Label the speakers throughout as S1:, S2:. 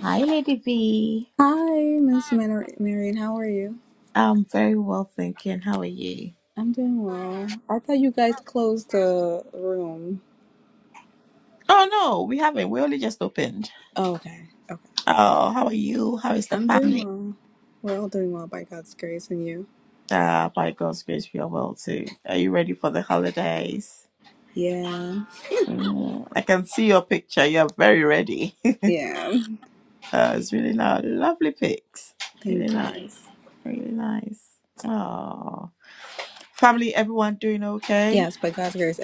S1: Hi, Lady V.
S2: Hi, Miss Mar- Marion. How are you?
S1: I'm very well, thinking. How are you?
S2: I'm doing well. I thought you guys closed the room.
S1: Oh no, we haven't. We only just opened.
S2: Oh, okay. Okay.
S1: Oh, how are you? How is the
S2: I'm doing
S1: family?
S2: well. We're all doing well by God's grace and you.
S1: Uh, by God's grace, we are well too. Are you ready for the holidays?
S2: Yeah.
S1: Mm, I can see your picture. You're very ready.
S2: Yeah.
S1: uh, it's really nice. Lovely pics. Really
S2: Thank you.
S1: nice. Really nice. Oh, family, everyone doing okay?
S2: Yes, by God's grace.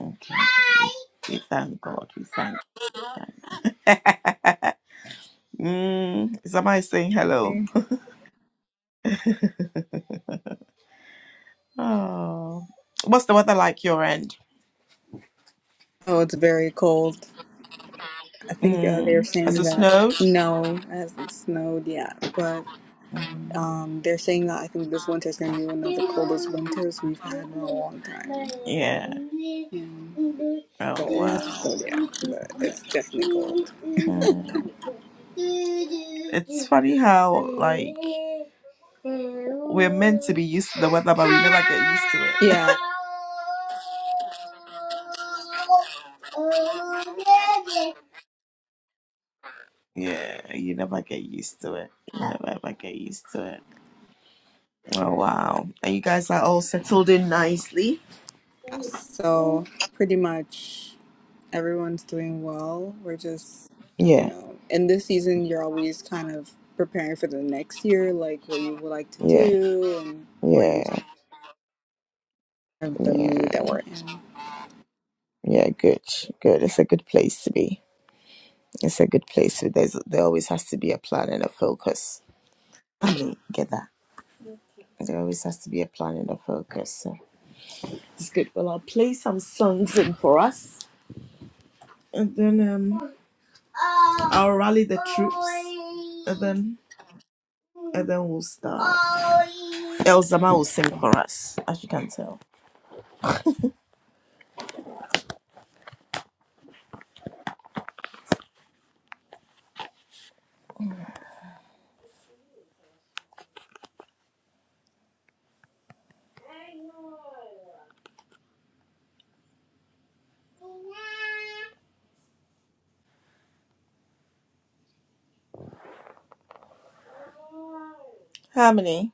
S1: Okay. We thank God. We thank God. Mm, somebody saying hello.
S2: every-
S1: Oh, what's the weather like your end?
S2: Oh, it's very cold. I think uh, they're
S1: Mm, has
S2: saying
S1: it
S2: that
S1: snowed?
S2: no, it hasn't snowed yet, but
S1: Mm,
S2: um, they're saying that I think this winter is going to be one of the coldest winters we've had in a long time.
S1: yeah.
S2: Yeah. but
S1: Oh.
S2: it hasn't snowed yet. But it's definitely cold.
S1: Mm. Funny how we used to the weather.
S2: Yeah.
S1: Yeah, you never get used to it. You never ever get used to it. Oh wow! And you guys are all settled in nicely.
S2: So pretty much everyone's doing well. We're just, you
S1: Yeah,
S2: know, in this season, you're always kind of preparing for the next year, like what you would like to
S1: yeah,
S2: do and where you
S1: yeah,
S2: of the
S1: yeah,
S2: mood that we're in.
S1: yeah. Good, good. It's a good place to be. It's a good place. To, there's there always has to be a plan and a focus. I mean, get that. There always has to be a plan and a focus. So it's good. Well, I'll play some songs in for us, and then um, I'll rally the team, and then we'll start. Elzama will sing for us, as you can tell. Harmony.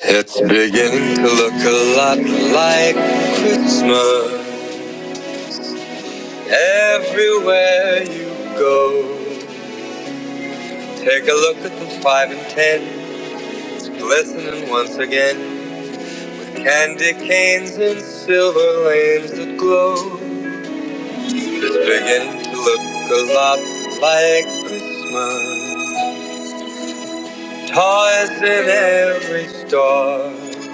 S1: It's beginning to look a lot like Christmas everywhere you go. Take a look at the five and tens glistening once again. Candy canes and silver lanes that glow. It's beginning to look a lot like Christmas. Toys in every store.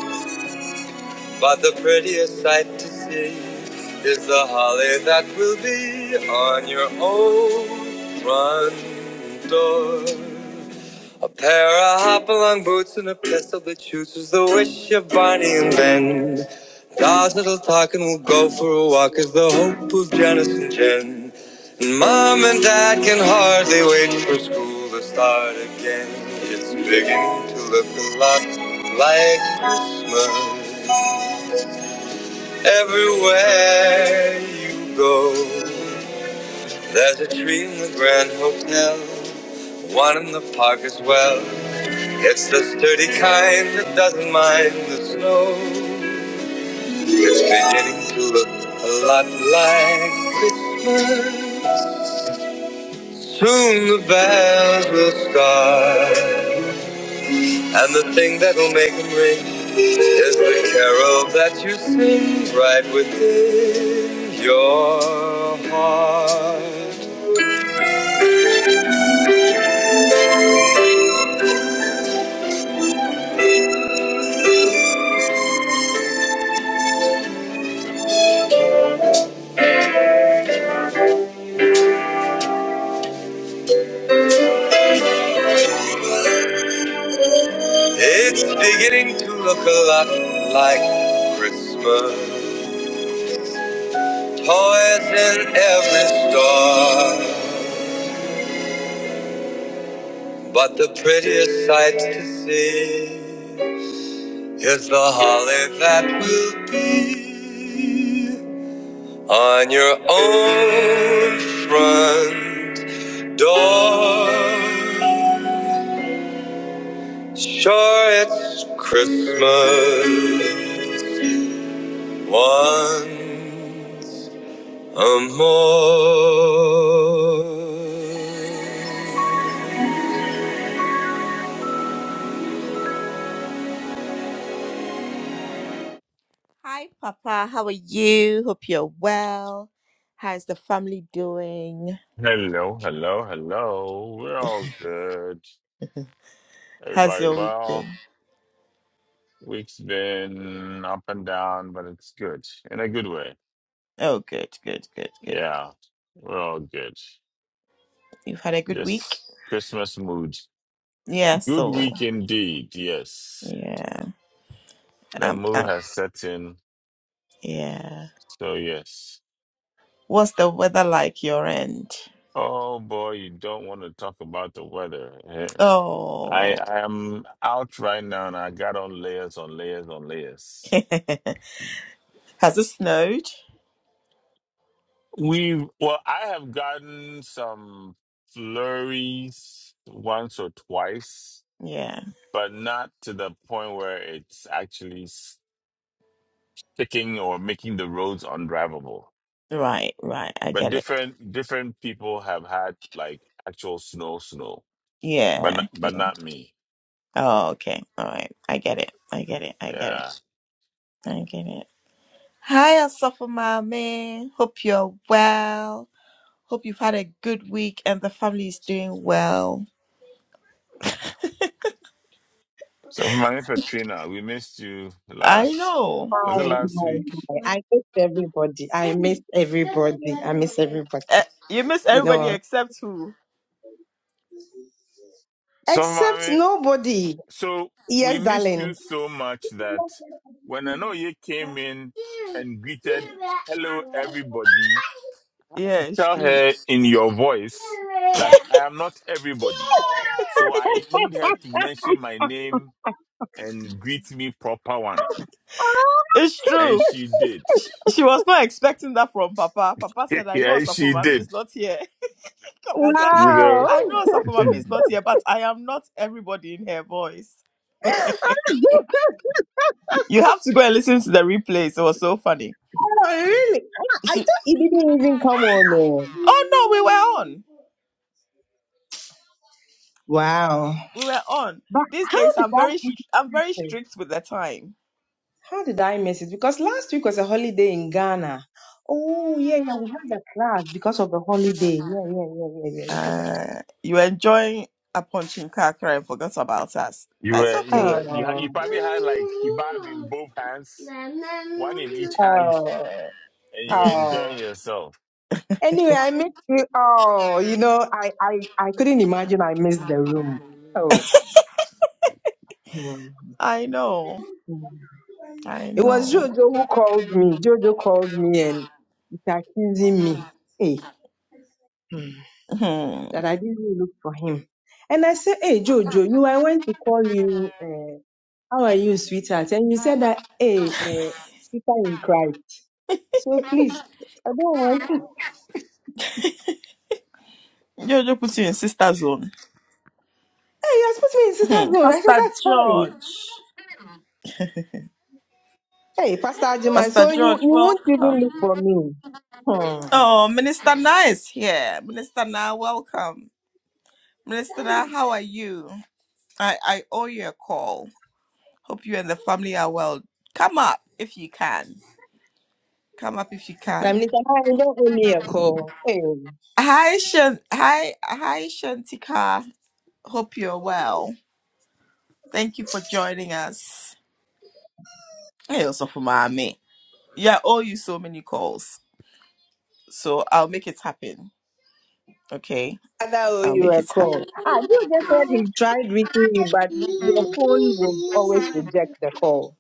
S1: But the prettiest sight to see is the holly that will be on your own front door. A pair of hopalong boots and a pistol that shoots is the wish of Barney and Ben. Dolls that'll talk and we'll go for a walk is the hope of Janice and Jen. And Mom and Dad can hardly wait for school to start again. It's beginning to look a lot like Christmas. Everywhere you go, there's a tree in the Grand Hotel, one in the park as well. It's the sturdy kind that doesn't mind the snow. It's beginning to look a lot like Christmas. Soon the bells will start. And the thing that'll make them ring is the carol that you sing right within your heart. It's beginning to look a lot like Christmas. Toys in every store. But the prettiest sight to see is the holly that will be On your own front door, sure it's Christmas once more. Hi, Papa. How are you? Hope you're well. How's the family doing?
S3: Hello, hello, hello. We're all good.
S1: How's
S3: Everybody's
S1: your week been?
S3: well. Week's been up and down, but it's good in a good way.
S1: Oh, good, good, good, good.
S3: Yeah, we're all good.
S1: You've had a good week?
S3: Just Christmas mood.
S1: Yeah,
S3: Good
S1: so.
S3: week indeed. Yes,
S1: Yeah.
S3: the
S1: Um,
S3: mood
S1: um,
S3: has set in.
S1: yeah.
S3: So yes.
S1: What's the weather like your end?
S3: Oh boy, you don't want to talk about the weather. Eh, I
S1: Oh.
S3: I am out right now, and I got on layers on layers on layers.
S1: Has it snowed?
S3: We've well, I have gotten some flurries once or twice,
S1: Yeah.
S3: but not to the point where it's actually sticking or making the roads undrivable.
S1: Right, right. I
S3: But
S1: get it.
S3: different different people have had like actual snow, snow, but
S1: Yeah.
S3: not,
S1: yeah.
S3: but not me.
S1: Oh, okay. All right. I get it. I get it. I get
S3: Yeah.
S1: it. I get it. Hi, Asafa Mame. Hope you're well. Hope you've had a good week and the family is doing well.
S3: So, Mami Petrina, we missed you
S1: I
S3: last.
S1: know.
S4: Hi,
S3: Was it
S4: hi,
S3: last week?
S4: hi. I miss everybody. I miss everybody. I miss everybody.
S1: Eh, you miss
S4: You
S1: everybody
S4: know,
S1: except who?
S4: except
S3: So,
S4: nobody.
S3: So we
S4: Yes,
S3: missed you
S4: darling.
S3: so much that when Anoye came in and greeted, hello everybody, I had
S1: Yeah,
S3: to
S1: it's
S3: tell
S1: true.
S3: her in your voice that I am not everybody. So I need her to mention my name and greet me proper one.
S1: It's true.
S3: And she did.
S1: She was not expecting that from Papa. Papa said, I know
S3: yeah, she
S1: Osafomami
S3: did.
S1: is not here. Papa said,
S3: You know,
S4: Wow.
S1: I know Osafomami is not here, but I am not everybody in her voice. You have to go and listen to the replays. It was so funny.
S4: Oh, really? Ah, I
S1: She,
S4: thought it didn't even come on. oh.
S1: oh no, we were on.
S4: Wow.
S1: We were on.
S4: But
S1: These
S4: how
S1: days,
S4: did
S1: I'm
S4: I
S1: very,
S4: miss
S1: str- I'm very
S4: it?
S1: strict with the time.
S4: How did I miss it? Because last week was a holiday in Ghana. Oh, yeah, yeah. We had a class because of the holiday. Yeah, yeah, yeah, yeah, yeah. We had a...
S1: Uh, you were enjoying a punching kakra and forgot about us.
S3: you
S1: But it's
S3: were, you
S1: okay.
S3: were, you, ha-
S4: Oh,
S3: you probably had like kebab in both hands, one in each hand,
S4: oh,
S3: and you were
S4: oh.
S3: enjoying yourself.
S4: Anyway, I missed you all. You know, I, I, I couldn't imagine I missed the room. Oh, mm,
S1: I know.
S4: mm.
S1: I
S4: it was
S1: know.
S4: Jojo who called me. Jojo called me and is accusing me hey, mm,
S1: Hmm.
S4: that I didn't really look for him. And I said, Hey, Jojo, you, I went to call you. Uh, how are you, sweetheart? And you said that, Hey, uh, sister in Christ. So please, I don't want.
S1: Jojo put you in sister zone.
S4: Hey, you have put me in sister's
S1: Hmm.
S4: zone. I said,
S1: Pastor
S4: That's fine.
S1: George.
S4: Hey, Pastor Ajiman,
S1: Pastor
S4: so you,
S1: George,
S4: you won't even
S1: welcome.
S4: look for me. Hmm.
S1: Oh, Minister Na is here. Minister Na, welcome. Minister Na, how are you? I, I owe you a call. Hope you and the family are well. Come up if you can. Come up if you
S4: But
S1: can.
S4: Mr. Man, don't owe me a call. Hey,
S1: Hi, Shan- hi, hi, Shantika. Hope you're well. Thank you for joining us. Hey, also for mommy. Yeah, I owe you so many calls. So I'll make it happen. Okay,
S4: I owe
S1: I'll
S4: you
S1: make
S4: a
S1: it happen.
S4: call. Ah, you just said he tried reaching you, but your phone would always reject the call.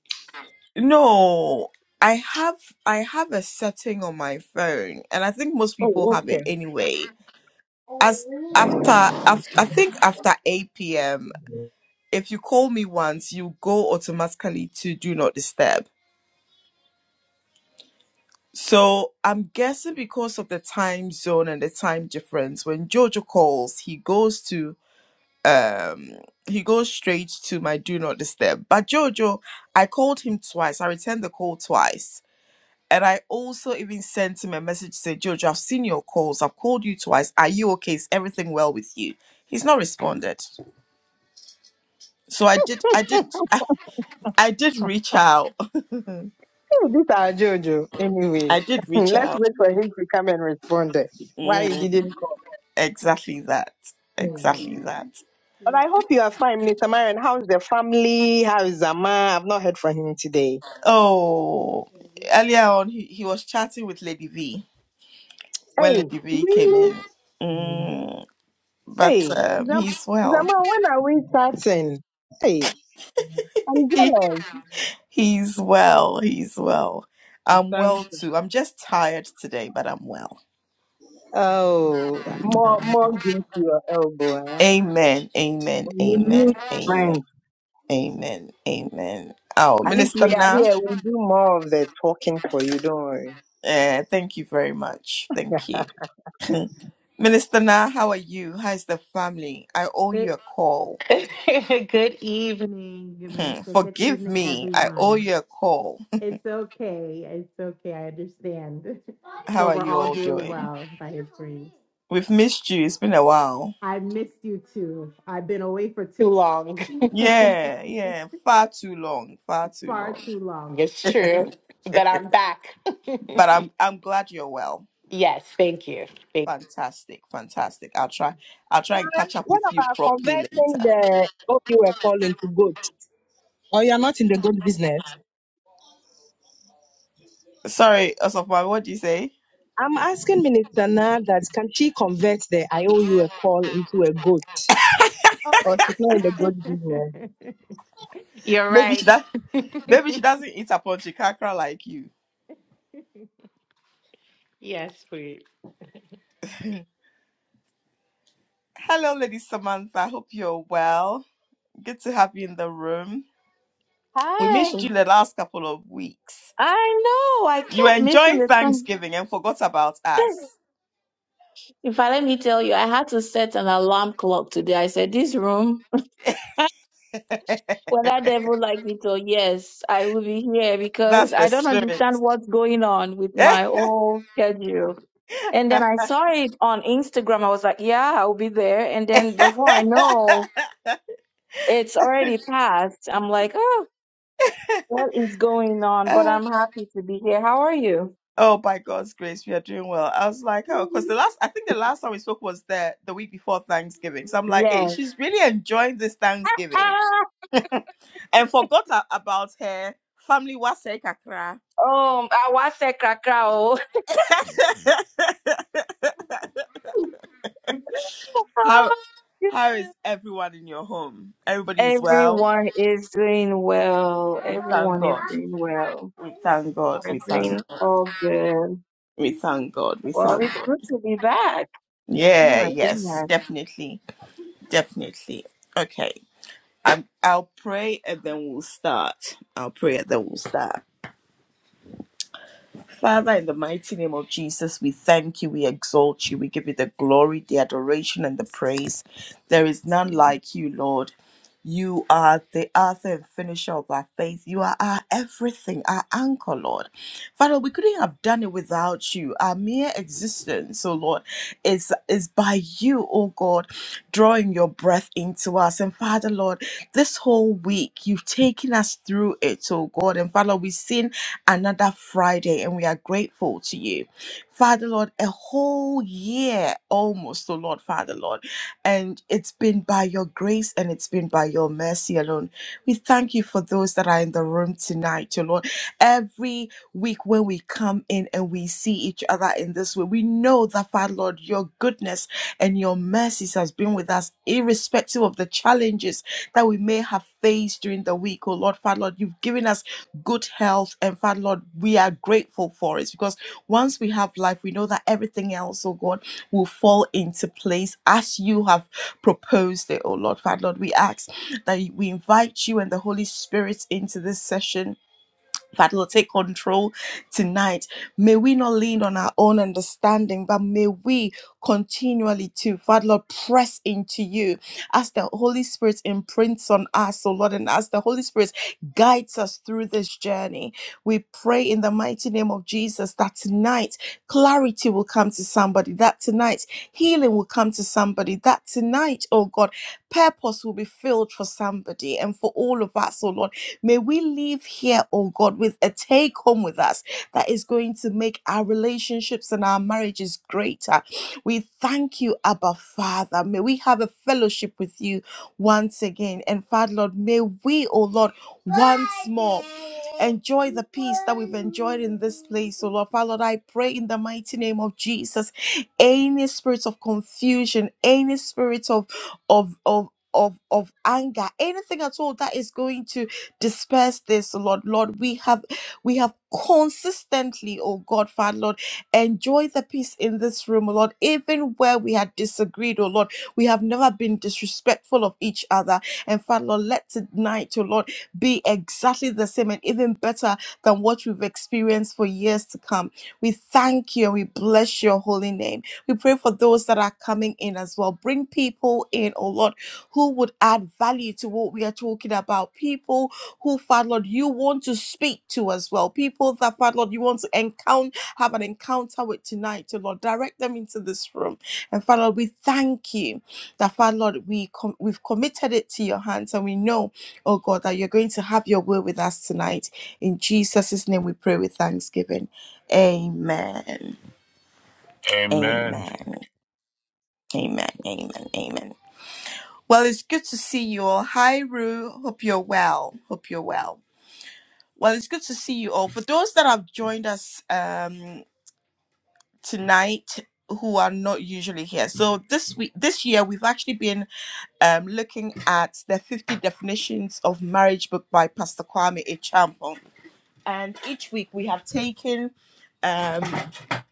S1: No, I have I have a setting on my phone, and I think most people
S4: Oh,
S1: have it
S4: okay.
S1: anyway. I I, I think after eight p.m., if you call me once, you go automatically to do not disturb. So I'm guessing because of the time zone and the time difference, when Jojo calls, he goes to um he goes straight to my do not disturb. But Jojo, I called him twice. I returned the call twice. And I also even sent him a message to say, Jojo, I've seen your calls. I've called you twice. Are you okay? Is everything well with you? He's not responded. So I did, I did, I, did reach out.
S4: Hey, this is our Jojo. Anyway,
S1: I did reach
S4: let's
S1: out.
S4: wait for him to come and respond. eh, Why he
S1: Mm,
S4: didn't call.
S1: exactly that. Exactly
S4: Hmm.
S1: that.
S4: But I hope you are fine, Mr. Marion. How's the family? How is Zama? I've not heard from him today.
S1: Oh, earlier on, he, he was chatting with Lady V when
S4: Hey,
S1: Lady V came
S4: really?
S1: in. Mm, but
S4: Hey,
S1: um,
S4: Zam-
S1: he's well.
S4: Zaman, when are we starting? Hey, I'm jealous.
S1: He's well. He's well.
S4: It's
S1: I'm well
S4: Thursday.
S1: too. I'm just tired today, but I'm well.
S4: Oh,
S1: I'm
S4: more more
S1: well.
S4: grace to your elbow. Eh?
S1: Amen. Amen.
S4: We
S1: Amen.
S4: need
S1: Amen.
S4: friends.
S1: Amen. Amen. Oh,
S4: At least
S1: Minister
S4: we are
S1: Na,
S4: here. We'll do more of the talking for you. Don't worry.
S1: eh, thank you very much. Thank you. Minister Na, how are you? How's the family? I owe you
S5: Good,
S1: a call.
S5: good evening,
S1: Hmm,
S5: minister. Good
S1: Forgive
S5: evening,
S1: me. I owe
S5: everyone.
S1: you a call.
S5: It's okay. It's okay. I understand.
S1: How
S5: So
S1: are
S5: we're
S1: you
S5: all
S1: all
S5: doing
S1: doing?
S5: well by his grace.
S1: We've missed you. It's been a while.
S5: I missed you too. I've been away for too long,
S1: Yeah, yeah. Far too long. Far too
S5: far
S1: long.
S5: too long. It's true, but I'm back.
S1: but I'm I'm glad you're well.
S5: yes, thank you. Thank-
S1: Fantastic, fantastic. I'll try I'll try and catch up
S4: What
S1: with you
S4: about
S1: properly
S4: converting
S1: later.
S4: the what you were calling to goat? Or you're not in the good business.
S1: Sorry, Osofman, what do you say?
S4: I'm asking Minister now that can she convert the I owe you a call into a goat?
S5: Oh,
S4: Or she's not in the goat business.
S5: You're
S1: Maybe she
S5: right.
S1: does maybe she doesn't eat upon chikakra like you.
S5: yes, please.
S1: Hello, Lady Samantha. Hope you're well. Good to have you in the room. We
S6: Hi.
S1: missed you the last couple of weeks.
S6: I know. I
S1: You were
S6: kept missing
S1: enjoying
S6: the time.
S1: Thanksgiving and forgot about us.
S6: In fact, let me tell you, I had to set an alarm clock today. I said, this room, whether devil like it or yes, I will be here because
S1: That's the
S6: I don't
S1: spirit.
S6: understand what's going on with my whole schedule. And then I saw it on Instagram. I was like, yeah, I'll be there. And then before I know, it's already passed. I'm like, oh, what is going on? But I'm happy to be here. How are you?
S1: Oh, by God's grace, we are doing well. I was like, oh, because the last, I think the last time we spoke was the the week before Thanksgiving. So I'm like, hey,
S6: Yes.
S1: she's really enjoying this Thanksgiving
S6: Ah!
S1: and forgot a- about her family. What's her kakra?
S6: Um, I watched that crackle.
S1: How how is everyone in your home? Everybody is well.
S6: Everyone is doing well.
S1: We thank
S6: Everyone is
S1: God.
S6: doing well.
S1: We thank God.
S6: We're
S1: We
S6: doing
S1: thank.
S6: all good.
S1: We thank God. We
S6: Well,
S1: thank
S6: it's
S1: God.
S6: good to be back. Oh
S1: Yeah.
S6: my
S1: Yes.
S6: goodness.
S1: Definitely. Definitely. Okay. I'm, I'll pray and then we'll start. I'll pray and then we'll start. Father, in the mighty name of Jesus, we thank you, we exalt you, we give you the glory, the adoration, and the praise. There is none like you, Lord. You are the author and finisher of our faith. You are our everything, our anchor, Lord. Father, we couldn't have done it without you. Our mere existence, oh Lord, is, is by you, oh God, drawing your breath into us. And Father, Lord, this whole week, you've taken us through it, oh God. And Father, we've seen another Friday, and we are grateful to you. Father Lord, a whole year almost, oh Lord, Father Lord, and it's been by your grace and it's been by your mercy alone. We thank you for those that are in the room tonight, oh Lord. Every week when we come in and we see each other in this way, we know that, Father Lord, your goodness and your mercies has been with us, irrespective of the challenges that we may have faced during the week, oh Lord, Father Lord. You've given us good health. And Father Lord, we are grateful for it because once we have life, we know that everything else, oh God, will fall into place as you have proposed it, oh Lord. Father Lord, we ask that we invite you and the Holy Spirit into this session Father, Lord, take control tonight. May we not lean on our own understanding, but may we continually to, Father, Lord, press into you as the Holy Spirit imprints on us, oh Lord, and as the Holy Spirit guides us through this journey. We pray in the mighty name of Jesus that tonight clarity will come to somebody, that tonight healing will come to somebody, that tonight, oh God, purpose will be filled for somebody and for all of us, oh Lord May we leave here, oh God, with a take home with us that is going to make our relationships and our marriages greater. We thank you, Abba Father. May we have a fellowship with you once again. And Father, Lord, may we, oh Lord, join. so Lord. Father, Lord, I pray in the mighty name of Jesus. Any spirits of confusion, any spirits of of of of, of anger, anything at all that is going to disperse this, Lord. Lord, we have we have consistently, oh God, Father, Lord, enjoy the peace in this room, oh Lord. Even where we had disagreed, oh Lord, we have never been disrespectful of each other. And Father, Lord, let tonight, oh Lord, be exactly the same and even better than what we've experienced for years to come. We thank you and we bless your holy name. We pray for those that are coming in as well. Bring people in, oh Lord, who would add value to what we are talking about. People who, Father Lord, you want to speak to as well. People that, Father Lord, you want to encounter, have an encounter with tonight, oh Lord. Direct them into this room. And Father, Lord, we thank you that, Father Lord, we com- we've committed it to your hands and we know, oh God, that you're going to have your will with us tonight. In Jesus' name we pray with thanksgiving. Amen.
S3: Amen.
S1: Amen. Amen. Amen. Amen. Well, it's good to see you all. Hi, Rue. Hope you're well. Hope you're well. Well, it's good to see you all. For those that have joined us um, tonight who are not usually here. So this week this year we've actually been um, looking at the 50 definitions of marriage book by Pastor Kwame Echampong. And each week we have taken um,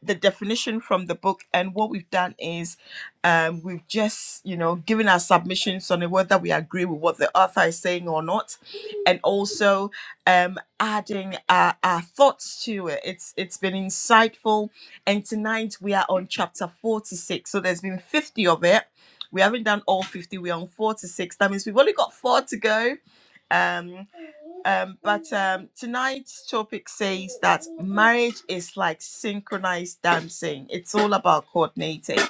S1: the definition from the book, and what we've done is um, we've just, you know, given our submissions on whether we agree with what the author is saying or not, and also um, adding our, our thoughts to it. It's it's been insightful, and tonight we are on chapter forty six. So there's been fifty of it. We haven't done all fifty. We're on forty six. That means we've only got four to go. Um, um, but um, tonight's topic says marriage is like synchronized dancing. It's all about coordinating.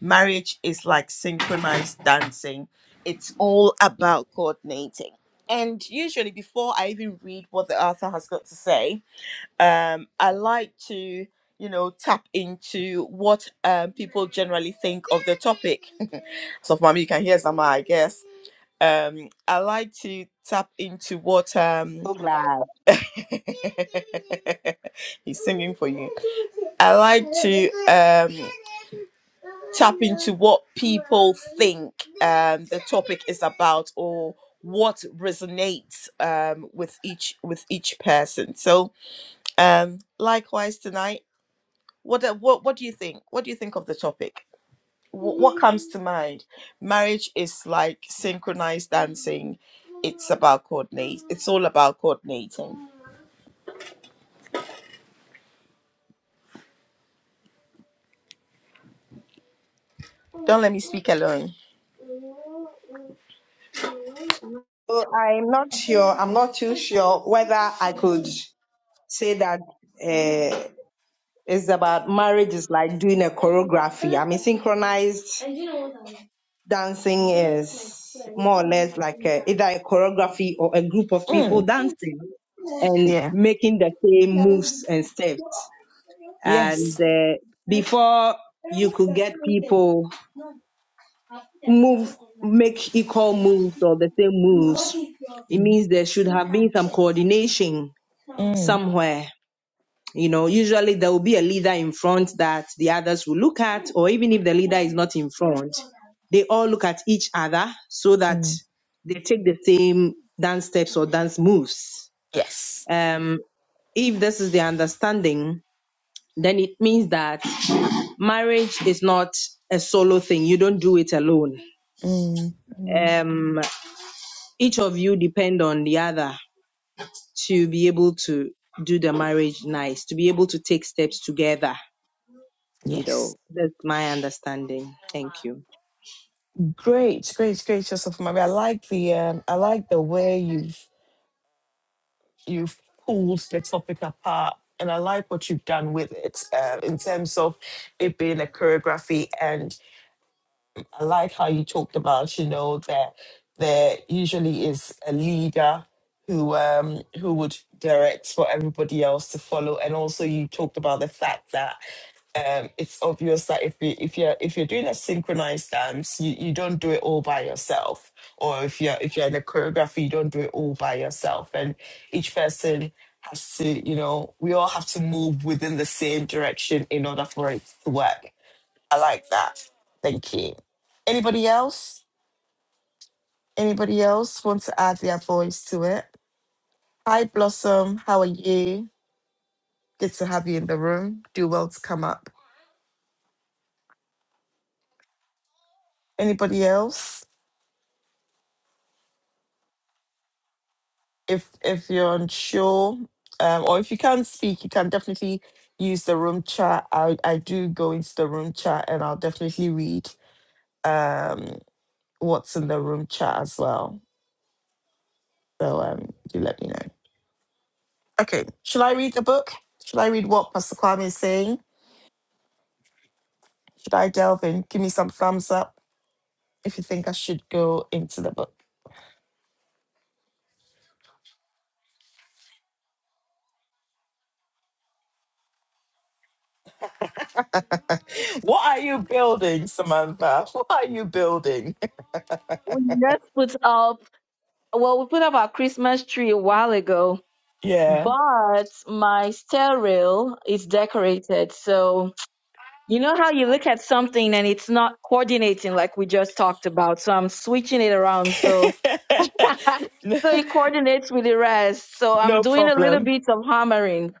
S1: Marriage is like synchronized dancing. It's all about coordinating. And usually, before I even read what the author has got to say, um, I like to, you know, tap into what um, people generally think. So, mommy, you can hear Zama, I guess. Um, I like to tap into what um,
S4: So glad.
S1: he said, I like um, what people think is about or what resonates um, with each with each person. So um, likewise tonight, what uh, what what do you think? What do you think of the topic? What, what comes to mind? Marriage is like synchronized dancing. It's about coordinate. It's all about coordinating. Don't let me speak alone.
S4: So I'm not sure. I'm not too sure whether I could say that uh, it's about marriage is like doing a choreography. I mean, synchronized dancing is more or less like a, either a choreography or a group of people
S1: Mm,
S4: dancing and
S1: yeah.
S4: making the same moves and steps. And
S1: Yes.
S4: uh, before you could get people move make equal moves or the same moves it
S1: Mm,
S4: means there should have been some coordination
S1: mm,
S4: somewhere you know usually there will be a leader in front that the others will look at or even if the leader is not in front they all look at each other so that
S1: mm,
S4: they take the same dance steps or dance moves
S1: Yes.
S4: um if this is the understanding then it means that marriage is not a solo thing you don't do it alone
S1: mm, mm,
S4: um each of you depend on the other to be able to do the marriage nice, to be able to take steps together. You
S1: yes.
S4: know, that's my understanding. Thank you.
S1: Great, great, great, Joseph Mary. I like the um, I like the way you've you've pulled the topic apart, and I like what you've done with it uh, in terms of it being a choreography. And I like how you talked about, you know, that there usually is a leader who um who would direct for everybody else to follow, and also you talked about the fact that um, it's obvious that if you if you're if you're doing a synchronized dance, you, you don't do it all by yourself. Or if you're if you're in a choreography, you don't do it all by yourself. And each person has to, you know, we all have to move within the same direction in order for it to work. I like that. Thank you. Anybody else? Anybody else want to add their voice to it? Hi Blossom, how are you? Good to have you in the room. Do well to come up. Anybody else? if if you're unsure um, or if you can't speak you can definitely use the room chat i i do go into the room chat and i'll definitely read um what's in the room chat as well so um do let me know okay should i read the book should i read what pastor kwame is saying should i delve in give me some thumbs up if you think i should go into the book what are you building samantha what are you building
S6: We just put up, well, we put up our Christmas tree a while ago,
S1: yeah
S6: but my stair rail is decorated. So. You know how you look at something and it's not coordinating like we just talked about. So I'm switching it around. So so it coordinates with the rest. So I'm
S1: no
S6: doing a little
S1: problem
S6: bit of hammering.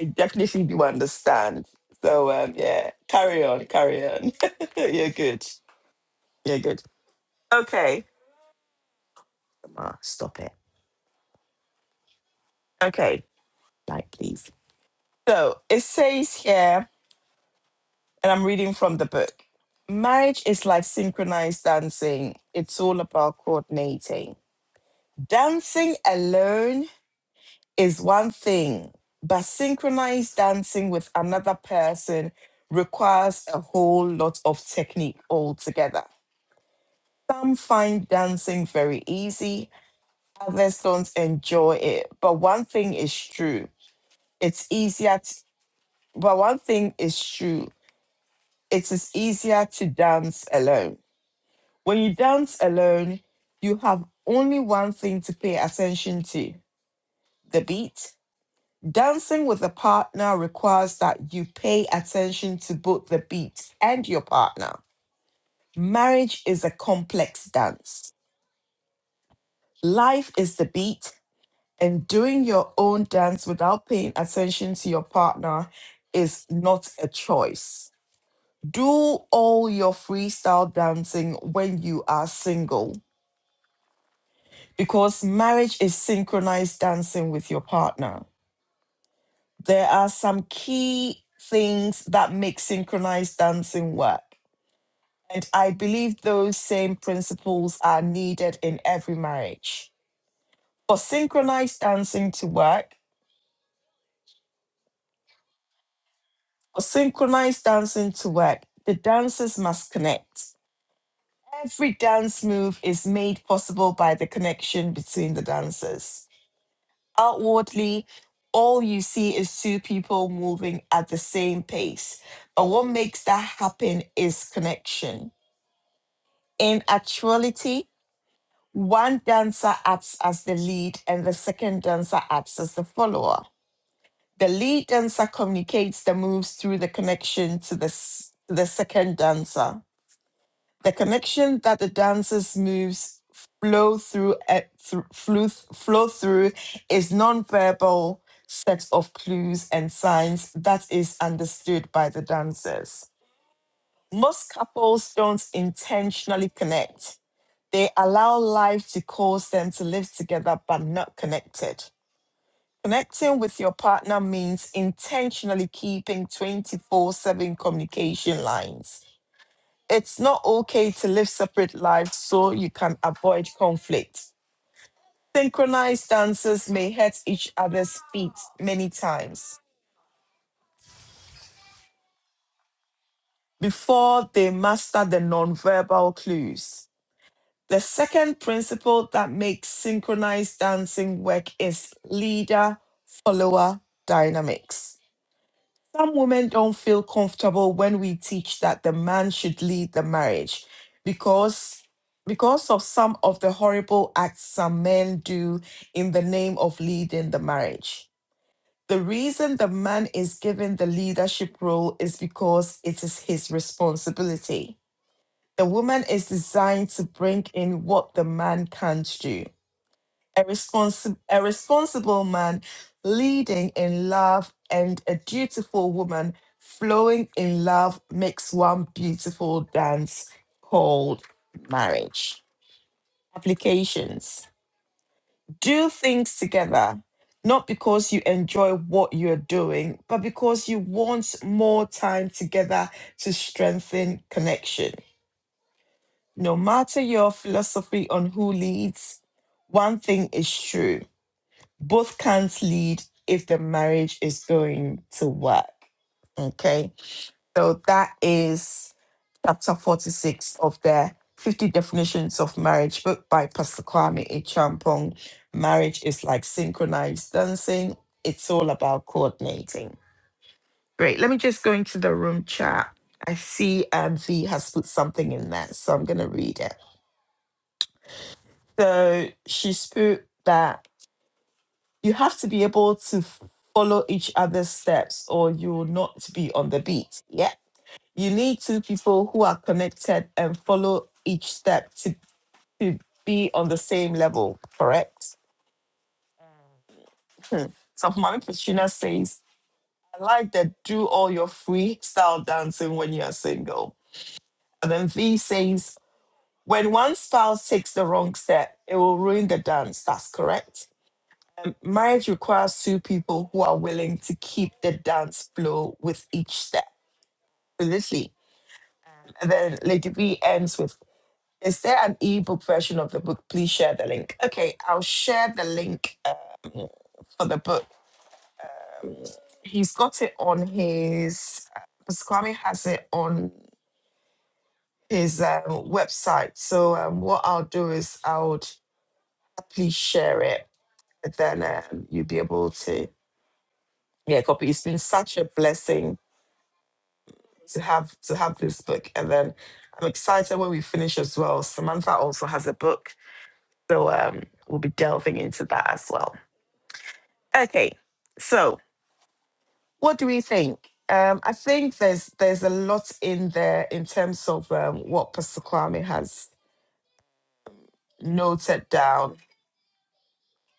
S1: I definitely do understand. So um, yeah, carry on, carry on. You're good. You're good. Okay. Ah, stop it. Okay. Light, please. So it says here, and I'm reading from the book. Marriage is like synchronized dancing. It's all about coordinating. Dancing alone is one thing, but synchronized dancing with another person requires a whole lot of technique altogether. Some find dancing very easy, others don't enjoy it. But one thing is true. It's easier to, but one thing is true. It is easier to dance alone. When you dance alone, you have only one thing to pay attention to, the beat. Dancing with a partner requires that you pay attention to both the beat and your partner. Marriage is a complex dance. Life is the beat And doing your own dance without paying attention to your partner is not a choice. Do all your freestyle dancing when you are single because marriage is synchronized dancing with your partner. There are some key things that make synchronized dancing work. And I believe those same principles are needed in every marriage. For synchronized dancing to work, synchronized dancing to work, the dancers must connect. Every dance move is made possible by the connection between the dancers. Outwardly, all you see is two people moving at the same pace, but what makes that happen is connection. In actuality, one dancer acts as the lead and the second dancer acts as the follower. The lead dancer communicates the moves through the connection to the, s- the second dancer The connection that the dancer's moves flow through, eh, thro- flew th- flow through is nonverbal set of clues and signs that is understood by the dancers. Most couples don't intentionally connect. They allow life to cause them to live together but not connected. Connecting with your partner means intentionally keeping 24 7 communication lines it's not okay to live separate lives so you can avoid conflict. Synchronized dancers may hurt each other's feet many times before they master the nonverbal clues. The second principle that makes synchronized dancing work is leader follower dynamics. Some women don't feel comfortable when we teach that the man should lead the marriage because because of some of the horrible acts some men do in the name of leading the marriage. The reason the man is given the leadership role is because it is his responsibility. The woman is designed to bring in what the man can't do a, responsi- a responsible man leading in love and a dutiful woman flowing in love makes one beautiful dance called marriage. Applications Do things together, not because you enjoy what you're doing, but because you want more time together to strengthen connection. No matter your philosophy on who leads, one thing is true both can't lead if the marriage is going to work. Okay. So that is chapter 46 of the 50 definitions of marriage book by Pastor Kwame A. Marriage is like synchronized dancing. It's all about coordinating. Great. Let me just go into the room chat. I see um, V has put something in there, so I'm going to read it. So she's put that you have to be able to follow each other's steps or you will not be on the beat. Yeah. You need two people who are connected and follow each step to, to be on the same level, correct? Hmm. So Mami Petrina says, I like that do all your freestyle dancing when you are single. And then V says, when one spouse takes the wrong step, it will ruin the dance. That's correct. Marriage requires two people who are willing to keep the dance flow with each step. Literally. And then Lady B ends with Is there an ebook version of the book? Please share the link. Okay, I'll share the link um, for the book. He's got it on his, Pastor Kwame has it on his um, website. So um, what I'll do is I'll happily share it. then um, you'll be able to, yeah, copy. It's been such a blessing to have to have this book and then i'm excited when we finish as well samantha also has a book so um we'll be delving into that as well okay so what do we think um i think there's there's a lot in there in terms of um, what pastor kwame has noted down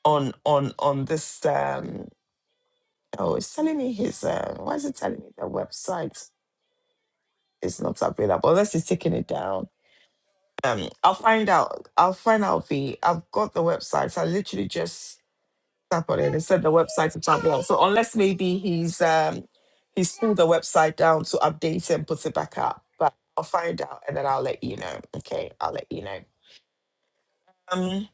S1: on on on this um oh it's telling me his uh why is it telling me the website is not available unless he's taking it down Um, I'll find out. I'll find out the. I've got the website. I literally just tap on it and said the website is up. So unless maybe he's um he's pulled the website down to update it and put it back up, but I'll find out and then I'll let you know. Okay, I'll let you know. Um,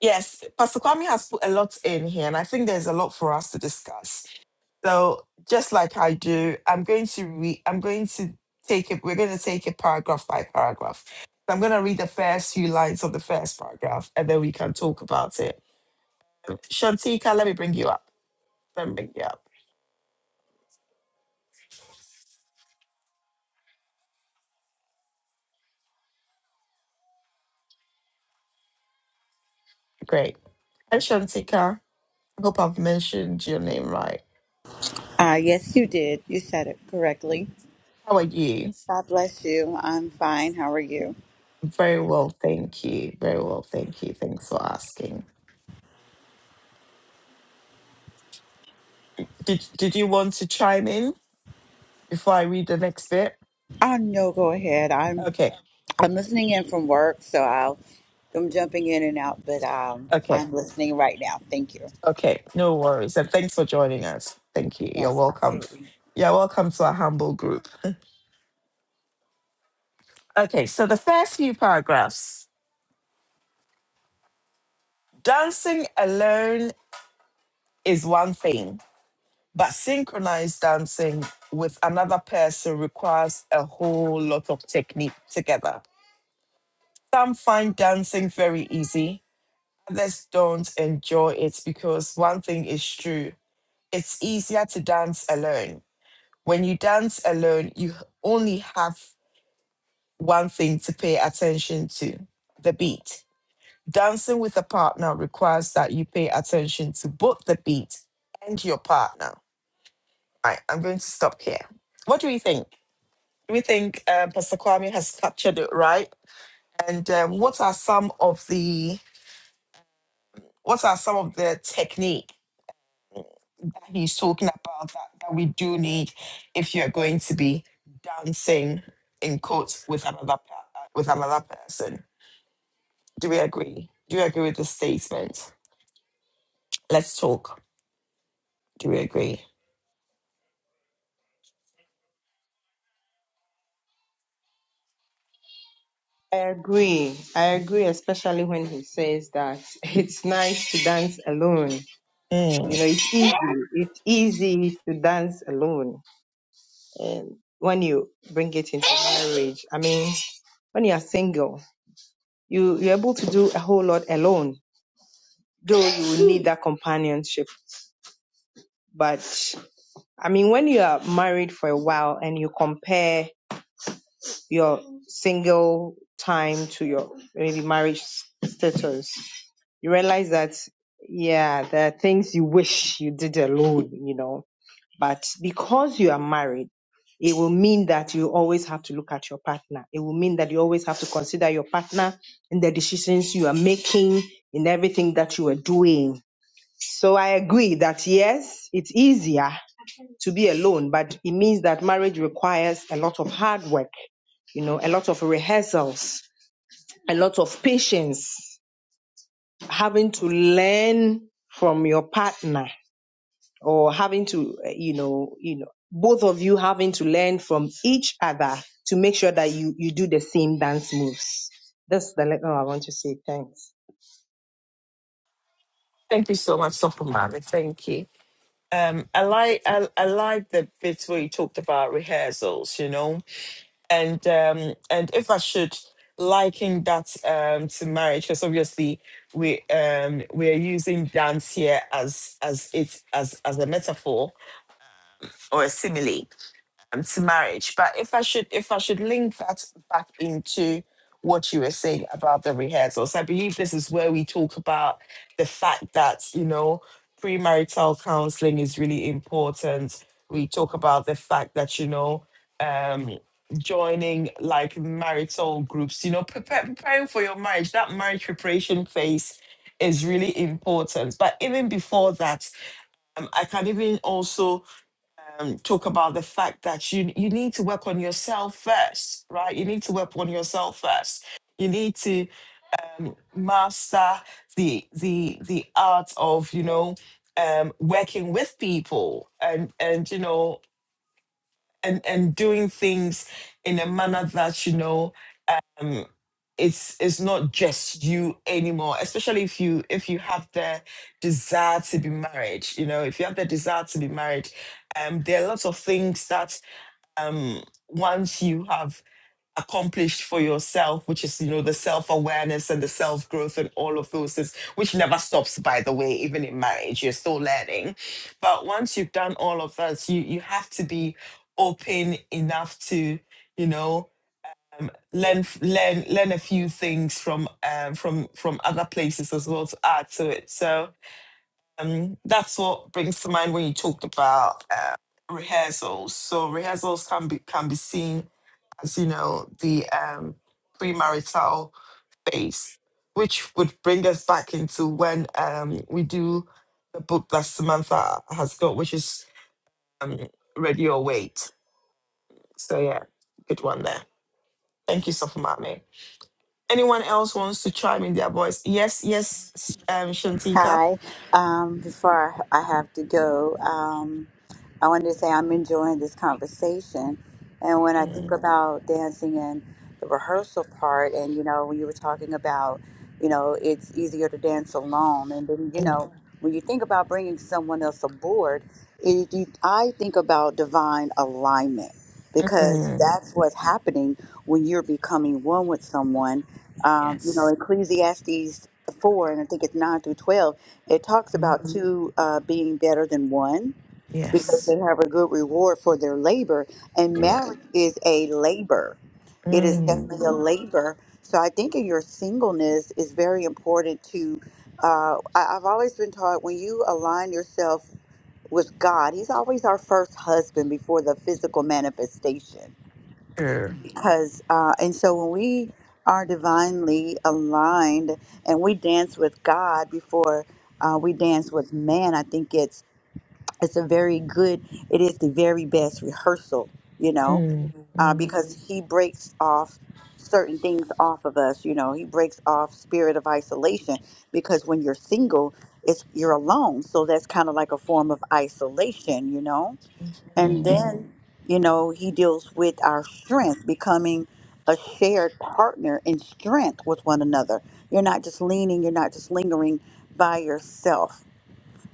S1: yes, Pastor Kwame has put a lot in here, and I think there's a lot for us to discuss. So just like I do, I'm going to read. I'm going to take it. We're going to take it paragraph by paragraph. So I'm going to read the first few lines of the first paragraph, and then we can talk about it. Shantika, let me bring you up. Let me bring you up. Great. Hi, Shantika. I hope I've mentioned your name right.
S7: Ah, yes, you did. You said it correctly.
S1: How are you?
S7: God bless you. I'm fine. How are you?
S1: Very well, thank you. Very well, thank you. Thanks for asking. Did Did you want to chime in before I read the next bit?
S7: Oh no, go ahead. I'm
S1: Okay.
S7: I'm listening in from work, so I'll I'm jumping in and out, but um,
S1: Okay.
S7: I'm listening right now. Thank you.
S1: Okay, no worries. And thanks for joining us. Thank you. You're
S7: Yes,
S1: welcome.
S7: absolutely.
S1: You're welcome to our humble group. Okay, so the first few paragraphs dancing alone is one thing, but synchronized dancing with another person requires a whole lot of technique together. Some find dancing very easy, others don't enjoy it because one thing is true it's easier to dance alone. When you dance alone, you only have one thing to pay attention to the beat. Dancing with a partner requires that you pay attention to both the beat and your partner. All right, I'm going to stop here. What do we think? We think um, Pastor Kwame has captured it right. And um, what are some of the what are some of the technique that he's talking about that, that we do need if you're going to be dancing in quotes with another pa- with another person? Do we agree? Do you agree with the statement? Let's talk. Do we agree?
S4: I agree. I agree, especially when he says that it's nice to dance alone. You
S1: Mm.
S4: know, it's easy. It's easy to dance alone. And when you bring it into marriage, I mean, when you are single, you, you're able to do a whole lot alone, though you will need that companionship. But I mean, when you are married for a while and you compare your single time to your maybe marriage status, you realize that, yeah, there are things you wish you did alone, you know. But because you are married, it will mean that you always have to look at your partner. It will mean that you always have to consider your partner in the decisions you are making, in everything that you are doing. So I agree that yes, it's easier to be alone, but it means that marriage requires a lot of hard work, you know, a lot of rehearsals, a lot of patience, having to learn from your partner or having to, eh, you know, you know, both of you having to learn from each other to make sure that you, you do the same dance moves. That's the letter I want to say. Thanks.
S1: Thank you so much, Sopamami. Thank you. Um, I like I, I like the bits where you talked about rehearsals, you know, and um, and if I should liken that um, to marriage, because obviously we um, we are using dance here as as it as as a metaphor or a simile, um, to marriage. But if I should if I should link that back into what you were saying about the rehearsals, I believe this is where we talk about the fact that you know premarital counseling is really important. We talk about the fact that you know um, joining like marital groups, you know prepare, preparing for your marriage. That marriage preparation phase is really important. But even before that, um, I can even also um, talk about the fact that you you need to work on yourself first, right? You need to work on yourself first. You need to um, master the the the art of you know um, working with people and and you know and and doing things in a manner that you know um, it's it's not just you anymore. Especially if you if you have the desire to be married, you know, if you have the desire to be married, um, there are lots of things that um, once you have accomplished for yourself, which is, you know, the self awareness and the self growth and all of those things, which never stops, by the way, even in marriage, you're still learning. But once you've done all of that, you, you have to be open enough to, you know, um, learn f- learn learn a few things from um, from from other places as well to add to it. So um, that's what brings to mind when you talked about uh, rehearsals. So rehearsals can be can be seen as you know, the um, premarital phase, which would bring us back into when um, we do the book that Samantha has got, which is um, Ready or Wait. So, yeah, good one there. Thank you, Sofumame. Anyone else wants to chime in their voice? Yes, yes, um, Shantika.
S7: Hi. Um, before I I have to go, um, I wanted to say I'm enjoying this conversation. And when I think
S1: Mm,
S7: about dancing and the rehearsal part, and you know, when you were talking about, you know, it's easier to dance alone. And then, you
S1: mm,
S7: know, when you think about bringing someone else aboard, it, you, I think about divine alignment because Mhm.
S1: mm.
S7: that's what's happening when you're becoming one with someone. Um, you know,
S1: Yes.
S7: Ecclesiastes four, and I think it's nine through twelve, it talks
S1: Mm,
S7: about Mhm. two uh, being better than one because
S1: yes.
S7: they have a good reward for their labor, and
S1: Yeah.
S7: marriage is a labor. It is
S1: Mm,
S7: definitely a Mhm. labor. So I think in your singleness is very important to. Uh, I, I've always been taught when you align yourself with God, He's always our first husband before the physical manifestation
S1: sure.
S7: because uh, and so when we are divinely aligned and we dance with God before uh, we dance with man, I think it's it's a very good. It is the very best rehearsal, you know,
S1: Mm,
S7: uh,
S1: mm,
S7: because He breaks off certain things off of us. You know, He breaks off spirit of isolation because when you're single, it's you're alone, so that's kind of like a form of isolation, you know And
S1: mm.
S7: then, you know, he deals with our strength, becoming a shared partner in strength with one another. You're not just leaning, you're not just lingering by yourself.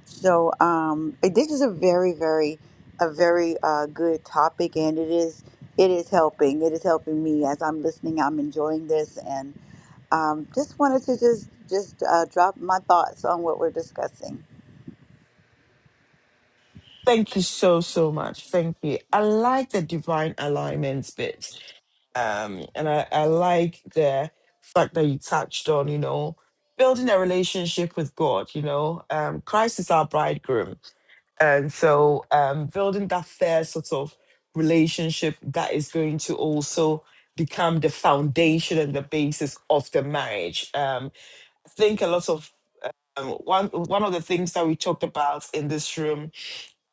S7: So, um, it- this is a very, very, a very uh, good topic, and it is, it is helping. It is helping me as I'm listening. I'm enjoying this, and um, just wanted to just, just uh, drop my thoughts on what we're discussing.
S1: Thank you so, so much. Thank you. I like the divine alignments bit. Um, and I, I like the fact that you touched on, you know, building a relationship with God, you know, um, Christ is our bridegroom. And so um, building that fair sort of relationship that is going to also become the foundation and the basis of the marriage. Um, I think a lot of um, one one of the things that we talked about in this room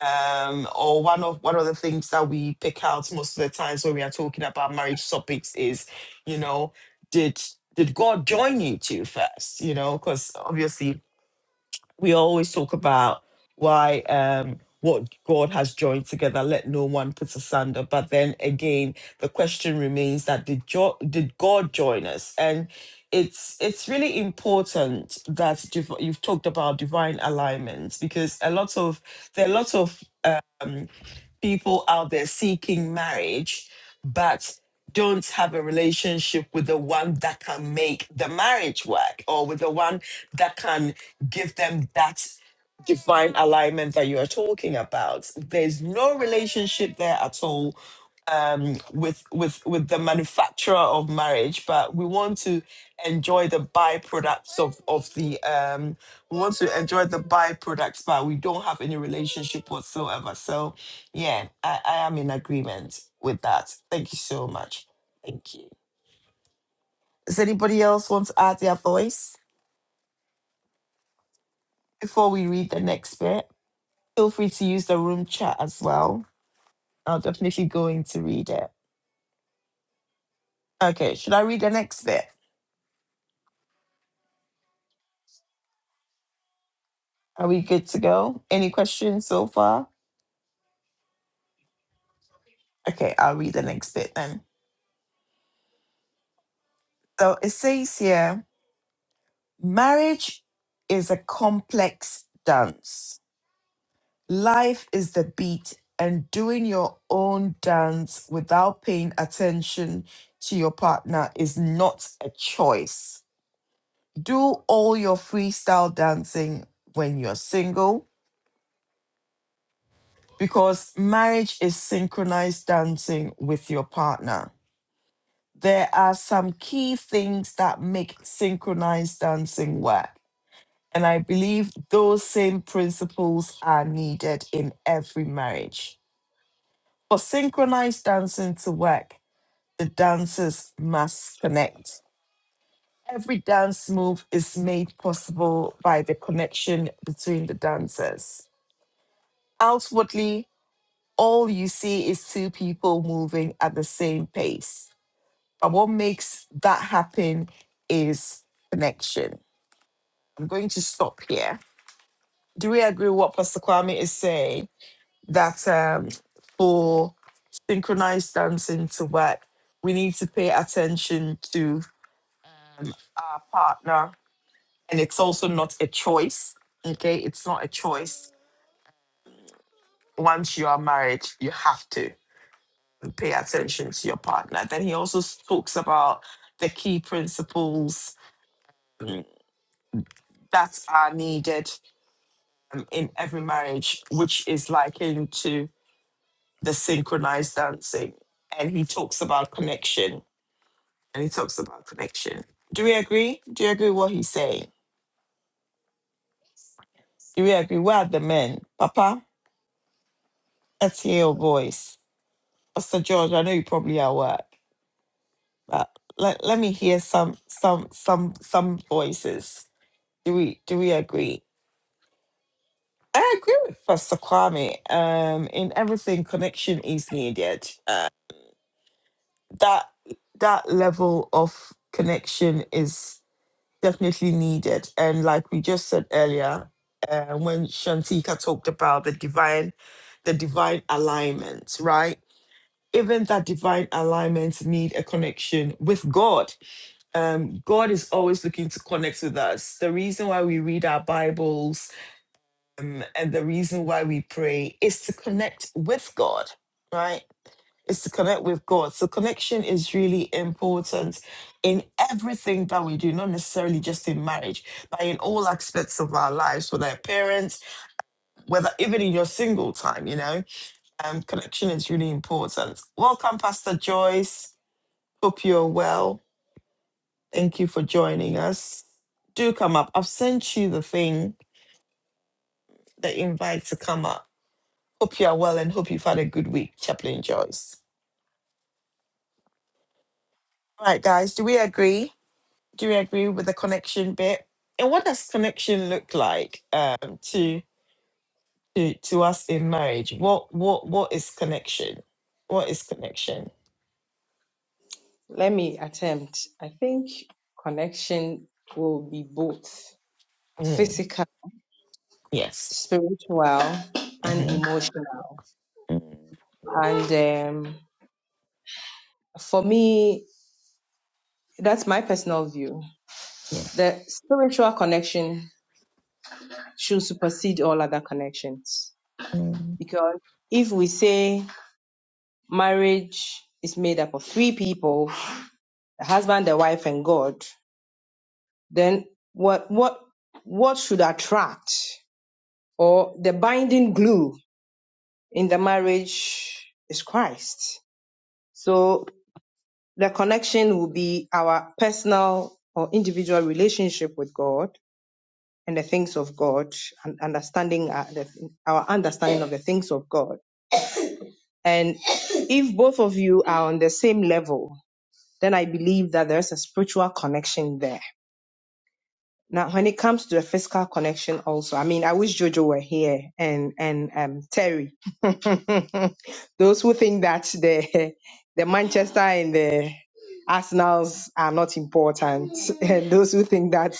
S1: um, or one of one of the things that we pick out most of the times when we are talking about marriage topics is, you know, did did God join you two first? You know, because obviously we always talk about why um what God has joined together, let no one put asunder. But then again, the question remains that did jo- did God join us? And it's it's really important that div- you've talked about divine alignment because a lot of there are lots of um, people out there seeking marriage, but don't have a relationship with the one that can make the marriage work or with the one that can give them that divine alignment that you are talking about. There's no relationship there at all um, with with with the manufacturer of marriage, but we want to enjoy the byproducts of of the um, we want to enjoy the byproducts, but we don't have any relationship whatsoever. So yeah, I, I am in agreement with that. Thank you so much. Thank you. Does anybody else want to add their voice before we read the next bit? Feel free to use the room chat as well. I'll definitely go in to read it. Okay, should I read the next bit? Are we good to go? Any questions so far? Okay, I'll read the next bit then. So it says here marriage is a complex dance Life is the beat, and doing your own dance without paying attention to your partner is not a choice. Do all your freestyle dancing when you're single because marriage is synchronized dancing with your partner. There are some key things that make synchronized dancing work. And I believe those same principles are needed in every marriage. For synchronized dancing to work, the dancers must connect. Every dance move is made possible by the connection between the dancers. Outwardly, all you see is two people moving at the same pace. But what makes that happen is connection. I'm going to stop here. Do we agree with what Pastor Kwame is saying? That um, for synchronized dancing to work, we need to pay attention to uh, partner, and it's also not a choice. Okay, it's not a choice. Once you are married, you have to pay attention to your partner. Then he also s- talks about the key principles that are needed um, in every marriage, which is likened to the synchronized dancing. And he talks about connection, and he talks about connection. Do we agree? Do you agree what he's saying? Do we agree? Where are the men? Papa, let's hear your voice. Pastor George, I know you're probably at work, but let, let me hear some some some some voices. Do we do we agree? I agree with Pastor Kwame. Um, in everything, connection is needed. Uh, that that level of connection is definitely needed. And like we just said earlier, uh, when Shantika talked about the divine, the divine alignment, right? Even that divine alignment need a connection with God um, God is always looking to connect with us. The reason why we read our Bibles um, and the reason why we pray is to connect with God, right? Is to connect with God. So connection is really important in everything that we do, not necessarily just in marriage, but in all aspects of our lives, whether our parents, whether even in your single time, you know, um, connection is really important. Welcome, Pastor Joyce. Hope you're well. Thank you for joining us. Do come up. I've sent you the thing, the invite to come up. Hope you are well and hope you've had a good week, Chaplain Joyce. All right, guys, do we agree? Do we agree with the connection bit? And what does connection look like um, to, to to us in marriage? What what what is connection? What is connection?
S4: Let me attempt. I think connection will be both
S1: Mm,
S4: physical
S1: yes.
S4: spiritual and
S1: hmm
S4: emotional. And um, for me, that's my personal view.
S1: yeah.
S4: The spiritual connection should supersede all other connections.
S1: Mm.
S4: Because if we say marriage is made up of three people, the husband, the wife, and God, then what what what should attract or the binding glue in the marriage is Christ. So The connection will be our personal or individual relationship with God and the things of God and understanding uh, the, our understanding of the things of God. And if both of you are on the same level, then I believe that there's a spiritual connection there. Now, when it comes to the physical connection, also, I mean, I wish Jojo were here and and um, Terry. Those who think that the the Manchester and the Arsenals are not important, and those who think that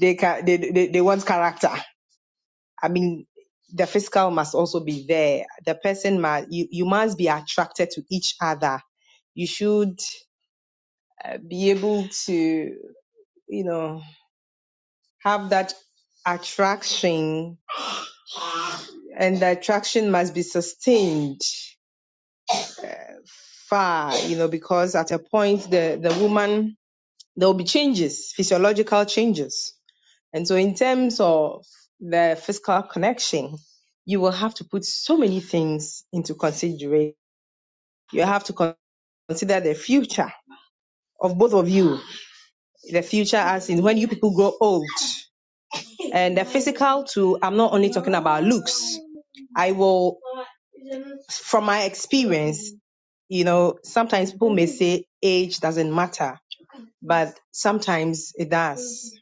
S4: they can they, they they want character. I mean, the physical must also be there. The person must you you must be attracted to each other. You should be able to you know have that attraction and the attraction must be sustained far, you know, because at a point the, the woman there will be changes, physiological changes. And so in terms of the physical connection, you will have to put so many things into consideration. You have to con- consider the future of both of you. The future as in when you people grow old. And the physical too, I'm not only talking about looks. I will, from my experience, You know, sometimes people may Mhm. say age doesn't matter, but sometimes it does.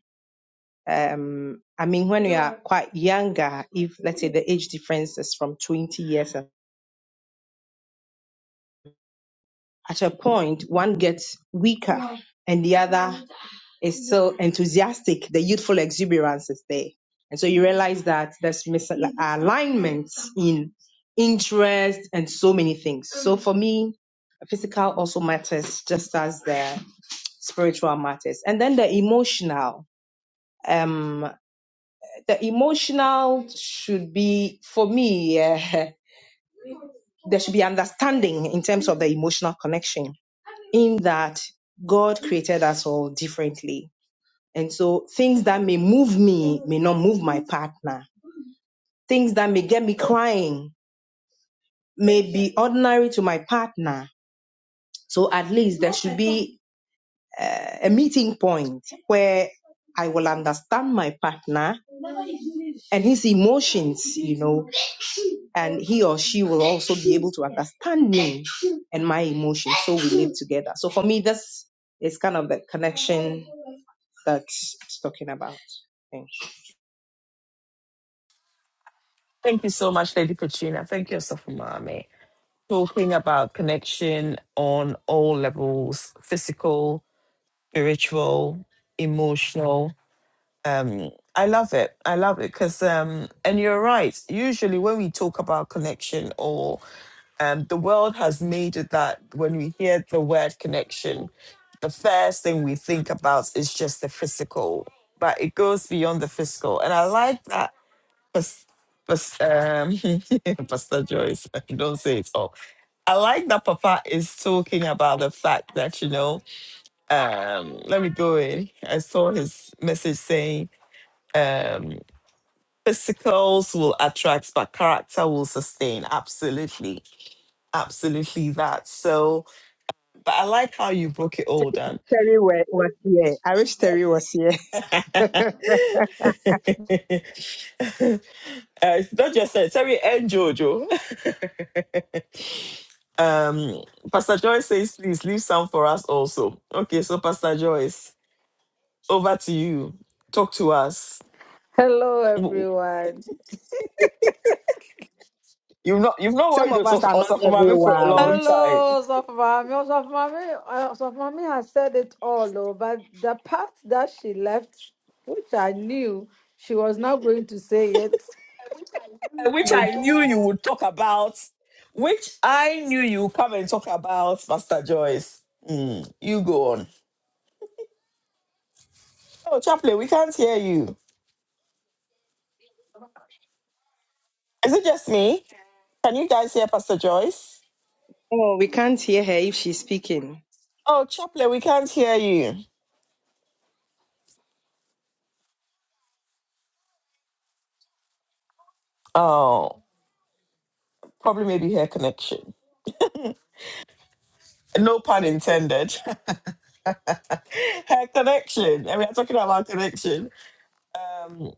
S4: Um, I mean, when we are Yeah. quite younger, if let's say the age difference is from 20 years, and- at a point one gets weaker Yeah. and the other is still enthusiastic. The youthful exuberance is there. And so you realize that there's misalignment in interest and so many things. So for me, physical also matters just as the spiritual matters. And then the emotional. Um, the emotional should be, for me, uh, there should be understanding in terms of the emotional connection, in that God created us all differently. And so things that may move me may not move my partner. Things that may get me crying may be ordinary to my partner. So at least there should be uh, a meeting point where I will understand my partner and his emotions, you know, and he or she will also be able to understand me and my emotions. So we live together. So for me, this is kind of the connection that it's talking about. Thanks.
S1: Thank you so much, Lady Petrina. Thank you, Sophomami. talking about connection on all levels physical spiritual emotional um i love it i love it because um and you're right usually when we talk about connection or um the world has made it that when we hear the word connection the first thing we think about is just the physical but it goes beyond the physical and i like that because um pastor joyce don't say it all I like that Papa is talking about the fact that, you know, um, let me go in. I saw his message saying, um, physicals will attract, but character will sustain. Absolutely. Absolutely that. So, but I like how you broke it all down.
S4: Terry wa- was here. I wish Terry was here.
S1: Uh, it's not just that, sorry, and Jojo. um, Pastor Joyce says, please leave some for us also. Okay, so Pastor Joyce. over to you. Talk to us.
S8: Hello,
S1: W-
S8: everyone.
S1: You've not you've not
S4: Some
S1: worried
S4: of
S1: us
S4: us
S1: of
S4: are
S1: us
S4: not
S1: of having for a
S4: everyone.
S1: long time,
S8: Hello, Sofmami. Sofmami, uh, Sofmami has said it all, though, but the part that she left, which I knew she was not going to say it.
S1: Uh, which I knew you would talk about, which I knew you would come and talk about, Pastor Joyce. Mm, you go on. Oh, Chaplain, we can't hear you. Is it just me? Can you guys hear Pastor Joyce?
S4: Oh, we can't hear her if she's speaking.
S1: Oh, Chaplain, we can't hear you. Oh, probably maybe her connection. No pun intended. her connection, and we are talking about connection. Um.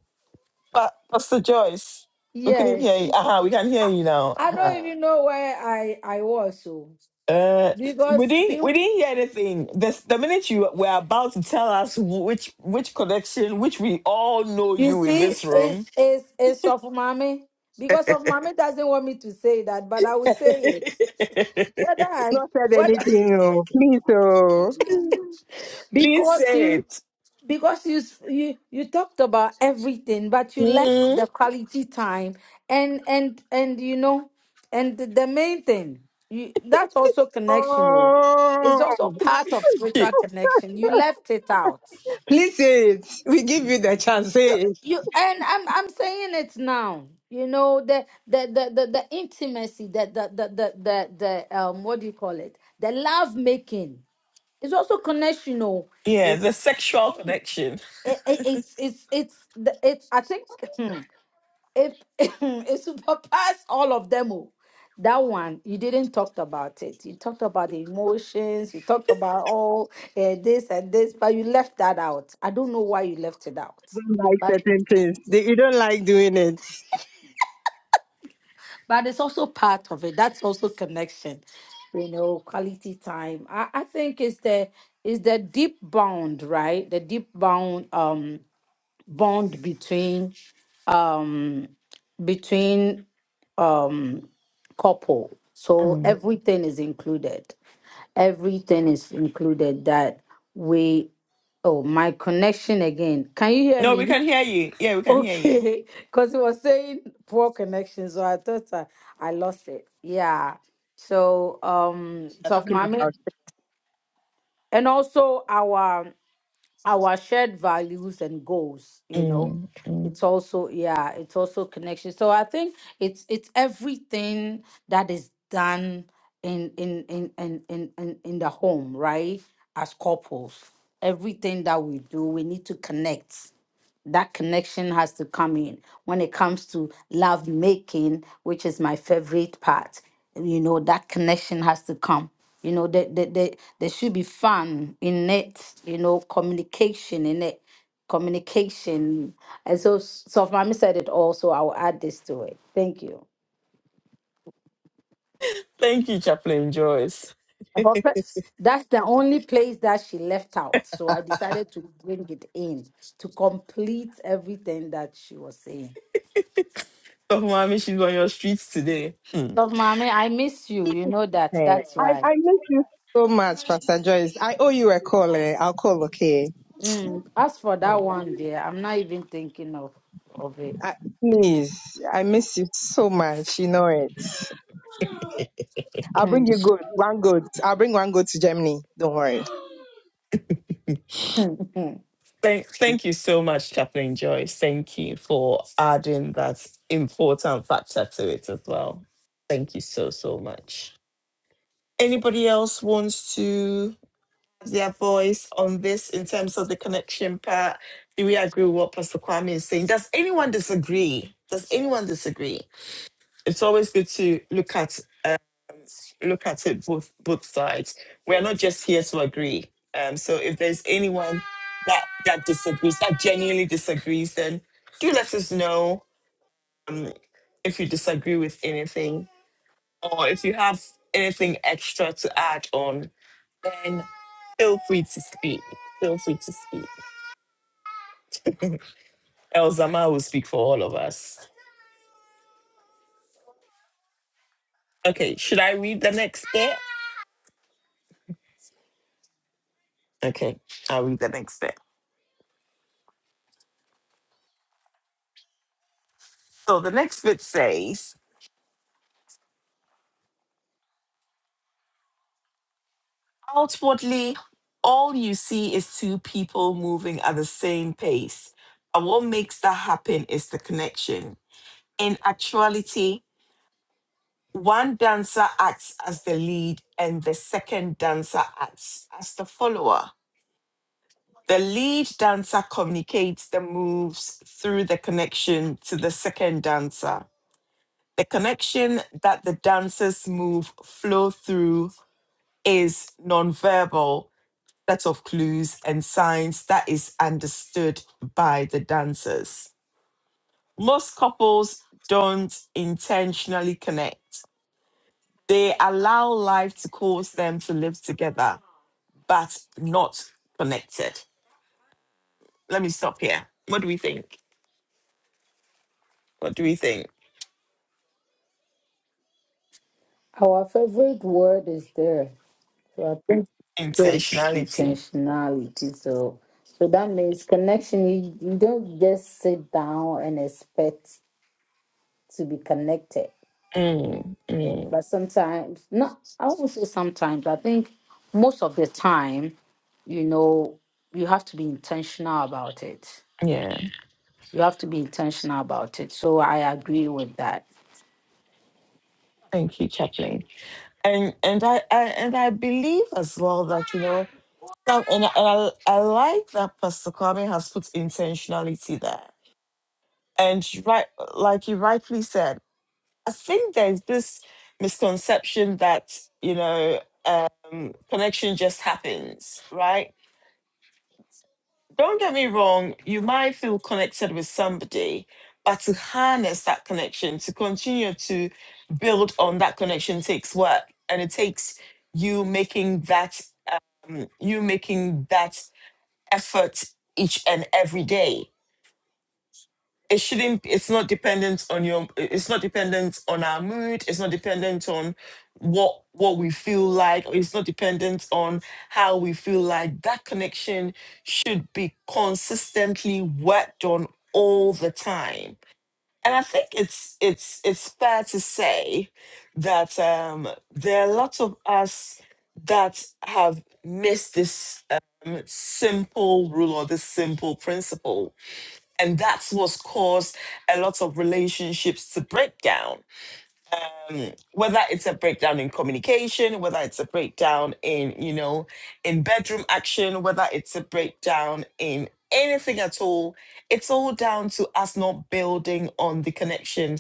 S1: But Pastor Joyce, we couldn't hear
S8: Yes.
S1: you. Uh-huh, we can hear
S8: I,
S1: you now.
S8: I
S1: Uh-huh.
S8: don't even know where I, I was, so.
S1: Uh, we
S8: Because,
S1: didn't we
S8: you
S1: didn't hear anything. This, the minute you were about to tell us which which connection, which we all know
S8: you
S1: you in
S8: see,
S1: this room.
S8: it's, it's, it's Sofmami. Because Sofmami doesn't want me to say that, but I will say it. Whether I,
S4: Not said
S8: whether,
S4: anything, oh. Please, oh.
S1: Please
S8: because
S1: say
S8: you
S1: it.
S8: because you s- you you talked about everything but you left
S1: Mm.
S8: the quality time and and and you know and the the main thing you that's also connection oh it's
S4: Oh,
S8: also part of spiritual connection you left it out
S4: please say it. We give you the chance. Say it.
S8: you and i'm i'm saying it now you know the the the the, the intimacy the the, the the the the um what do you call it the love making It's also connection. Oh,
S1: Yeah, the
S8: it's
S1: sexual
S8: it,
S1: connection.
S8: it, it's it's it's the it's I think hmm, it it surpassed all of them. Oh. That one you didn't talk about it. You talked about the emotions. You talked about all eh, this and this, but you left that out. I don't know why you left it out.
S4: don't like
S8: But
S4: certain things. They, you don't like doing it.
S8: but it's also part of it. That's also connection. You know, quality time. I I think it's the it's the deep bound, right? The deep bound. Um bond between um between um couple so
S1: Mm.
S8: everything is included everything is included that we oh my connection again can you hear
S1: No, we
S8: me
S1: can hear you. Yeah, we can hear you.
S8: okay because it was saying poor connection so i thought i, I lost it yeah so um
S4: You're
S8: so
S4: talking
S8: mommy
S4: about
S8: and also our our shared values and goals you know it's also yeah it's also connection so i think it's it's everything that is done in in in in in in, in the home right as couples everything that we do we need to connect that connection has to come in when it comes to love making which is my favorite part you know that connection has to come you know there, there, there, there should be fun in it you know communication in it communication and so so mommy said it also i'll add this to it thank you
S1: Thank you, Chaplain Joyce.
S8: that's the only place that she left out so i decided to bring it in to complete everything that she was saying
S1: Oh, mommy, she's on your streets today. Hmm.
S8: Love, mommy, I miss you. You know that.
S4: eh.
S8: That's
S4: I,
S8: why.
S4: I miss you so much, Pastor Joyce. I owe you a call. Eh? I'll call, okay?
S8: Mm, as for
S4: Hmm.
S8: that one, dear, I'm not even thinking of of it.
S4: I, please, I miss you so much. You know it. I'll bring
S8: Mm.
S4: you good, one good. I'll bring one good to Germany. Don't worry.
S1: Thank, thank you so much, Chaplain Joyce. Thank you for adding that important factor to it as well. Thank you so, so much. Anybody else wants to have their voice on this in terms of the connection part? Do we agree with what Pastor Kwame is saying? Does anyone disagree? Does anyone disagree? It's always good to look at look at it both both sides. We're not just here to agree. Um, so if there's anyone that that disagrees, that genuinely disagrees, then do let us know um, if you disagree with anything, or if you have anything extra to add on, then feel free to speak. Feel free to speak. Elzama will speak for all of us. Okay, should I read the next bit? Okay, I'll read the next bit. So the next bit says. Outwardly, all you see is two people moving at the same pace. But what makes that happen is the connection. In actuality, one dancer acts as the lead and the second dancer acts as the follower. The lead dancer communicates the moves through the connection to the second dancer. The connection that the dancers move flow through is nonverbal set of clues and signs that is understood by the dancers. Most couples don't intentionally connect, they allow life to cause them to live together, but not connected. Let me stop here. What do we think? What do we think?
S8: Our favorite word is there. So I think so it's so
S1: Intentionality.
S8: intentionality. So so that means connection. You, you don't just sit down and expect to be connected.
S1: Mm,
S8: Eh, But sometimes, not. I won't say sometimes. I think most of the time, you know, you have to be intentional about it
S1: yeah.
S8: You have to be intentional about it. So I agree with that.
S1: Thank you, Chaplain. And and I, I and I believe as well that you know and I, and I, I like that Pastor Kwame has put intentionality there And you right, like you rightfully said, I think there's this misconception that, you know, um, connection just happens, right? Don't get me wrong, you might feel connected with somebody, but to harness that connection, to continue to build on that connection takes work. And it takes you making that, um, you making that effort each and every day it shouldn't it's not dependent on your it's not dependent on our mood it's not dependent on what what we feel like or it's not dependent on how we feel like that connection should be consistently worked on all the time and i think it's it's it's fair to say that um there are lots of us that have missed this um, simple rule or this simple principle and that's what's caused a lot of relationships to break down. Um, whether it's a breakdown in communication, whether it's a breakdown in, you know, in bedroom action, whether it's a breakdown in anything at all, it's all down to us not building on the connection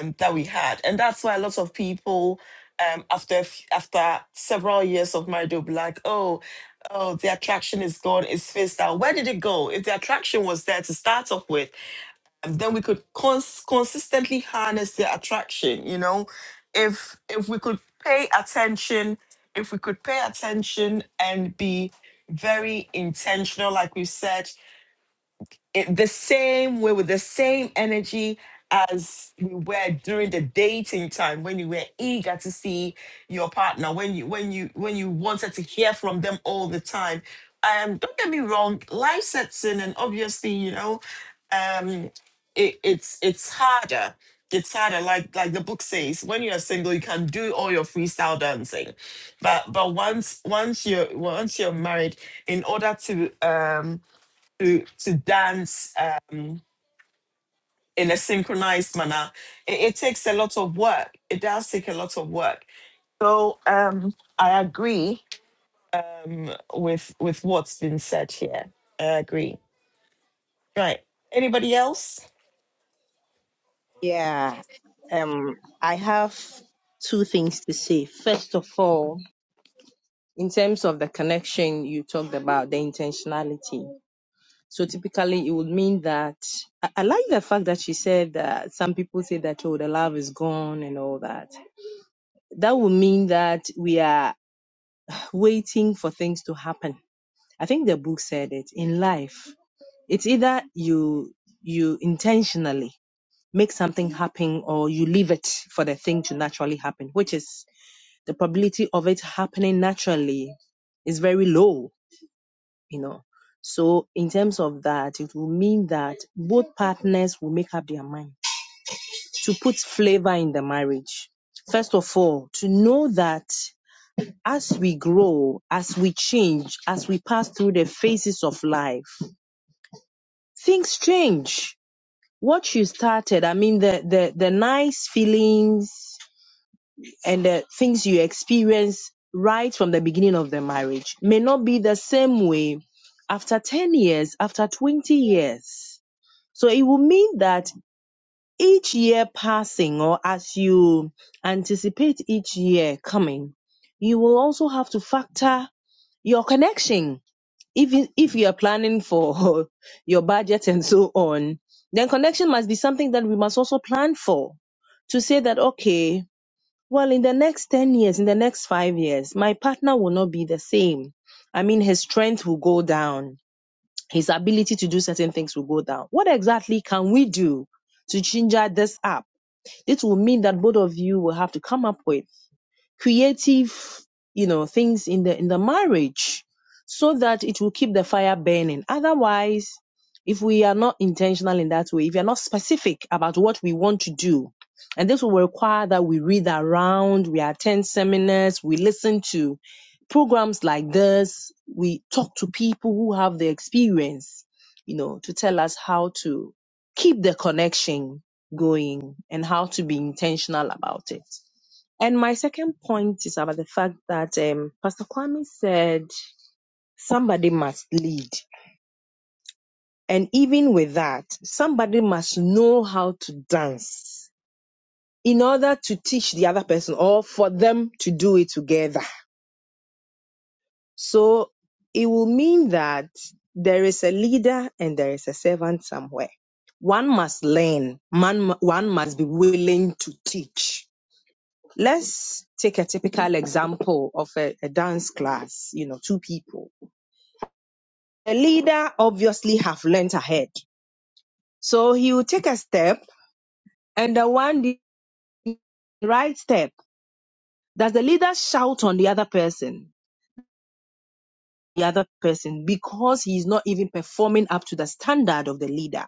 S1: um, that we had. And that's why a lot of people, um, after a f- after several years of marriage, will be like, oh, oh, the attraction is gone, it's phased out. Where did it go? If the attraction was there to start off with, and then we could cons- consistently harness their attraction you know if if we could pay attention if we could pay attention and be very intentional like we said it, the same way with the same energy as we were during the dating time when you were eager to see your partner when you when you when you wanted to hear from them all the time um don't get me wrong life sets in and obviously you know um it, it's it's harder it's harder like like the book says when you're single you can do all your freestyle dancing but but once once you're once you're married in order to um to to dance um, in a synchronized manner. It, it takes a lot of work. It does take a lot of work. So um, I agree with with what's been said here. I agree. Right. Anybody else?
S4: Yeah. Um, I have two things to say. First of all, in terms of the connection you talked about, the intentionality. So typically, it would mean that I, I like the fact that she said that some people say that oh, the love is gone and all that. That would mean that we are waiting for things to happen. I think the book said it in life. It's either you you intentionally make something happen or you leave it for the thing to naturally happen, which is the probability of it happening naturally is very low you know. So in terms of that, it will mean that both partners will make up their mind to put flavor in the marriage. First of all, to know that as we grow, as we change, as we pass through the phases of life, things change. What you started, I mean, the, the, the nice feelings and the things you experience right from the beginning of the marriage may not be the same way after 10 years, after 20 years So it will mean that each year passing, or as you anticipate each year coming, you will also have to factor your connection. If if you are planning for your budget and so on, then connection must be something that we must also plan for to say that, okay, well, in the next 10 years, in the next five years, my partner will not be the same. I mean, his strength will go down his ability to do certain things will go down. What exactly can we do to ginger this up? It will mean that both of you will have to come up with creative, you know, things in the in the marriage so that it will keep the fire burning. Otherwise, if we are not intentional in that way, if we are not specific about what we want to do, and this will require that we read around, we attend seminars, we listen to programs like this, we talk to people who have the experience, you know, to tell us how to keep the connection going and how to be intentional about it. And my second point is about the fact that um, Pastor Kwame said somebody must lead. And even with that, somebody must know how to dance in order to teach the other person or for them to do it together. So it will mean that there is a leader and there is a servant somewhere. One must learn, man, one must be willing to teach Let's take a typical example of a, a dance class, you know, two people. The leader obviously have learnt ahead. So he will take a step and the one did the right step. Does the leader shout on the other person? The other person because he is not even performing up to the standard of the leader.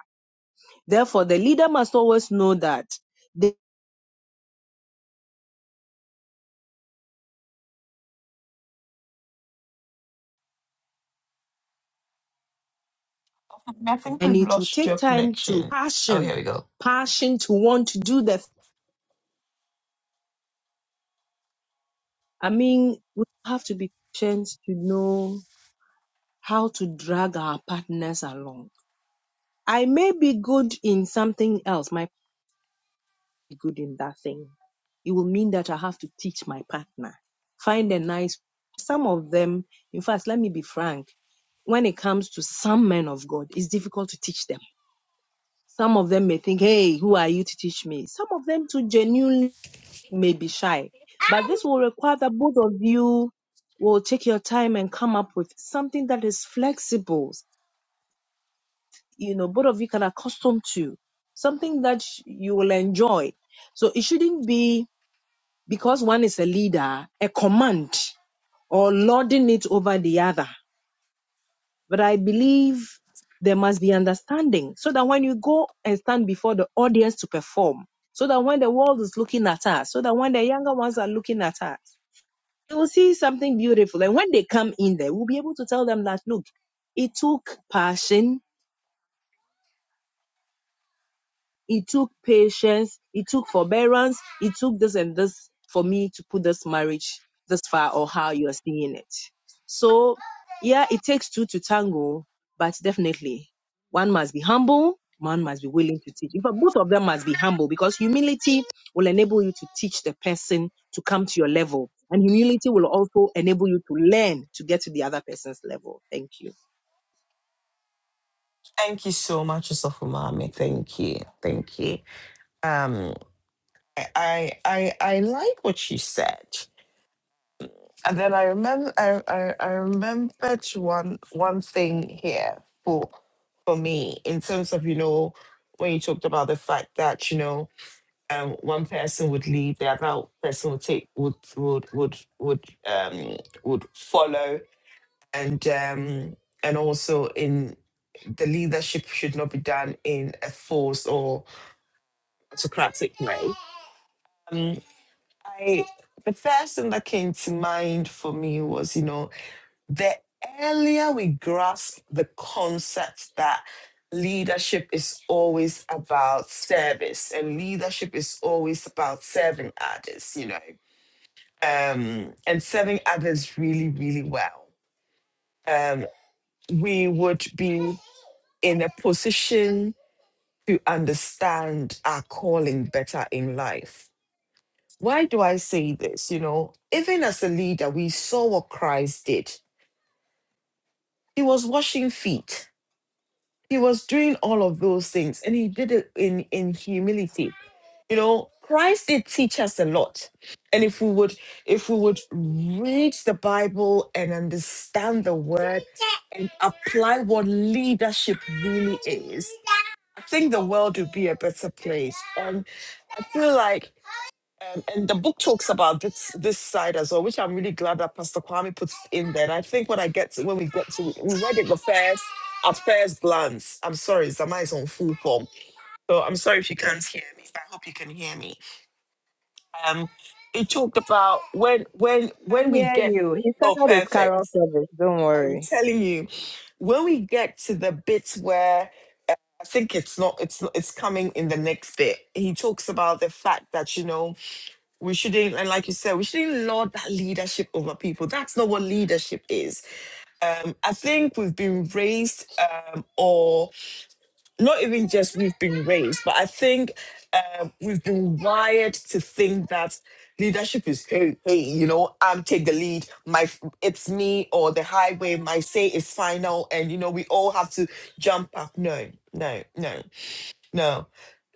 S4: Therefore, the leader must always know that they
S1: I think
S4: and
S1: we've
S4: it will
S1: lost
S4: take
S1: your
S4: time to
S1: connection. Oh, here
S4: passion,
S1: we go.
S4: passion to want to do the I mean, we have to be patient to know how to drag our partners along. I may be good in something else, might be good in that thing. It will mean that I have to teach my partner. Find a nice some of them, in fact, let me be frank, when it comes to some men of God, it's difficult to teach them. Some of them may think, hey, who are you to teach me? Some of them too genuinely may be shy. But this will require that both of you will take your time and come up with something that is flexible, you know both of you can accustom to something that sh- you will enjoy so it shouldn't be because one is a leader a command or lording it over the other but i believe there must be understanding so that when you go and stand before the audience to perform so that when the world is looking at us so that when the younger ones are looking at us they will see something beautiful and when they come in there we'll be able to tell them that look it took passion It took patience. It took forbearance. It took this and this for me to put this marriage this far or how you are seeing it. So, yeah, it takes two to tango, but definitely one must be humble. One must be willing to teach. In fact, both of them must be humble because humility will enable you to teach the person to come to your level. And humility will also enable you to learn to get to the other person's level. Thank you.
S1: Thank you so much, Osofumami. Thank you. Thank you. Um, I I I I like what you said. And then I remember, I, I, I remembered one one thing here for for me in terms of you know when you talked about the fact that you know um, one person would lead, the other person would take would would would would um, would follow, and um, and also in the leadership should not be done in a force or autocratic. Um, I the first thing that came to mind for me was you know the earlier we grasp the concept that leadership is always about service and leadership is always about serving others, you know, um, and serving others really, really well, um, we would be in a position to understand our calling better in life. Why do I say this? You know, even as a leader, we saw what Christ did. He was washing feet He was doing all of those things and he did it in, in humility. You know, Christ did teach us a lot. And if we would if we would read the Bible and understand the word and apply what leadership really is, I think the world would be a better place. And I feel like um, and the book talks about this this side as well, which I'm really glad that Pastor Kwame puts in there. And I think when I get to when we get to we read it the first at first glance. I'm sorry, Zama is on full form. So I'm sorry if you can't hear me, but I hope you can hear me. Um it talked about when when
S4: I
S1: when we
S4: hear
S1: get
S4: you. He
S1: oh
S4: started his
S1: perfect.
S4: carol service. Don't
S1: I'm
S4: worry.
S1: telling you, when we get to the bit where uh, I think it's not it's not, it's coming in the next bit. He talks about the fact that you know we shouldn't and like you said we shouldn't lord that leadership over people that's not what leadership is um i think we've been raised um or not even just we've been raised but i think um we've been wired to think that leadership is hey hey you know i'm take the lead my it's me or the highway my say is final and you know we all have to jump up no no no no.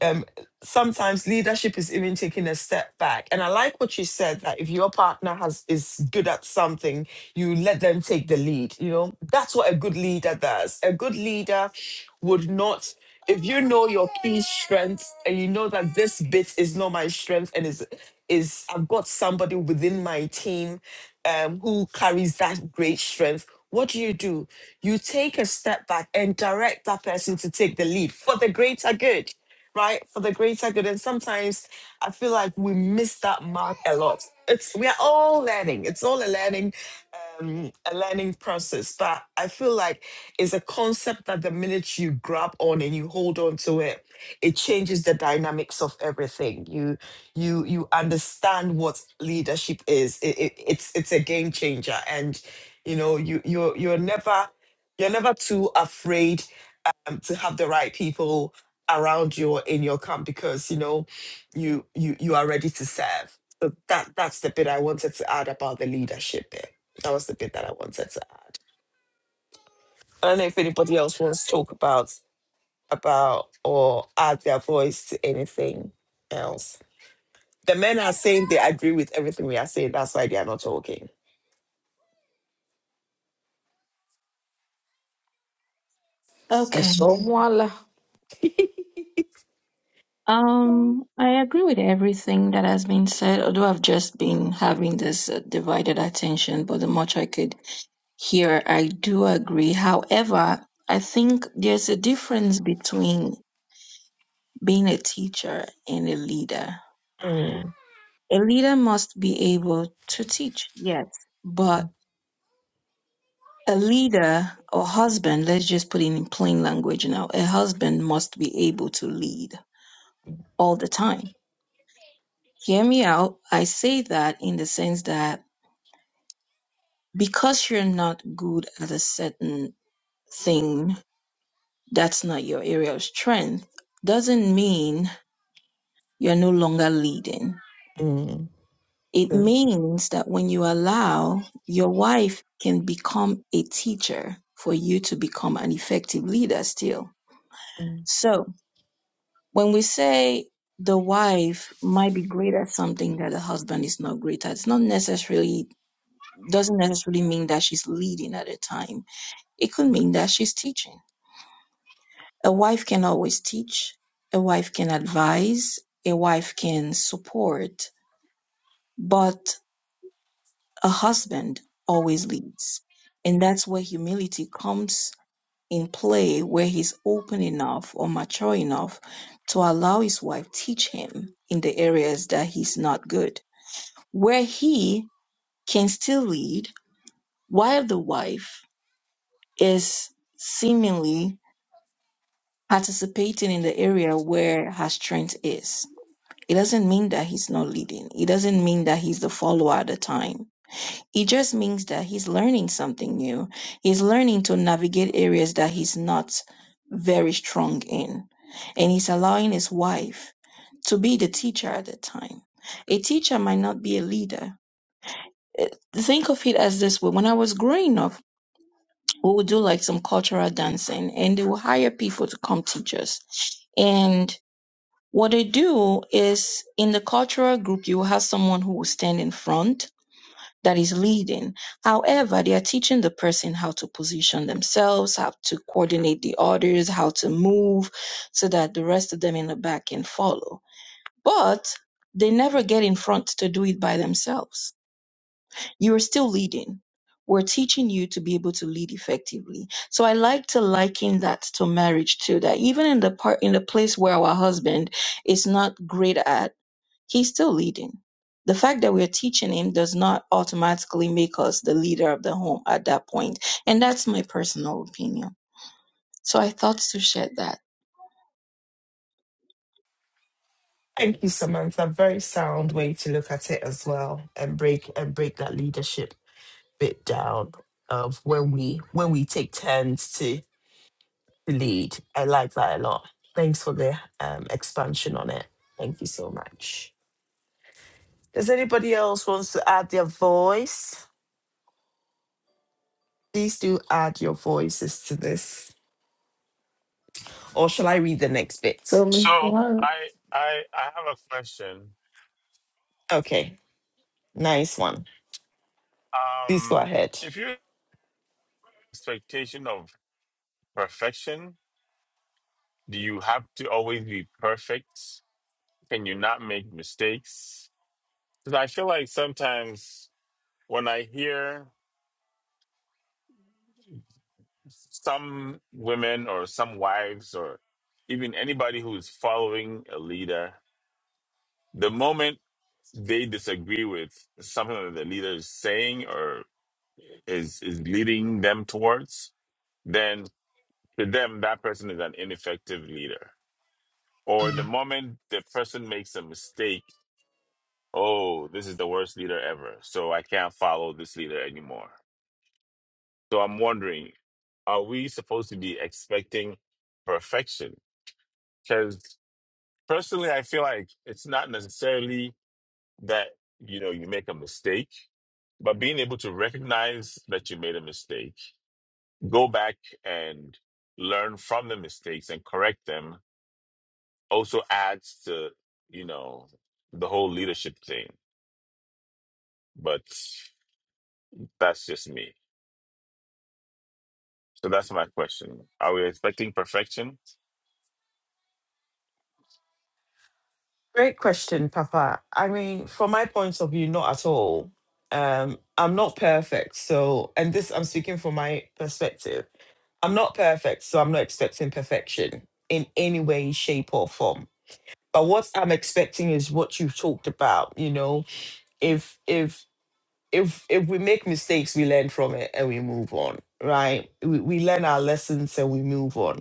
S1: Um, sometimes leadership is even taking a step back. And I like what you said that if your partner has is good at something, you let them take the lead. You know, that's what a good leader does. A good leader would not if you know your key strength and you know that this bit is not my strength and is is I've got somebody within my team um, who carries that great strength, what do you do? You take a step back and direct that person to take the lead for the greater good, right? For the greater good. And sometimes I feel like we miss that mark a lot. It's we are all learning. It's all a learning, um, a learning process. But I feel like it's a concept that the minute you grab on and you hold on to it, it changes the dynamics of everything you you understand what leadership is it, it, it's it's a game changer and you know you you're you're never you're never too afraid um, to have the right people around you or in your camp because you know you you you are ready to serve so that that's the bit i wanted to add about the leadership bit that was the bit that i wanted to add i don't know if anybody else wants to talk about about or add their voice to anything else the men are saying they agree with everything we are saying. That's why they are not talking.
S6: Okay.
S8: ɛsɛ
S6: Um, I agree with everything that has been said, although I've just been having this uh, divided attention, but the much I could hear, I do agree. However, I think there's a difference between being a teacher and a leader.
S1: Mm,
S6: A leader must be able to teach, yes, but a leader or husband, let's just put it in plain language now, a husband must be able to lead all the time. Hear me out. I say that in the sense that because you're not good at a certain thing, that's not your area of strength, doesn't mean you're no longer leading
S1: mm,
S6: It
S1: true.
S6: means that when you allow, your wife can become a teacher for you to become an effective leader still.
S1: Mm.
S6: So when we say the wife might be great at something that the husband is not great at, it's not necessarily doesn't necessarily mean that she's leading at a time. It could mean that she's teaching. A wife can always teach. A wife can advise. A wife can support. But a husband always leads. And that's where humility comes in play, where he's open enough or mature enough to allow his wife teach him in the areas that he's not good, where he can still lead while the wife is seemingly participating in the area where her strength is. It doesn't mean that he's not leading. It doesn't mean that he's the follower at the time It just means that he's learning something new. He's learning to navigate areas that he's not very strong in. And he's allowing his wife to be the teacher at the time. A teacher might not be a leader. Eh, Think of it as this way. When I was growing up, we would do like some cultural dancing and they would hire people to come teach us. And what they do is in the cultural group, you will have someone who will stand in front that is leading. However, they are teaching the person how to position themselves, how to coordinate the orders, how to move so that the rest of them in the back can follow. But they never get in front to do it by themselves. You are still leading. We're teaching you to be able to lead effectively. So I like to liken that to marriage too, that even in the part in the place where our husband is not great at He's still leading. The fact that we're teaching him does not automatically make us the leader of the home at that point. And that's my personal opinion. So I thought to share that.
S1: Thank you, Samantha. Very sound way to look at it as well, and break and break that leadership bit down of when we when we take turns to to lead. I like that a lot. Thanks for the um, expansion on it. Thank you so much. Does anybody else wants to add their voice? Please do add your voices to this. Or shall I read the next bit?
S8: So
S3: So
S8: Well,
S3: I I I have a question.
S1: Okay, nice one. Please go
S3: Um,
S1: ahead.
S3: if your expectation of perfection, do you have to always be perfect? Can you not make mistakes? Because I feel like sometimes when I hear some women or some wives or even anybody who's following a leader, the moment they disagree with something that the leader is saying or is is leading them towards, then to them, that person is an ineffective leader. Or the moment the person makes a mistake, oh, this is the worst leader ever. So I can't follow this leader anymore. So I'm wondering, are we supposed to be expecting perfection? Because personally, I feel like it's not necessarily that, you know, you make a mistake, but being able to recognize that you made a mistake, go back and learn from the mistakes and correct them also adds to you know the whole leadership thing but that's just me so that's my question are we expecting perfection
S1: Great question, Papa. I mean, from my point of view, not at all. Um, I'm not perfect. So, and this, I'm speaking from my perspective. I'm not perfect, so I'm not expecting perfection in any way, shape, or form. But what I'm expecting is what you've talked about. You know, if if if if we make mistakes, we learn from it and we move on, right? We, we learn our lessons and we move on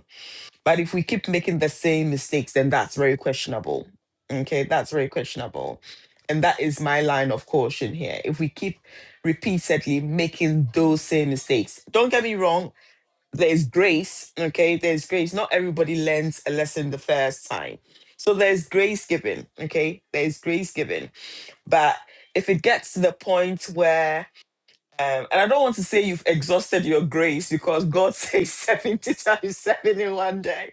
S1: But if we keep making the same mistakes, then that's very questionable. Okay, that's very questionable. And that is my line of caution here. If we keep repeatedly making those same mistakes, don't get me wrong, there's grace. Okay, there's grace. Not everybody learns a lesson the first time. So there's grace given. Okay, there's grace given. But if it gets to the point where um, and I don't want to say you've exhausted your grace because God says 70 times 7 in one day.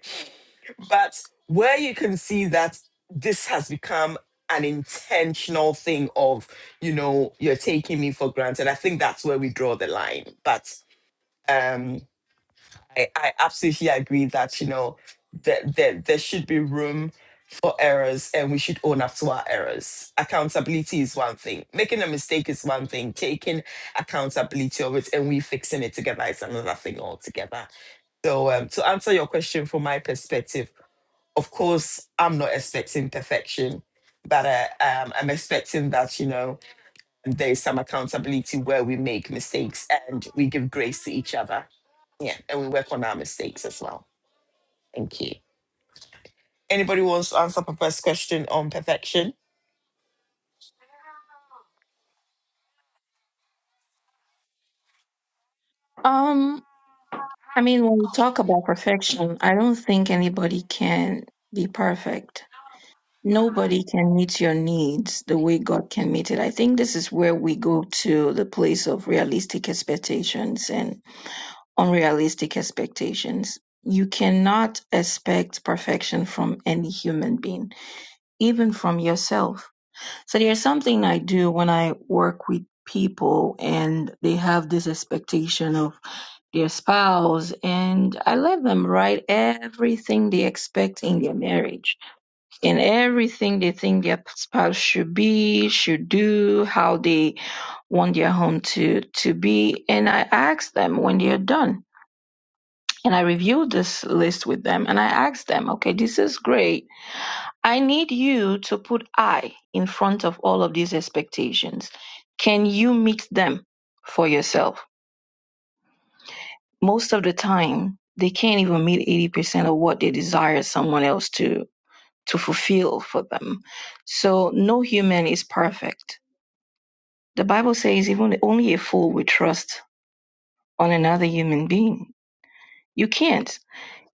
S1: But where you can see that this has become an intentional thing of, you know, you're taking me for granted, I think that's where we draw the line. But um, I, I absolutely agree that you know that there, there should be room for errors and we should own up to our errors. Accountability is one thing. Making a mistake is one thing. Taking accountability of it and we fixing it together is another thing altogether. So um, to answer your question from my perspective, of course I'm not expecting perfection, but uh, um, I'm expecting that you know there is some accountability where we make mistakes and we give grace to each other yeah, and we work on our mistakes as well. Thank you. Anybody wants to answer Papa's question on perfection?
S6: Um, I mean, when we talk about perfection, I don't think anybody can be perfect. Nobody can meet your needs the way God can meet it. I think this is where we go to the place of realistic expectations and unrealistic expectations. You cannot expect perfection from any human being, even from yourself. So there's something I do when I work with people and they have this expectation of their spouse and I let them write everything they expect in their marriage in everything they think their spouse should be, should do, how they want their home to to be. And I ask them when they are done. And I review this list with them and I ask them, okay, this is great. I need you to put I in front of all of these expectations. Can you meet them for yourself? Most of the time, they can't even meet 80% of what they desire someone else to to fulfill for them. So no human is perfect. The Bible says even only a fool would trust on another human being. You can't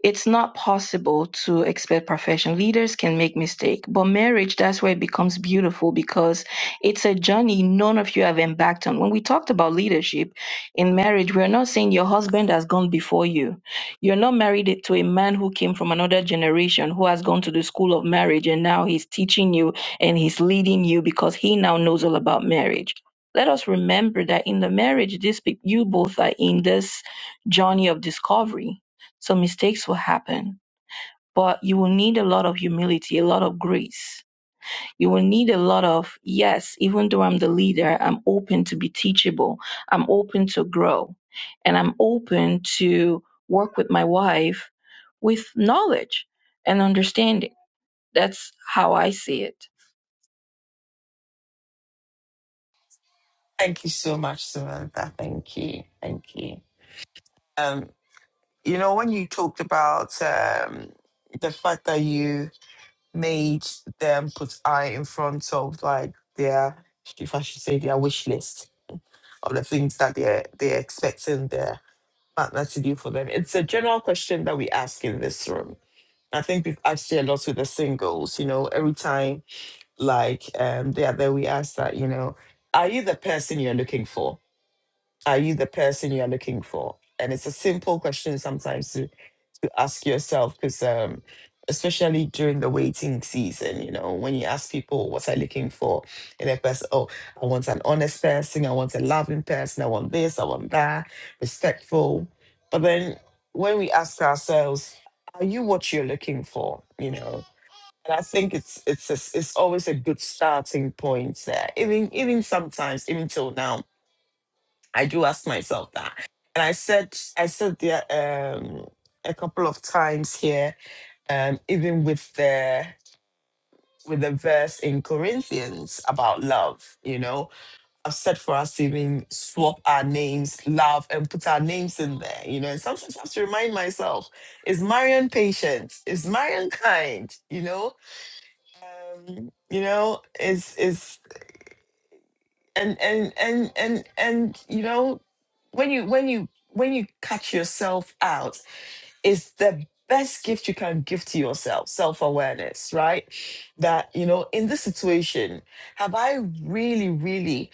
S6: it's not possible to expect perfection. Leaders can make mistakes, but marriage that's where it becomes beautiful because it's a journey none of you have embarked on. When we talked about leadership in marriage, we're not saying your husband has gone before you. You're not married to a man who came from another generation who has gone to the school of marriage and now he's teaching you and he's leading you because he now knows all about marriage. Let us remember that in the marriage, this you both are in this journey of discovery so mistakes will happen, but you will need a lot of humility, a lot of grace. You will need a lot of, yes, even though I'm the leader, I'm open to be teachable. I'm open to grow and I'm open to work with my wife with knowledge and understanding. That's how I see it.
S1: Thank you so much, Samantha. Thank you. Thank you. Um, you know, when you talked about um, the fact that you made them put I in front of like their, if I should say, their wish list of the things that they're they're expecting their partner to do for them. It's a general question that we ask in this room. I think we've asked it a lot with the singles. You know, every time like um the other we asked that you know are you the person you're looking for are you the person you're looking for and it's a simple question sometimes to to ask yourself because um especially during the waiting season you know when you ask people what are looking for and a person oh i want an honest person i want a loving person i want this i want that respectful but then when we ask ourselves are you what you're looking for you know and I think it's it's a, it's always a good starting point. there. even even sometimes, even till now, I do ask myself that. And I said I said there um a couple of times here, um, even with the with the verse in Corinthians about love, you know, I've said for us to even swap our names, love, and put our names in there, you know. And sometimes I have to remind myself, is Marion patient? Is Marion kind? You know, um, you know is is and and and and and you know when you when you when you catch yourself out is the best gift you can give to yourself self-awareness right that you know in this situation have i really really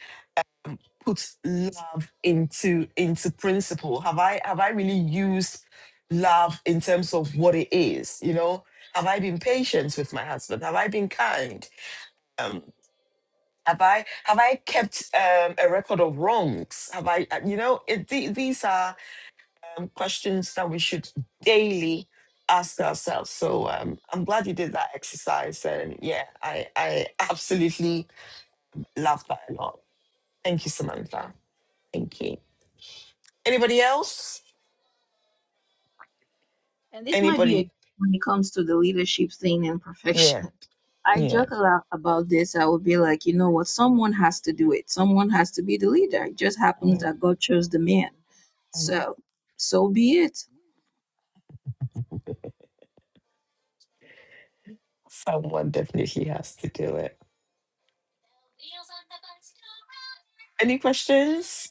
S1: put love into into principle have i have i really used love in terms of what it is you know have i been patient with my husband have i been kind Um, Have I have I kept um, a record of wrongs? Have I uh, you know it, the, these are um, questions that we should daily ask ourselves. So um, I'm glad you did that exercise, and yeah, I I absolutely love that a lot. Thank you, Samantha. Thank you. Anybody else?
S6: And this might be
S1: Anybody?
S6: a when it comes to the leadership thing and
S1: Yeah,
S6: perfection. I
S1: yeah.
S6: joke a lot about this. I would be like, you know what? Someone has to do it. Someone has to be the leader. It just happens
S1: Mm,
S6: that God chose the man.
S1: mm.
S6: So, so be it.
S1: Someone definitely has to do it. Any questions?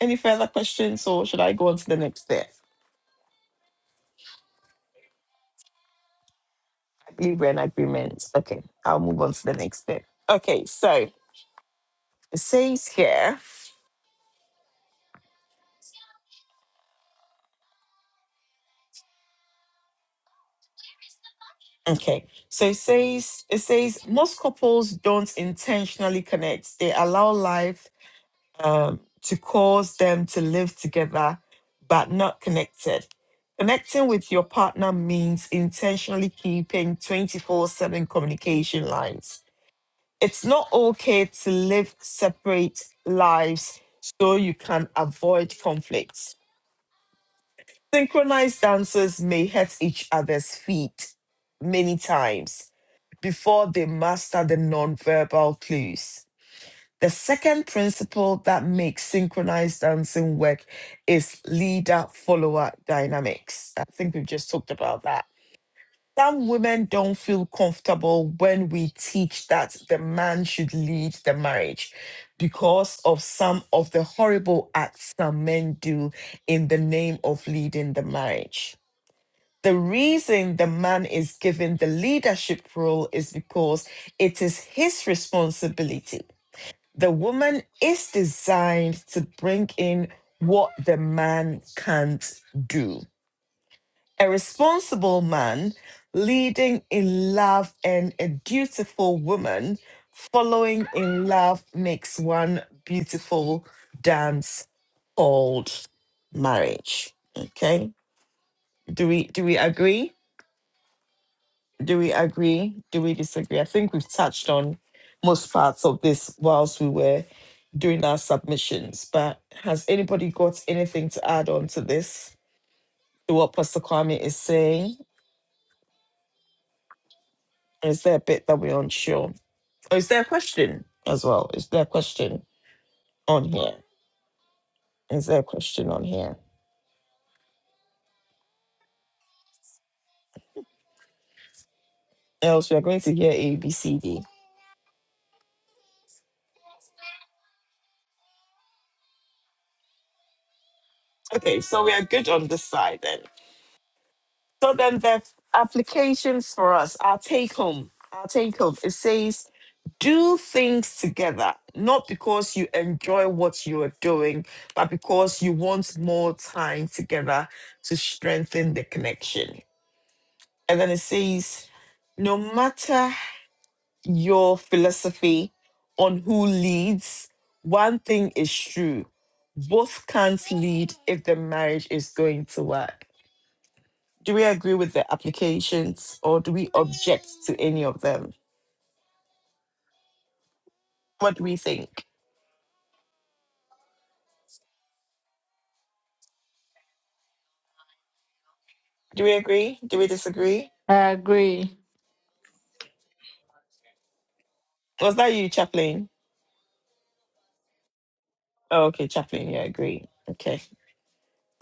S1: Any further questions, or should I go on to the next step? Libra and agreement. Okay, I'll move on to the next bit. Okay, so it says here, okay, so it says it says most couples don't intentionally connect. They allow life um, to cause them to live together but not connected. Connecting with your partner means intentionally keeping 24/7 communication lines. It's not okay to live separate lives so you can avoid conflicts Synchronized dancers may hurt each other's feet many times before they master the nonverbal clues. The second principle that makes synchronized dancing work is leader follower dynamics. I think we've just talked about that. Some women don't feel comfortable when we teach that the man should lead the marriage because of some of the horrible acts some men do in the name of leading the marriage the reason the man is given the leadership role is because it is his responsibility. The woman is designed to bring in what the man can't do. A responsible man leading in love and a dutiful woman following in love makes one beautiful dance called marriage. Okay? Do we do we agree? Do we agree? Do we disagree? I think we've touched on most parts of this whilst we were doing our submissions, but has anybody got anything to add on to this, to what Pastor Kwame is saying? Is there a bit that we're unsure? Or is there a question as well? Is there a question on here? Is there a question on here? Else we are going to hear A, B, C, D. Okay, so we are good on this side then. So then the applications for us, our take home, our take home, it says do things together, not because you enjoy what you are doing, but because you want more time together to strengthen the connection. And then it says, no matter your philosophy on who leads, one thing is true both can't lead if the marriage is going to work. Do we agree with the applications or do we object to any of them? What do we think? Do we agree? Do we disagree?
S8: I agree.
S1: Was that you, Chaplain? Oh, okay, Chaplain. Yeah, great. Okay.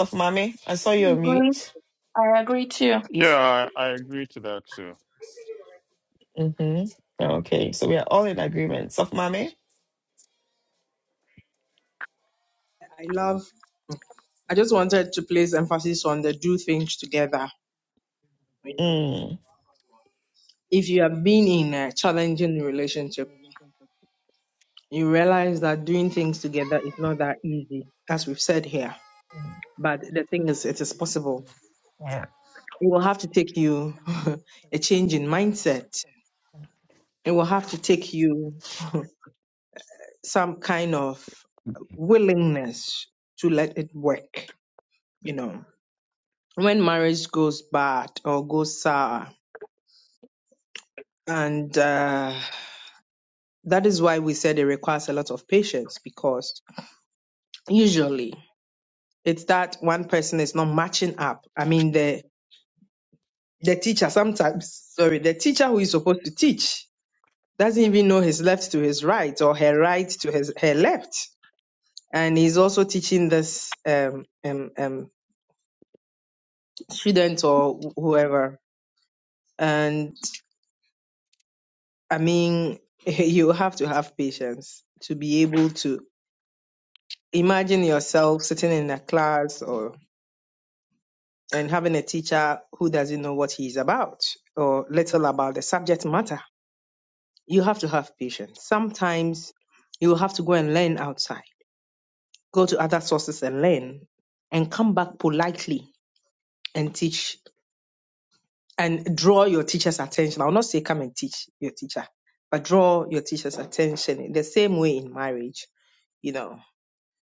S1: Soft Mame, I saw
S6: I
S1: your
S6: agree.
S1: mute.
S6: I agree too.
S9: Yeah.
S3: Yeah, I, I agree to that too.
S1: Mm-hmm. Oh, Okay, so we are all in agreement. Soft Mame?
S4: I love. I just wanted to place emphasis on the do things together. You know,
S1: Mm.
S4: if you have been in a challenging relationship, you realize that doing things together is not that easy, as we've said here. But the thing is, it is possible.
S1: Yeah.
S4: It will have to take you a change in mindset. It will have to take you some kind of willingness to let it work. You know, when marriage goes bad or goes sour, and uh, that is why we said it requires a lot of patience because usually it's that one person is not matching up. I mean, the the teacher sometimes, sorry, the teacher who is supposed to teach doesn't even know his left to his right or her right to his her left, and he's also teaching this um, um, um, student or wh- whoever. And I mean, you have to have patience to be able to imagine yourself sitting in a class or. and having a teacher who doesn't know what he's about or little about the subject matter. You have to have patience. Sometimes you will have to go and learn outside, go to other sources and learn, and come back politely and teach and draw your teacher's attention. I'll not say come and teach your teacher, but draw your teacher's attention in the same way in marriage. You know,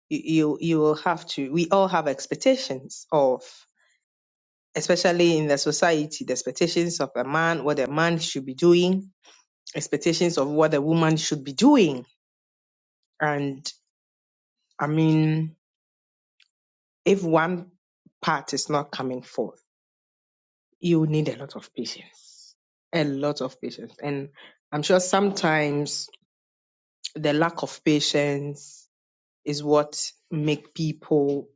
S4: you, you, you will have to, we all have expectations of especially in the society, the expectations of a man, what a man should be doing, expectations of what a woman should be doing. And I mean, if one part is not coming forth, you need a lot of patience, a lot of patience. And I'm sure sometimes the lack of patience is what make people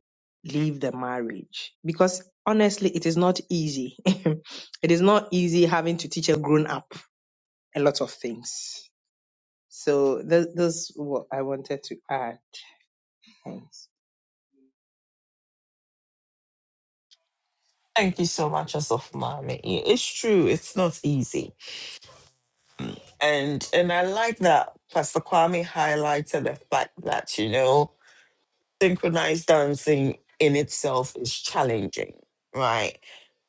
S4: leave the marriage because honestly it is not easy it is not easy having to teach a grown up a lot of things So that, that's what I wanted to add. Thanks.
S1: Thank you so much, uh, Soft Mame. Yeah, It's true, it's not easy. And and I like that Pastor Kwame highlighted the fact that, you know, synchronized dancing in itself is challenging, right?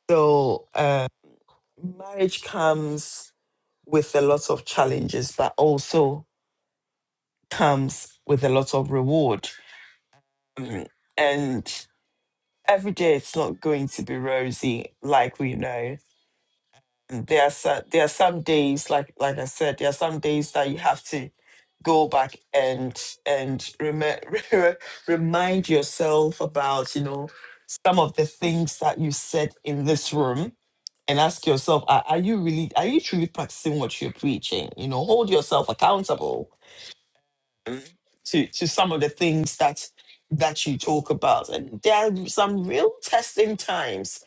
S1: So uh, marriage comes with a lot of challenges, but also comes with a lot of reward Um, and every day it's not going to be rosy, like we know. And There are so, there are some days, like like I said, there are some days that you have to go back and and rem- remind yourself about you know some of the things that you said in this room and ask yourself are, are you really are you truly practicing what you're preaching you know hold yourself accountable to to some of the things that that you talk about and there are some real testing times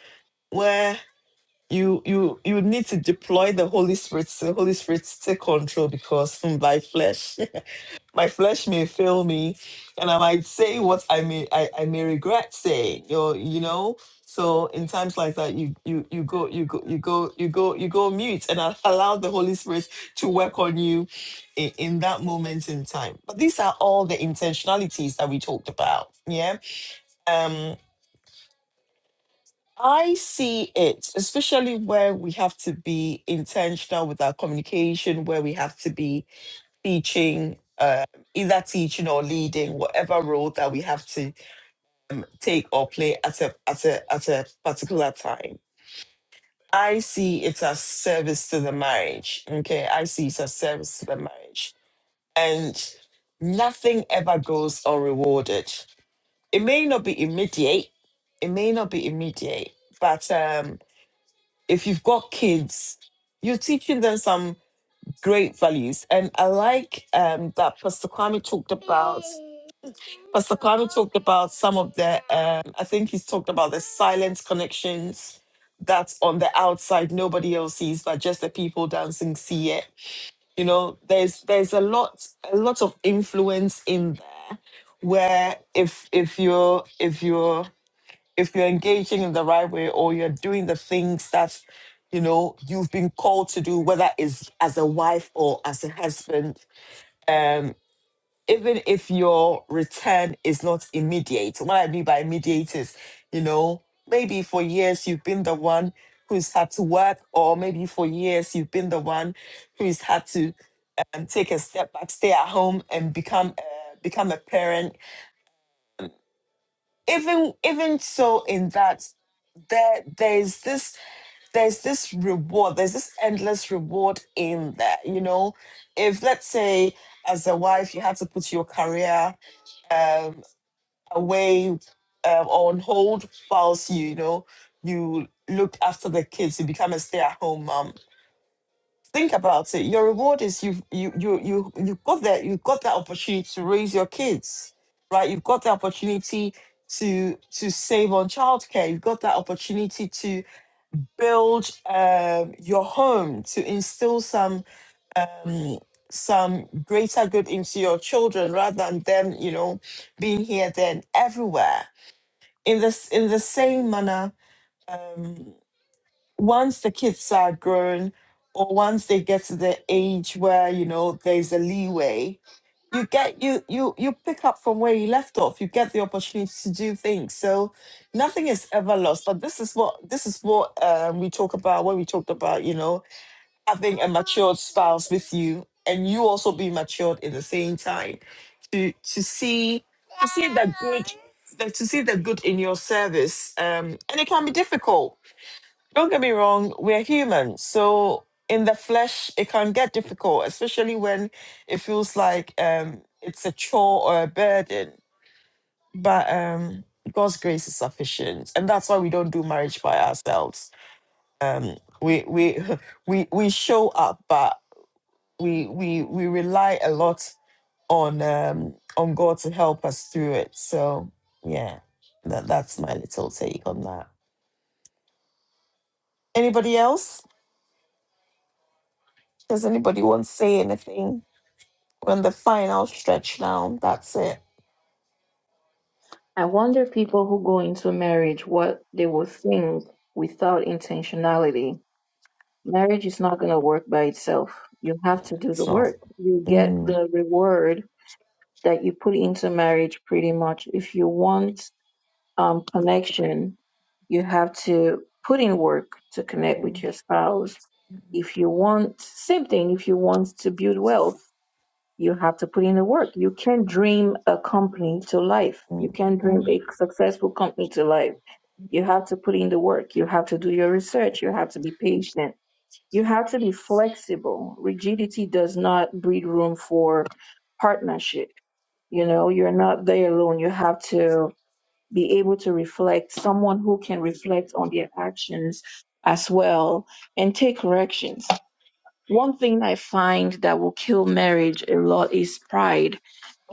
S1: you you you need to deploy the holy spirit the holy spirit take control because hmm, by flesh my flesh may fail me and i might say what i may i, I may regret saying or you know so in times like that you you you go you go you go you go you go mute and a- allow the holy spirit to work on you in, in that moment in time but these are all the intentionalities that we talked about yeah Um, I see it, especially where we have to be intentional with our communication, where we have to be teaching, uh, either teaching or leading, whatever role that we have to take or play at a at a at a particular time. I see it as service to the marriage. Okay, I see it as service to the marriage, and nothing ever goes unrewarded. It may not be immediate. It may not be immediate, but um, if you've got kids, you're teaching them some great values. And I like um, that Pastor Kwame talked. ab- Pastor Kwame talked about some of the. Um, I think he's talked about the silent connections that on the outside nobody else sees, but just the people dancing see it. You know, there's there's a lot a lot of influence in there where if if you're if you're if you're engaging in the right way or you're doing the things that you know you've been called to do whether it's as a wife or as a husband um even if your return is not immediate what i mean by immediate is you know maybe for years you've been the one who's had to work or maybe for years you've been the one who's had to um, take a step back stay at home and become uh, become a parent even even so in that there there's this there's this reward there's this endless reward in there you know if let's say as a wife you had to put your career um away um, on hold whilst you you know you look after the kids you become a stay-at-home mom think about it your reward is you've you you you you've got that you've got that opportunity to raise your kids right you've got the opportunity to to save on childcare you've got that opportunity to build um, your home to instill some um, some greater good into your children rather than them you know being here then everywhere in this in the same manner um, once the kids are grown or once they get to the age where you know there's a leeway you get you you you pick up from where you left off you get the opportunity to do things so nothing is ever lost but this is what this is what um, we talk about when we talked about you know having a matured spouse with you and you also be matured in the same time to to see to see the good in your service um and it can be difficult don't get me wrong, we're human. So in the flesh, it can get difficult, especially when it feels like um, it's a chore or a burden. But um, God's grace is sufficient. And that's why we don't do marriage by ourselves. Um, we, we, we, we show up, but we, we, we rely a lot on, um, on God to help us through it. So, yeah, that, that's my little take on that. Anybody else? Does anybody want to say anything? When the final stretch down, that's it.
S6: I wonder people who go into marriage what they will think without intentionality. Marriage is not going to work by itself. You have to do the
S1: So,
S6: work. You get the reward that you put into marriage pretty much if you want um, connection, you have to put in work to connect with your spouse. If you want, same thing, if you want to build wealth, you have to put in the work. You can't dream a company to life. You can't dream a successful company to life. You have to put in the work. You have to do your research. You have to be patient. You have to be flexible. Rigidity does not breed room for partnership. You know, you're not there alone. You have to be able to reflect, someone who can reflect on their actions as well and take corrections. One thing I find that will kill marriage a lot is pride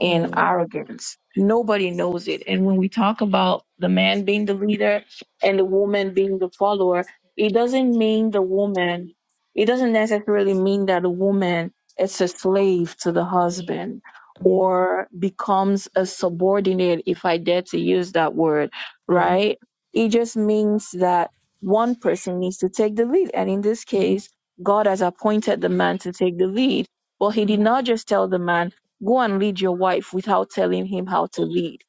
S6: and arrogance. Nobody knows it. And when we talk about the man being the leader and the woman being the follower, it doesn't mean the woman, it doesn't necessarily mean that the woman is a slave to the husband or becomes a subordinate, if I dare to use that word,
S1: yeah,
S6: right? It just means that one person needs to take the lead. And in this case,
S1: mm,
S6: God has appointed the man to take the lead. But he did not just tell the man, go and lead your wife without telling him how to lead.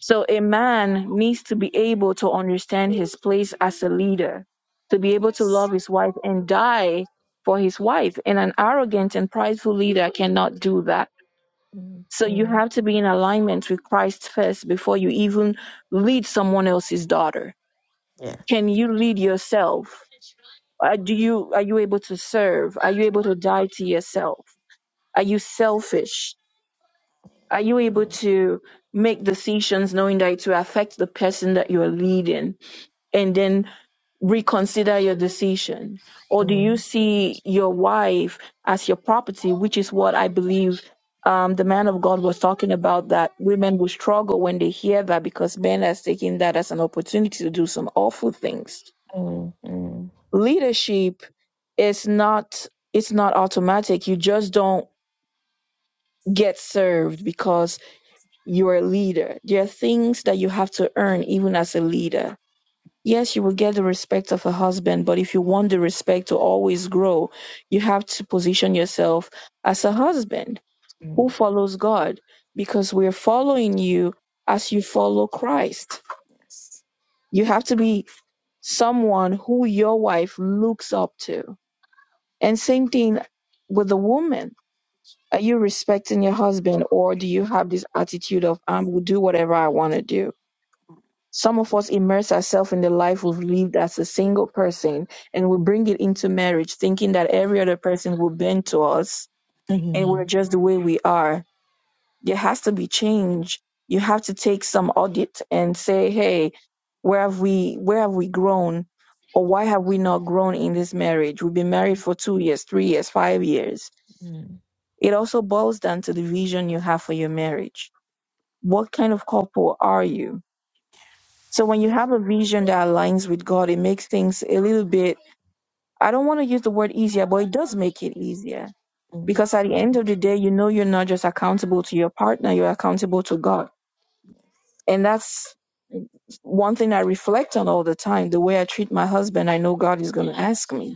S6: So a man needs to be able to understand his place as a leader, to be able to love his wife and die for his wife. And an arrogant and prideful leader cannot do that. So you have to be in alignment with Christ first before you even lead someone else's daughter.
S1: yeah.
S6: Can you lead yourself? Uh, do you are you able to serve? Are you able to die to yourself? Are you selfish? Are you able to make decisions knowing that it will affect the person that you are leading and then reconsider your decision? Or do you see your wife as your property, which is what I believe um, the man of God was talking about that women will struggle when they hear that because men are taking that as an opportunity to do some awful things leadership is not it's not automatic you just don't get served because you're a leader there are things that you have to earn even as a leader yes you will get the respect of a husband but if you want the respect to always grow you have to position yourself as a husband who follows god because we're following you as you follow christ you have to be someone who your wife looks up to And same thing with the woman. Are you respecting your husband or do you have this attitude of I will do whatever I want to do? Some of us immerse ourselves in the life we've lived as a single person and we bring it into marriage thinking that every other person will bend to us and we're just the way we are. There has to be change. You have to take some audit and say, "Hey, where have we where have we grown or why have we not grown in this marriage? We've been married for 2 years, 3 years, 5 years
S1: mm.
S6: It also boils down to the vision you have for your marriage. What kind of couple are you? So when you have a vision that aligns with God, it makes things a little bit, I don't want to use the word easier, but it does make it easier. Because at the end of the day, you know you're not just accountable to your partner, you're accountable to God. And that's one thing I reflect on all the time. The way I treat my husband, I know God is going to ask me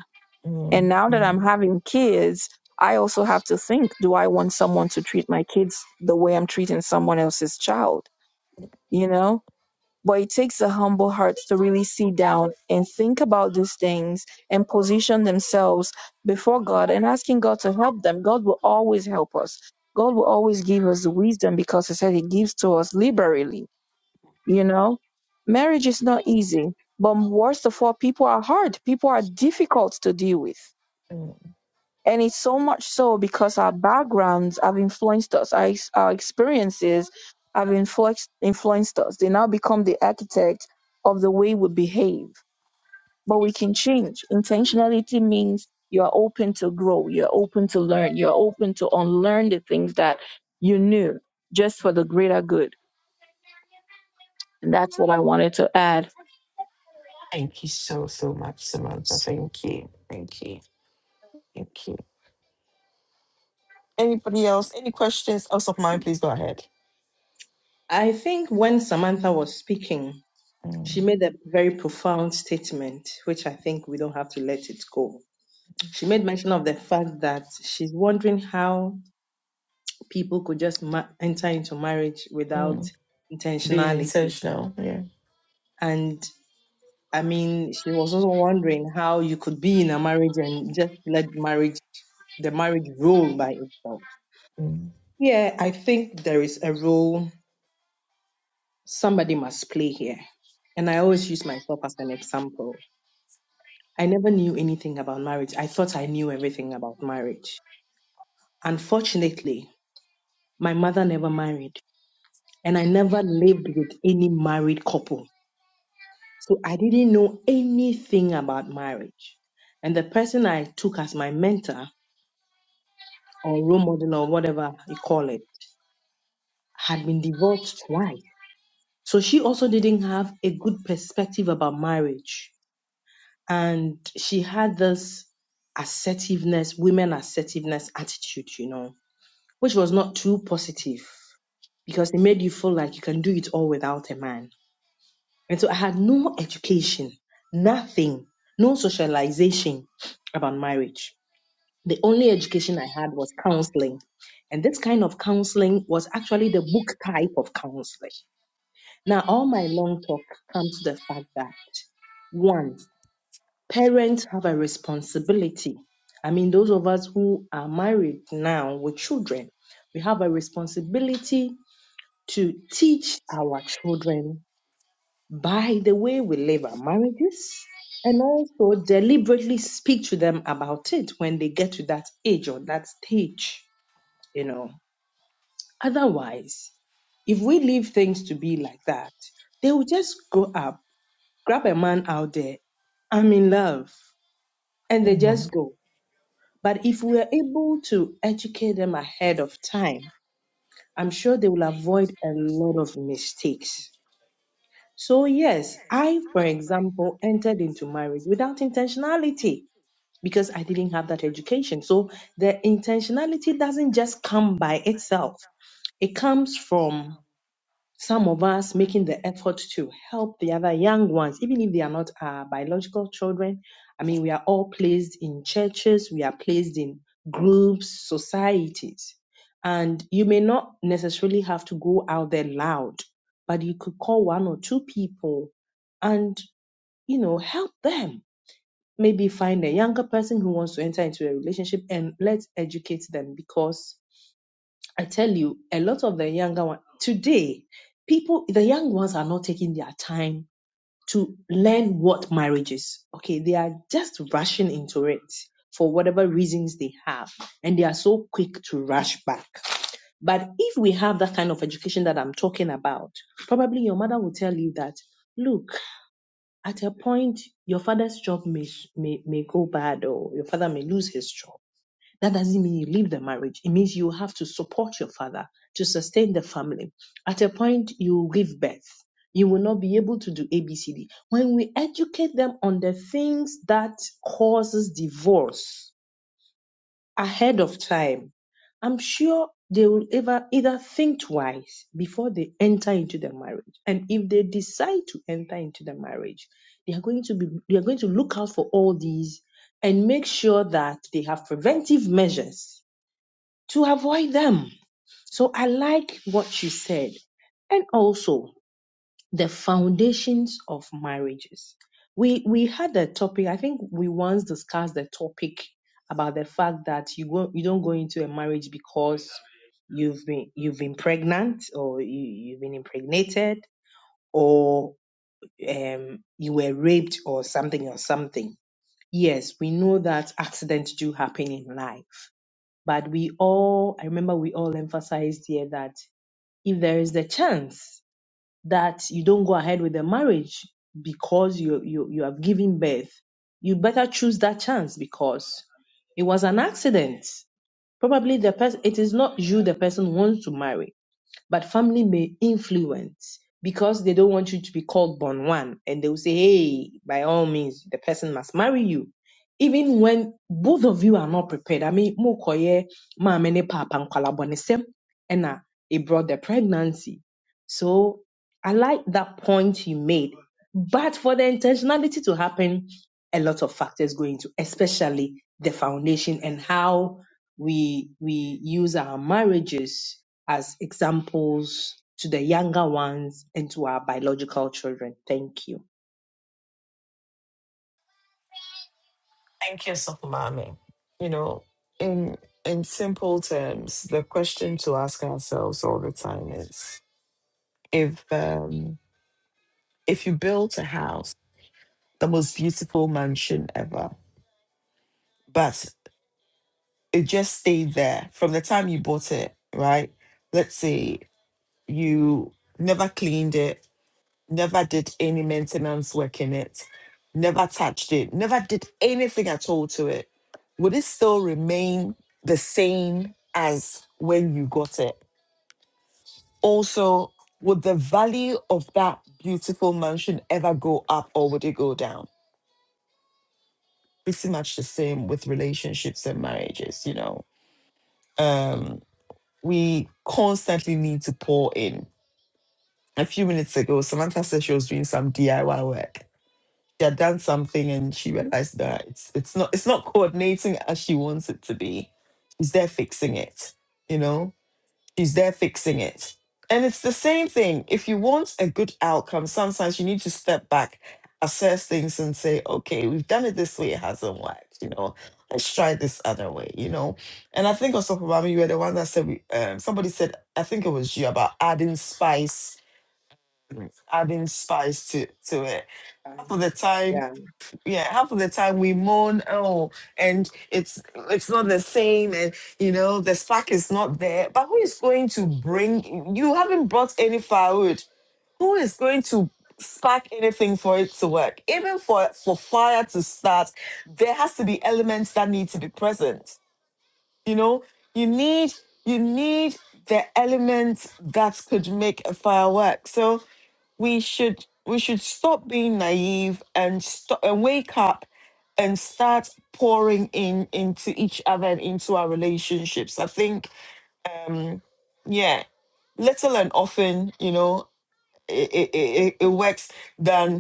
S6: And now that I'm having kids, I also have to think do I want someone to treat my kids the way I'm treating someone else's child? You know? But it takes a humble heart to really sit down and think about these things and position themselves before God and asking God to help them. God will always help us. God will always give us the wisdom because He said He gives to us liberally. You know? Marriage is not easy, but worst of all, people are hard. People are difficult to deal with and it's so much so because our backgrounds have influenced us, our, ex- our experiences have influenced, influenced us. They now become the architect of the way we behave. But we can change. Intentionality means you're open to grow, you're open to learn, you're open to unlearn the things that you knew just for the greater good. And that's what I wanted to add.
S1: Thank you so, so much, Samantha. Thank you. Thank you. Thank you. Anybody else? Any questions? Else of mine, please go ahead.
S4: I think when Samantha was speaking,
S1: Mm,
S4: she made a very profound statement, which I think we don't have to let it go. She made mention of the fact that she's wondering how people could just ma- enter into marriage without
S1: mm. Being in,
S4: intentionality.
S1: yeah.
S4: And I mean, she was also wondering how you could be in a marriage and just let marriage, the marriage rule by itself. Yeah, I think there is a role somebody must play here. And I always use myself as an example. I never knew anything about marriage. I thought I knew everything about marriage. Unfortunately, my mother never married, and I never lived with any married couple. So I didn't know anything about marriage. And the person I took as my mentor or role model or whatever you call it had been divorced twice. So she also didn't have a good perspective about marriage and she had this assertiveness, women assertiveness attitude, you know, which was not too positive because it made you feel like you can do it all without a man. And so I had no education, nothing, no socialization about marriage. The only education I had was counseling. And this kind of counseling was actually the book type of counseling. Now, all my long talk comes to the fact that one, parents have a responsibility. I mean, those of us who are married now with children, we have a responsibility to teach our children by the way we live our marriages and also deliberately speak to them about it when they get to that age or that stage, you know. Otherwise, if we leave things to be like that, they will just go up, grab a man out there, I'm in love, and they just go. But if we're able to educate them ahead of time, I'm sure they will avoid a lot of mistakes. So, yes, I, for example, entered into marriage without intentionality because I didn't have that education. So, the intentionality doesn't just come by itself, it comes from some of us making the effort to help the other young ones, even if they are not our biological children. I mean, we are all placed in churches, we are placed in groups, societies. And you may not necessarily have to go out there loud, but you could call one or two people and, you know, help them. Maybe find a younger person who wants to enter into a relationship and let's educate them because I tell you, a lot of the younger ones today, people, the young ones are not taking their time to learn what marriage is. Okay, they are just rushing into it for whatever reasons they have, and they are so quick to rush back. But if we have that kind of education that I'm talking about, probably your mother will tell you that, look, at a point, your father's job may, may, may go bad or your father may lose his job that doesn't mean you leave the marriage. It means you have to support your father to sustain the family. At a point, you give birth. You will not be able to do ABCD. When we educate them on the things that causes divorce ahead of time, I'm sure they will ever either think twice before they enter into the marriage. And if they decide to enter into the marriage, they are going to be they are going to look out for all these and make sure that they have preventive measures to avoid them. So I like what you said. And also the foundations of marriages. We we had a topic, I think we once discussed the topic about the fact that you go, you don't go into a marriage because you've been you've been pregnant or you, you've been impregnated or um, you were raped or something or something. Yes, we know that accidents do happen in life but we all, I remember we all emphasized here that if there is the chance that you don't go ahead with the marriage because you, you, you have given birth, you better choose that chance because it was an accident. Probably the person, it is not you the person wants to marry but family may influence because they don't want you to be called born one and they will say hey by all means the person must marry you even when both of you are not prepared i mean mo mokoye mama ne papa nkwala bonisem and uh, it brought the pregnancy so i like that point you made but for the intentionality to happen a lot of factors go into especially the foundation and how we we use our marriages as examples to the younger ones and to our biological children. Thank you.
S1: Thank you, Sokumami. You know, in in simple terms, the question to ask ourselves all the time is if um if you built a house, the most beautiful mansion ever, but it just stayed there from the time you bought it, right? Let's say you never cleaned it, never did any maintenance work in it, never touched it, never did anything at all to it. Would it still remain the same as when you got it? Also, would the value of that beautiful mansion ever go up or would it go down? Pretty much the same with relationships and marriages, you know. Um, we constantly need to pour in. A few minutes ago, Samantha said she was doing some DIY work. She had done something and she realized that it's it's not it's not coordinating as she wants it to be. She's there fixing it, you know? She's there fixing it. And it's the same thing. If you want a good outcome, sometimes you need to step back, assess things, and say, okay, we've done it this way, it hasn't worked. You know, let's try this other way. You know, and I think also, Obama, you were the one that said, we- um, somebody said, I think it was you about adding spice, adding spice to to it.
S4: Uh,
S1: Half of the time,
S4: yeah,
S1: yeah half of the time we moan oh and it's it's not the same and you know the spark is not there but who is going to bring you haven't brought any firewood who is going to spark anything for it to work even for for fire to start there has to be elements that need to be present you know you need you need the elements that could make a firework so we should we should stop being naive and stop and wake up and start pouring in into each other and into our relationships i think um yeah little and often you know it it, it, it works than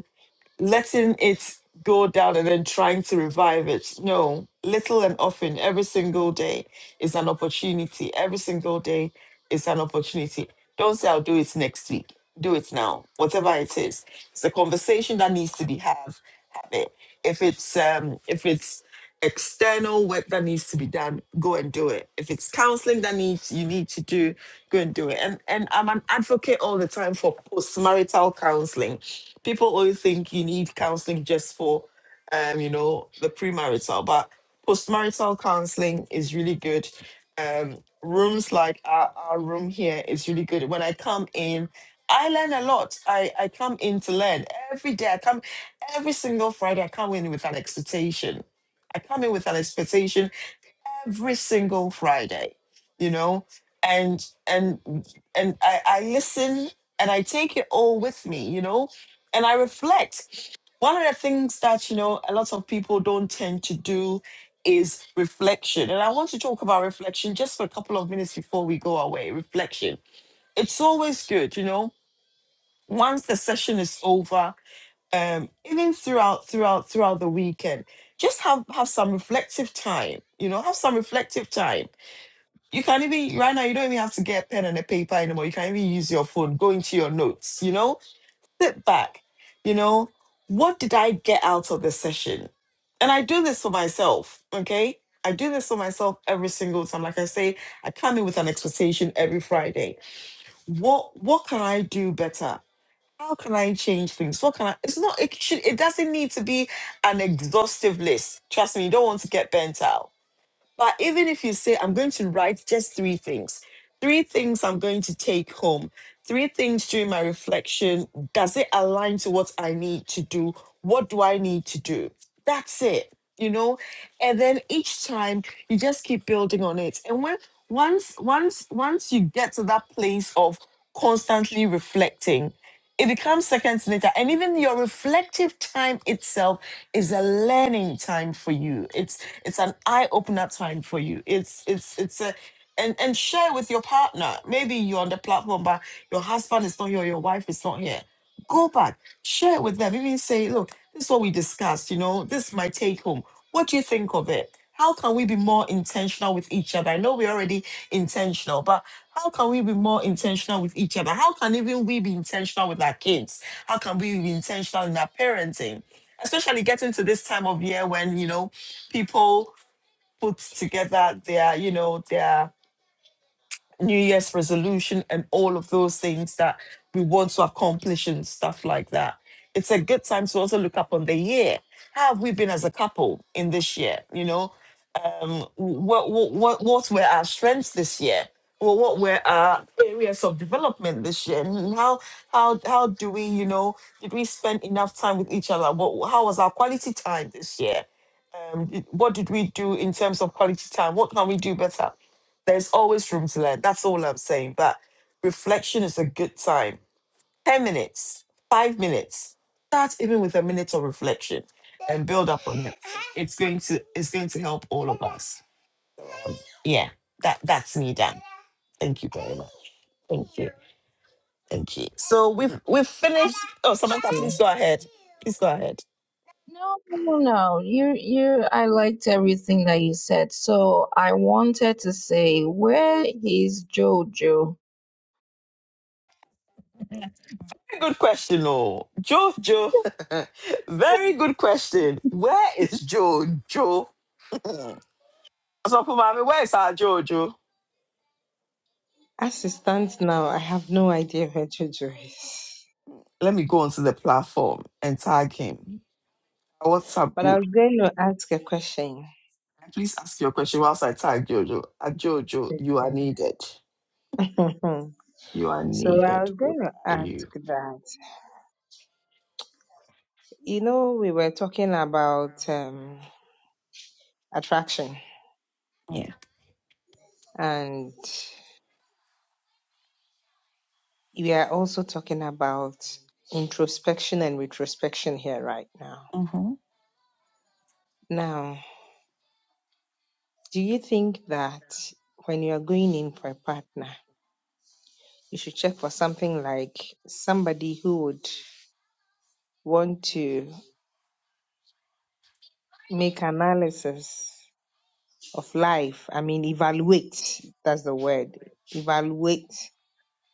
S1: letting it go down and then trying to revive it. No, little and often, every single day is an opportunity. Every single day is an opportunity. Don't say, I'll do it next week. Do it now, whatever it is. It's a conversation that needs to be have. Have it. If it's um, if it's external work that needs to be done, go and do it. If it's counseling that needs you need to do, go and do it. And and I'm an advocate all the time for postmarital counseling People always think you need counseling just for, um, you know, the premarital, but postmarital counseling is really good. Um, rooms like our, our room here is really good. When I come in, I learn a lot. I, I come in to learn every day. I come every single Friday. I come in with an expectation. I come in with an expectation every single Friday, you know, and and and I, I listen and I take it all with me, you know, and I reflect. One of the things that you know a lot of people don't tend to do is reflection, and I want to talk about reflection just for a couple of minutes before we go away. Reflection, it's always good, you know. Once the session is over, um, even throughout throughout throughout the weekend, just have have some reflective time. You know, have some reflective time you can't even right now. You don't even have to get pen and a paper anymore. You can even use your phone. Go into your notes. You know, sit back. You know, what did I get out of the session? And I do this for myself. Okay, I do this for myself every single time. Like I say, I come in with an expectation every Friday. What What can I do better? How can I change things? What can I? It's not. It should. It doesn't need to be an exhaustive list. Trust me. You don't want to get burnt out. But even if you say, I'm going to write just three things, three things I'm going to take home, three things during my reflection, does it align to what I need to do? What do I need to do? That's it, you know? And then each time you just keep building on it. And when once once once you get to that place of constantly reflecting, it becomes seconds later. And even your reflective time itself is a learning time for you. It's. It's an eye opener time for you. It's it's it's a and and share with your partner. Maybe you're on the platform, but your husband is not here, your wife is not here. Go back, share it with them. Even say, look, this is what we discussed. You know, this is my take home. What do you think of it? How can we be more intentional with each other? I know we're already intentional, but how can we be more intentional with each other? How can even we be intentional with our kids? How can we be intentional in our parenting? Especially getting to this time of year when, you know, people put together their you know their new year's resolution and all of those things that we want to accomplish and stuff like that it's a good time to also look up on the year how have we been as a couple in this year you know um what what what, what were our strengths this year well, what were our areas of development this year, and how how how do we, you know, did we spend enough time with each other? What how was our quality time this year? um, i- what did we do in terms of quality time? What can we do better? There's always room to learn. That's all I'm saying. But reflection is a good time. 10 minutes, five minutes. Start even with a minute of reflection and build up on it. It's going to it's going to help all of us. Yeah, that that's me done. Thank you very much. Thank you. Thank you. So we've we've finished. Oh Samantha,
S4: yeah.
S1: please go ahead. Please go ahead.
S6: No, no, no. You, you, I liked everything that you said. So I wanted to say, where is Jojo?
S1: good question, oh. Joe, Joe. Very good question. Where is Joe, Joe? Mm. So, Pumami, where is our Joe, Joe?
S4: As it stands now, I have no idea where Jojo is.
S1: Let me go onto the platform and tag him. A WhatsApp
S4: But I
S1: group.
S4: was going to ask a question.
S1: Please ask your question whilst I tag Jojo. Uh, Jojo, you are
S4: Okay.
S1: needed. You are
S4: so I
S1: needed.
S4: was
S1: Where
S4: going to
S1: are you?
S4: ask that, you know, we were talking about um, attraction
S1: Yeah.
S4: and we are also talking about introspection and retrospection here right now.
S1: Mm-hmm.
S4: Now, Do you think that when you are going in for a partner, you should check for something like somebody who would want to make analysis of life? I mean, evaluate, that's the word, evaluate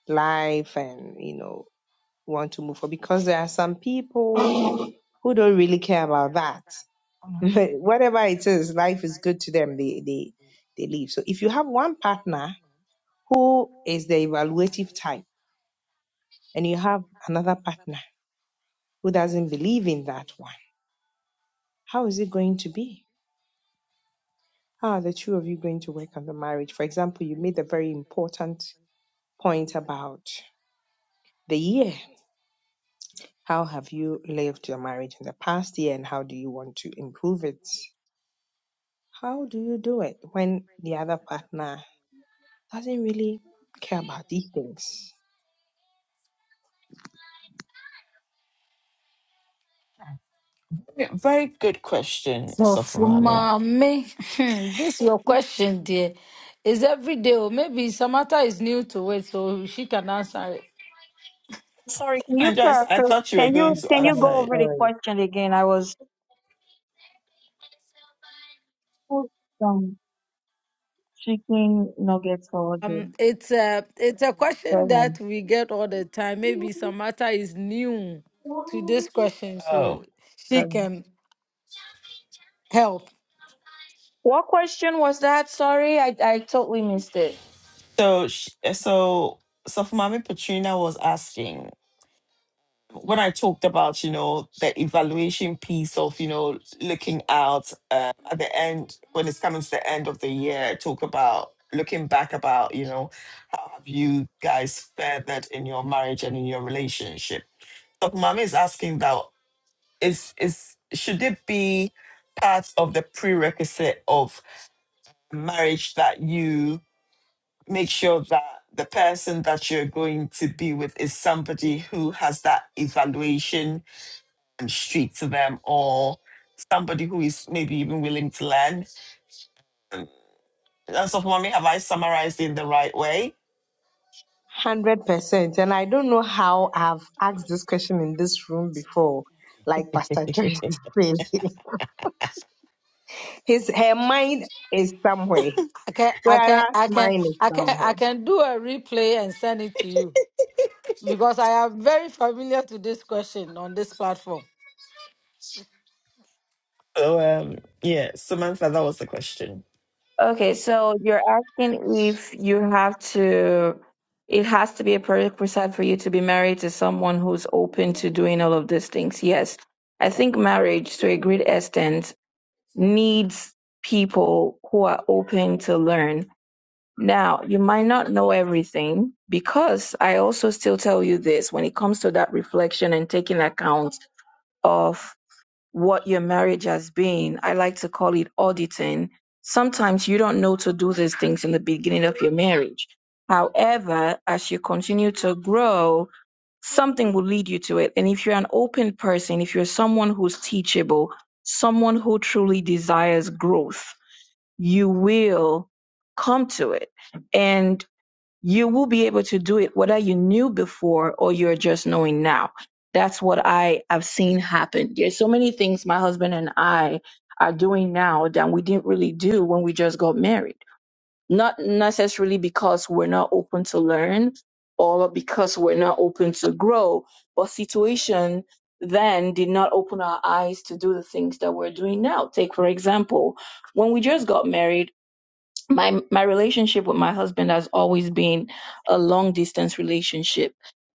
S4: life and, you know, want to move forward. Because there are some people who don't really care about that. Whatever it is, life is good to them. They, they, they leave. So if you have one partner who is the evaluative type, and you have another partner who doesn't believe in that one, how is it going to be? How are the two of you going to work on the marriage? For example, you made a very important point about the year. How have you lived your marriage in the past year and how do you want to improve it? How do you do it when the other partner doesn't really care about these things?
S8: So for
S1: Mommy.
S8: mommy, this your question, dear. Is every day, or maybe Samantha is new to it, so she can answer it.
S6: Sorry, can you
S1: Joyce, I
S6: paraphrase?
S1: thought you were
S6: Can
S1: going
S6: you
S1: to
S6: can you
S4: That's
S1: answer
S6: go
S1: it.
S6: over the
S4: very
S6: question again? I was put some chicken nuggets for
S8: Um,
S6: Audrey.
S8: it's a it's a question that
S6: Seven.
S8: we get all the time. Maybe Samantha is new to this question,
S1: Oh.
S8: so she
S6: Seven.
S8: can help.
S6: What question was that? Sorry, I I totally missed it.
S1: So, sh- so, so for Mommy Petrina was asking. when I talked about, you know, the evaluation piece of, you know, looking out um, at the end, when it's coming to the end of the year, talk about looking back about, you know, how have you guys fared in your marriage and in your relationship? So Mama is asking that is is should it be part of the prerequisite of marriage that you make sure that the person that you're going to be with is somebody who has that evaluation and street to them or somebody who is maybe even willing to learn. And so, mommy, have I summarized in the right way?
S4: 100%. And I don't know how I've asked this question in this room before, like Pastor Joyce is saying. His, her mind is somewhere,
S8: I can I can
S4: whereas
S8: I can
S4: mine is
S8: I can I
S4: somewhere.
S8: can do a replay and send it to you. because I am very familiar to this question on this platform.
S1: Um, yeah, Samantha. I
S6: Okay, so you're asking if you have to, it has to be a prerequisite for you to be married to someone who's open to doing all of these things. Yes. I think marriage, to a great extent, needs people who are open to learn. Now, you might not know everything because I also still tell you this when it comes to that reflection and taking account of what your marriage has been. I like to call it auditing. Sometimes you don't know to do these things in the beginning of your marriage. However, as you continue to grow, something will lead you to it. And if you're an open person, if you're someone who's teachable, someone who truly desires growth, you will come to it. And you will be able to do it whether you knew before or you're just knowing now. That's what I have seen happen. There's so many things my husband and I are doing now that we didn't really do when we just got married. Not necessarily because we're not open to learn or because we're not open to grow, but situation then did not open our eyes to do the things that we're doing now. Take, for example, when we just got married, my my relationship with my husband has always been a long distance relationship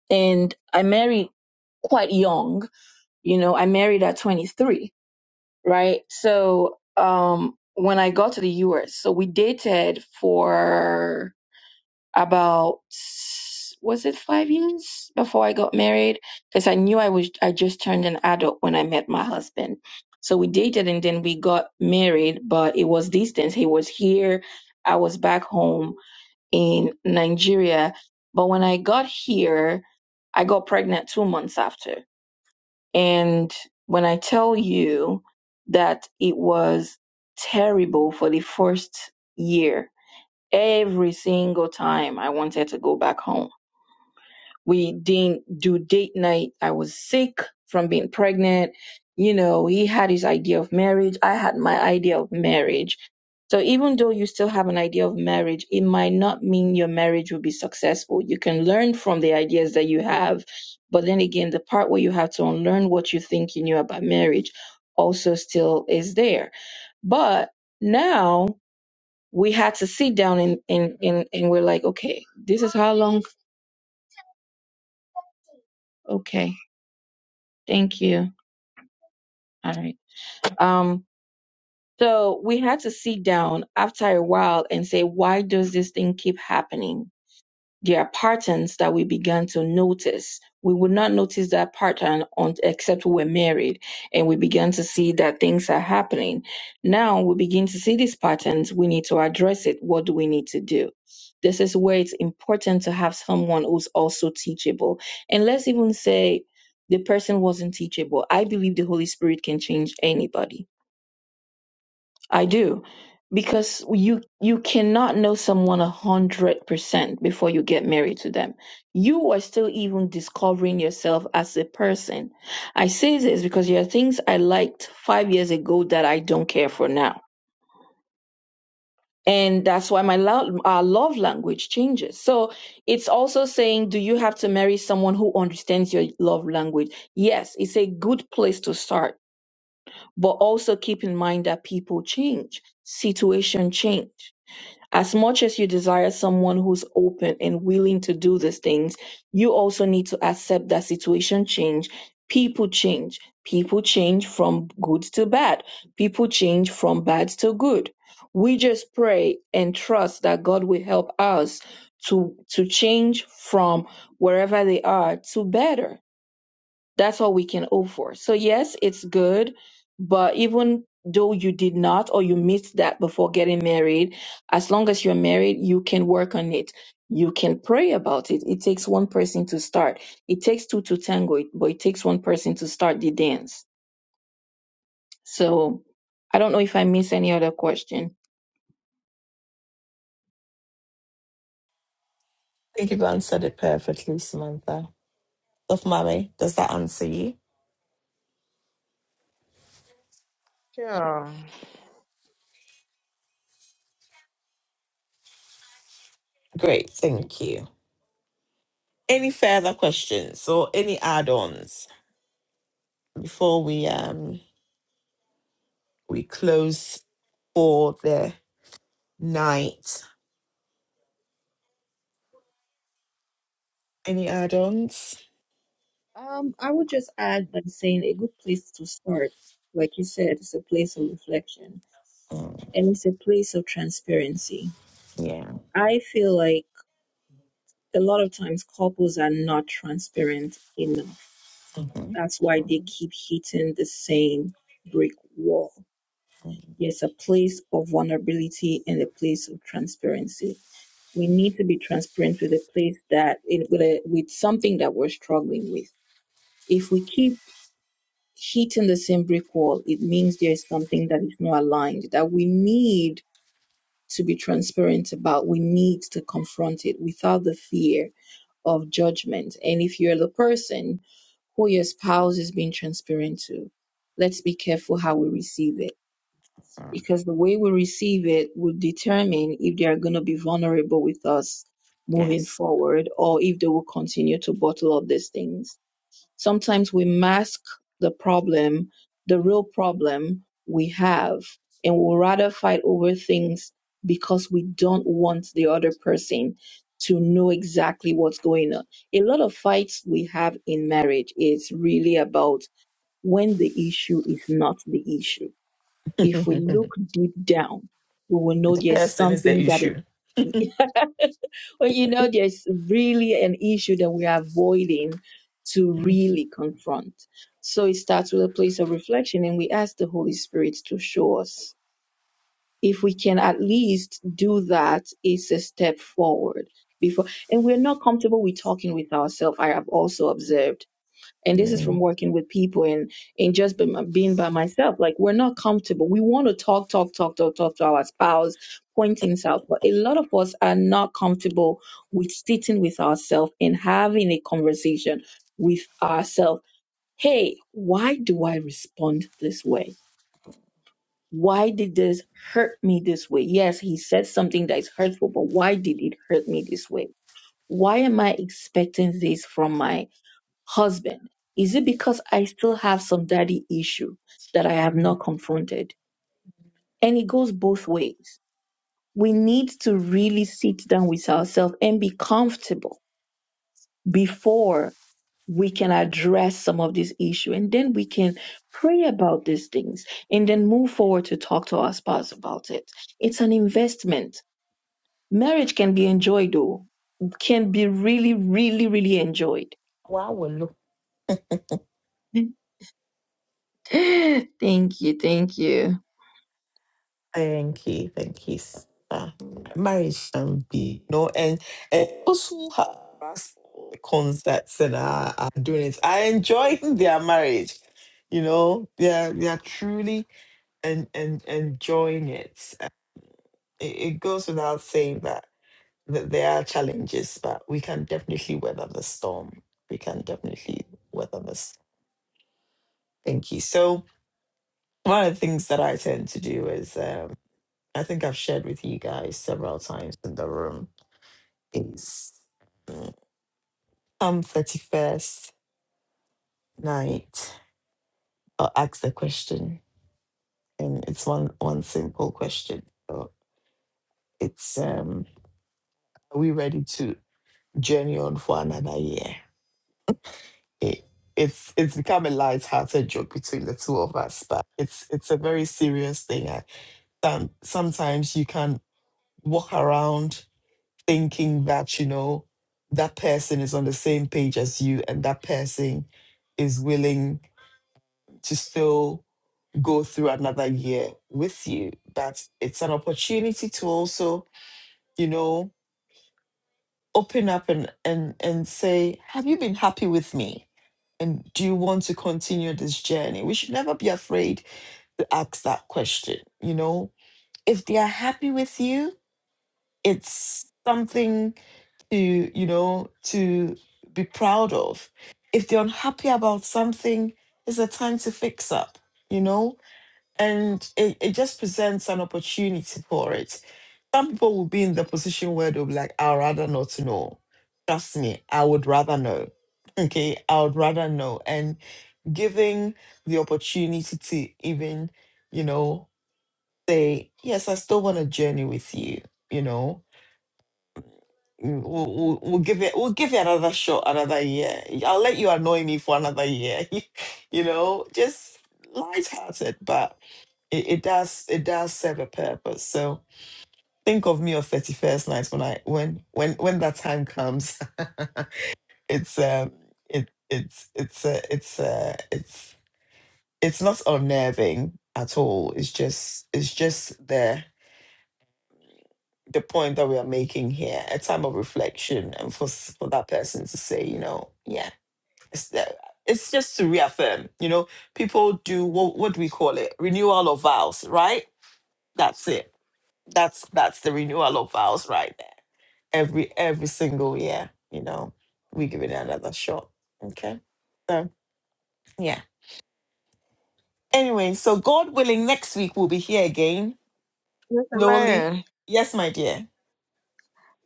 S6: and i married quite young you know i married at 23 right so um when i got to the us so we dated for about was it 5 years before i got married cuz i knew i was i just turned an adult when i met my husband so we dated and then we got married but it was distance he was here i was back home in Nigeria. But when I got here, I got pregnant two months after. And when I tell you that it was terrible for the first year, every single time I wanted to go back home we didn't do date night. I was sick from being pregnant. You know, he had his idea of marriage. I had my idea of marriage. So even though you still have an idea of marriage, it might not mean your marriage will be successful. You can learn from the ideas that you have. But then again, the part where you have to unlearn what you think you knew about marriage also still is there. But now we had to sit down and, and, and, and we're like, okay, this is how long? Okay, thank you All right. Um, so we had to sit down after a while and say, why does this thing keep happening? There are patterns that we began to notice. We would not notice that pattern on, except we were married and we began to see that things are happening. Now we begin to see these patterns. We need to address it. What do we need to do? This is where it's important to have someone who's also teachable. And let's even say the person wasn't teachable. I believe the Holy Spirit can change anybody I do. Because you you cannot know someone a hundred percent before you get married to them. You are still even discovering yourself as a person. I say this because there are things I liked five years ago that I don't care for now. And that's why my lo- uh, love language changes. So it's also saying, do you have to marry someone who understands your love language? Yes, it's a good place to start, but also keep in mind that people change, situation change. As much as you desire someone who's open and willing to do these things, you also need to accept that situation change. People change. People change from good to bad. People change from bad to good. We just pray and trust that God will help us to to change from wherever they are to better. That's all we can hope for. So, yes, it's good, but even though you did not or you missed that before getting married, as long as you're married, you can work on it. You can pray about it. It takes one person to start. It takes two to tango, but it takes one person to start the dance so I don't know if I missed any other question.
S1: think you've answered it perfectly, Samantha. Love mommy, does that answer you?
S4: Sure.
S1: Great, thank you. Any further questions or any add-ons before we um we close for the night? Any add-ons?
S6: Um, I would just add by saying a good place to start, like you said, it's a place of reflection and it's a place of transparency.
S1: Yeah.
S6: I feel like a lot of times couples are not transparent enough.
S1: mhm.
S6: That's why they keep hitting the same brick wall. There's a place of vulnerability and a place of transparency. We need to be transparent with a place that in, with, a, with something that we're struggling with. If we keep hitting the same brick wall, it means there's something that is not aligned that we need to be transparent about. We need to confront it without the fear of judgment. And if you're the person who your spouse is being transparent to. Let's be careful how we receive it because the way we receive it will determine if they are going to be vulnerable with us moving forward or if they will continue to bottle up these things Sometimes we mask the problem, the real problem we have, and we'll rather fight over things because we don't want the other person to know exactly what's going on. A lot of fights we have in marriage is really about when the issue is not the issue. If we look deep down, we will know
S1: The
S6: there's
S1: person is the
S6: something that is
S1: issue.
S6: well, you know, there's really an issue that we are avoiding to really confront. So it starts with a place of reflection, and we ask the Holy Spirit to show us. If we can at least do that, it's a step forward. Before, and we're not comfortable with talking with ourselves. I have also observed and this is from
S1: Mm.
S6: working with people and and just be, being by myself like we're not comfortable we want to talk talk talk talk talk to our spouse point things out but a lot of us are not comfortable with sitting with ourselves and having a conversation with ourselves hey why do i respond this way why did this hurt me this way yes he said something that is hurtful but why did it hurt me this way why am i expecting this from my husband, is it because I still have some daddy issue that I have not confronted? And it goes both ways. We need to really sit down with ourselves and be comfortable before we can address some of this issue. And then we can pray about these things and then move forward to talk to our spouse about it. It's an investment. Marriage can be enjoyed though, can be really, really, really enjoyed.
S1: While we're looking
S6: thank you. Thank you.
S1: Thank you, thank you. s- ah, marriage can be, you know, and, and those who have asked for concerts and are, are doing it I enjoy their marriage. You know, they're they're truly and and enjoying it. Uh, it. It goes without saying that that there are challenges, but we can definitely weather the storm. We can definitely weather this. Thank you. So one of the things that I tend to do is. um, I think I've shared with you guys several times in the room, is mm, come 31st night, I'll ask the question. And it's one, one simple question. So it's um, are we ready to journey on for another year? It, it's it's become a light-hearted joke between the two of us, but it's it's a very serious thing. I, some, sometimes you can walk around thinking that you know that person is on the same page as you and that person is willing to still go through another year with you but it's an opportunity to also you know open up and and and say have you been happy with me and do you want to continue this journey we should never be afraid to ask that question you know if they are happy with you it's something to you know to be proud of if they're unhappy about something it's a time to fix up you know and it, it just presents an opportunity for it some people will be in the position where they'll be like i'd rather not to know trust me i would rather know okay i would rather know and giving the opportunity to even you know say yes i still want to journey with you you know Mm, We'll, we'll, we'll give it we'll give it another shot another year i'll let you annoy me for another year you know just lighthearted but it, it does it does serve a purpose so think of me on 31st night when i when when when that time comes it's um it it's it's uh, it's uh, it's it's not unnerving at all it's just it's just there the point that we are making here a time of reflection and for s- for that person to say you know yeah it's the- it's just to reaffirm you know people do what what do we call it renewal of vows right that's it that's that's the renewal of vows right there every every single year you know we give it another shot okay so yeah anyway so god willing next week we'll be here again
S4: Mr.
S1: lowly
S4: Marion,
S1: yes my dear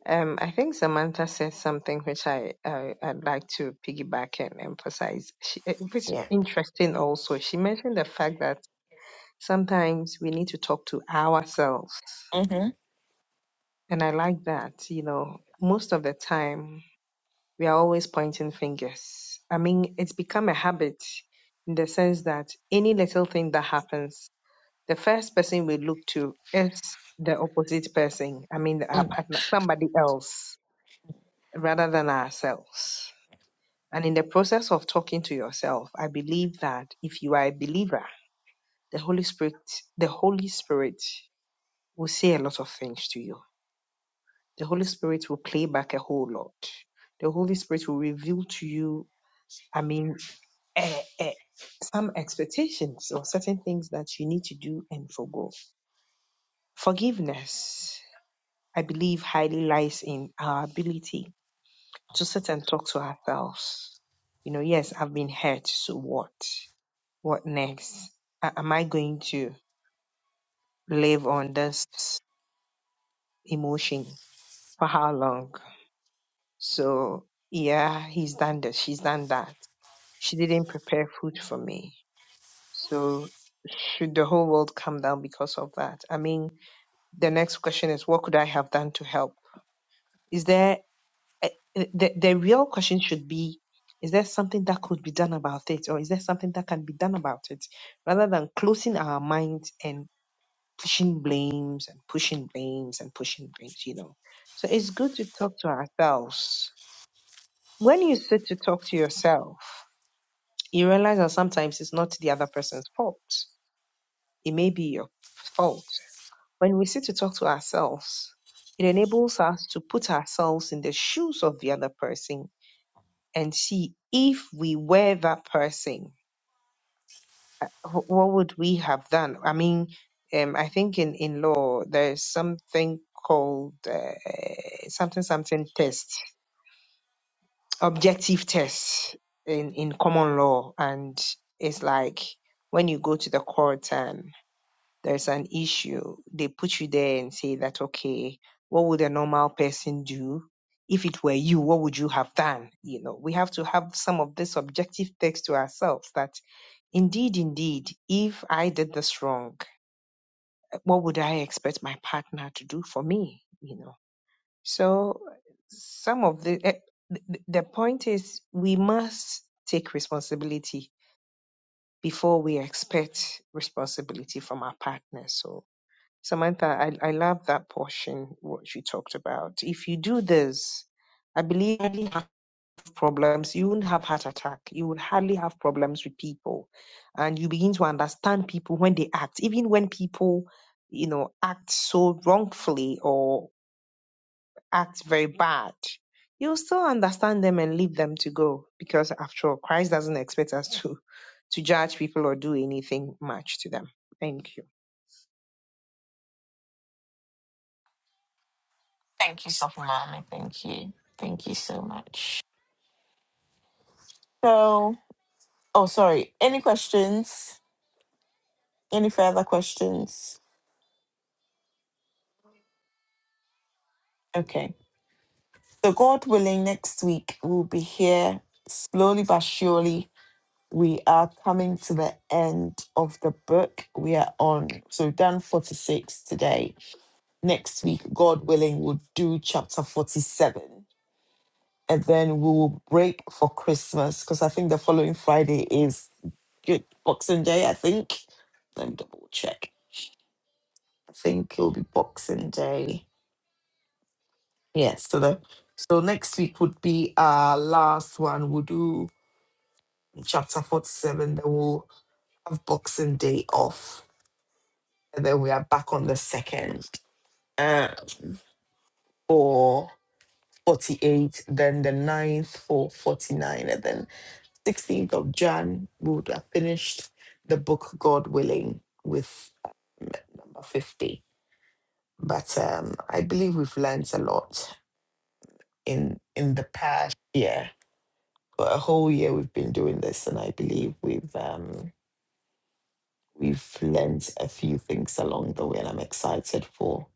S4: um, I think Samantha said something which I, I I'd like to piggyback and emphasize. She, eh, which is
S1: yeah
S4: interesting also. She mentioned the fact that sometimes we need to talk to ourselves,
S1: Mm-hmm.
S4: and I like that. You know, most of the time we are always pointing fingers. I mean, it's become a habit in the sense that any little thing that happens, the first person we look to is the opposite person. I mean, our partner, somebody else, rather than ourselves. And in the process of talking to yourself, I believe that if you are a believer, the Holy Spirit, the Holy Spirit will say a lot of things to you. The Holy Spirit will play back a whole lot. The Holy Spirit will reveal to you I mean, eh, eh, some expectations or certain things that you need to do and forgo. Forgiveness, I believe, highly lies in our ability to sit and talk to ourselves. You know, yes, I've been hurt, so what? What next? A- am I going to live on this emotion for how long? So, yeah, he's done this, she's done that. She didn't prepare food for me So should the whole world come down because of that? I mean, the next question is, what could I have done to help? Is there eh, eh, the, the real question should be, is there something that could be done about it, or is there something that can be done about it, rather than closing our minds and pushing blames and pushing blames and pushing blames? You know, so it's good to talk to ourselves. When you sit to talk to yourself, you realize that sometimes it's not the other person's fault; it may be your fault When we sit to talk to ourselves, it enables us to put ourselves in the shoes of the other person and see if we were that person, wh- what would we have done? I mean, um, I think in, in law, there's something called uh, something something test, objective test in, in common law. And it's like when you go to the court and there's an issue, they put you there and say that, okay, what would a normal person do? If it were you, what would you have done? You know, we have to have some of this objective text to ourselves that indeed, indeed, if I did this wrong, what would I expect my partner to do for me? You know, so some of the, eh, th- the point is we must take responsibility before we expect responsibility from our partners. So Samantha, I, I love that portion, what you talked about. If you do this, I believe you hardly have problems. You won't have heart attack. You will hardly have problems with people. And you begin to understand people when they act, even when people, you know, act so wrongfully or act very bad. You'll still understand them and leave them to go because after all, Christ doesn't expect us to to judge people or do anything much to them. Thank you.
S1: Thank you, Sophamami. Thank you. Thank you so much. So, oh, sorry. Any questions? Any further questions? Okay. So, God willing, next week we'll be here slowly but surely. We are coming to the end of the book we are on. So, we've done 46 today. Next week, God willing, we'll do chapter 47. And then we will break for Christmas because I think the following Friday is good Boxing Day, I think. Let me double check. I think it'll be Boxing Day. Yes, so the so next week would be our last one. We'll do chapter forty-seven. Then we'll have Boxing Day off, and then we are back on the second uh, for forty-eight. Then the ninth for forty-nine, and then sixteenth of Jan we would have finished the book, God willing, with um, number fifty. But um, I believe we've learned a lot in in the past year. A whole year we've been doing this, and I believe we've um, we've learned a few things along the way. And I'm excited for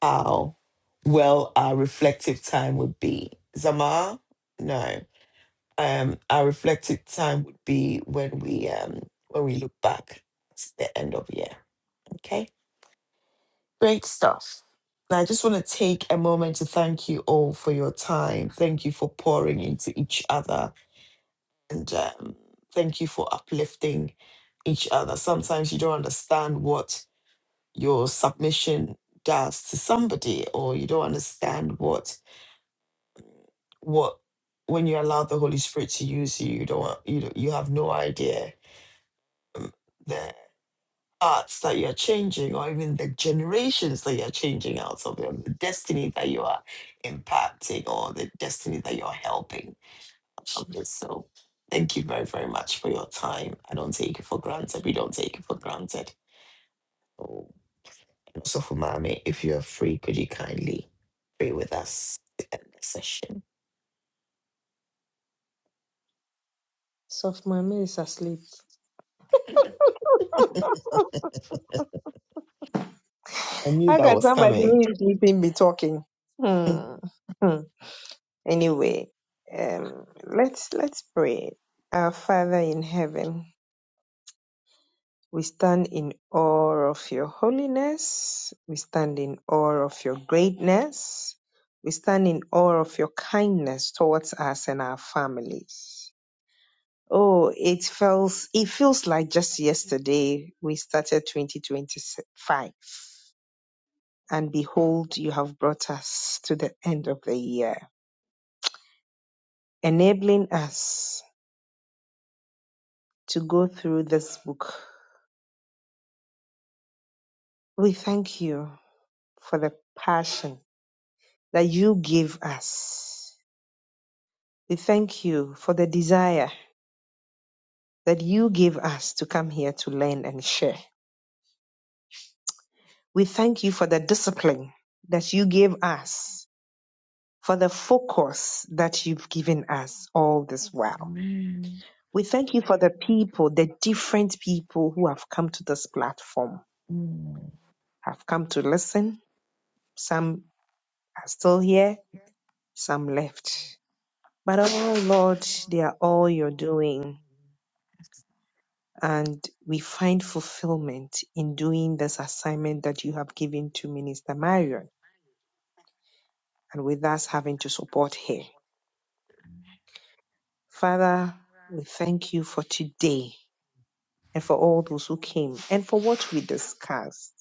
S1: how well our reflective time would be. Zama, no, um, our reflective time would be when we um, when we look back at the end of year. Okay. Great stuff. And I just want to take a moment to thank you all for your time. Thank you for pouring into each other. And um, thank you for uplifting each other. Sometimes you don't understand what your submission does to somebody, or you don't understand what what when you allow the Holy Spirit to use you, you don't you don't, you have no idea um, the thoughts that you're changing, or even the generations that you're changing out of, or the destiny that you are impacting, or the destiny that you're helping. I love this. So thank you very, very much for your time. I don't take it for granted. We don't take it for granted. So, so for Mami, if you're free, could you kindly pray with us to end the session?
S4: Soft mommy is asleep.
S1: I knew
S4: How
S1: that
S4: can
S1: was
S4: somebody
S1: coming.
S4: who is sleeping be talking?
S1: Mm.
S4: Hmm. Hmm. Anyway, um, let's let's pray. Our Father in heaven, we stand in awe of your holiness. We stand in awe of your greatness. We stand in awe of your kindness towards us and our families. Oh, it feels it feels like just yesterday we started 2025 and behold, you have brought us to the end of the year, enabling us to go through this book. We thank you for the passion that you give us. We thank you for the desire that you give us to come here to learn and share. We thank you for the discipline that you gave us, for the focus that you've given us all this while. We thank you for the people, the different people who have come to this platform have come to listen. Some are still here, some left. But oh Lord, they are all your doing. And we find fulfillment in doing this assignment that you have given to Minister Marion and with us having to support her. Father, we thank you for today and for all those who came and for what we discussed.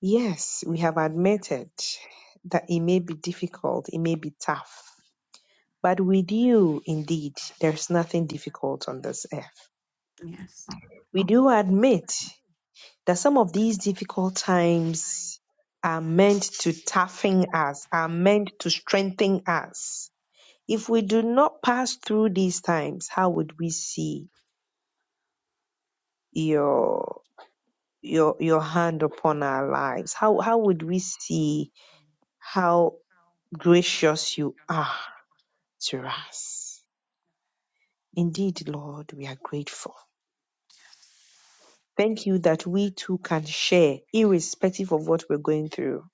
S4: Yes, we have admitted that it may be difficult, it may be tough, But with you, indeed, there's nothing difficult on this earth. We do admit that some of these difficult times are meant to toughen us, are meant to strengthen us. If we do not pass through these times, how would we see your your your hand upon our lives? How how would we see how gracious you are to us? Indeed, Lord, we are grateful. Thank you that we too can share, irrespective of what we're going through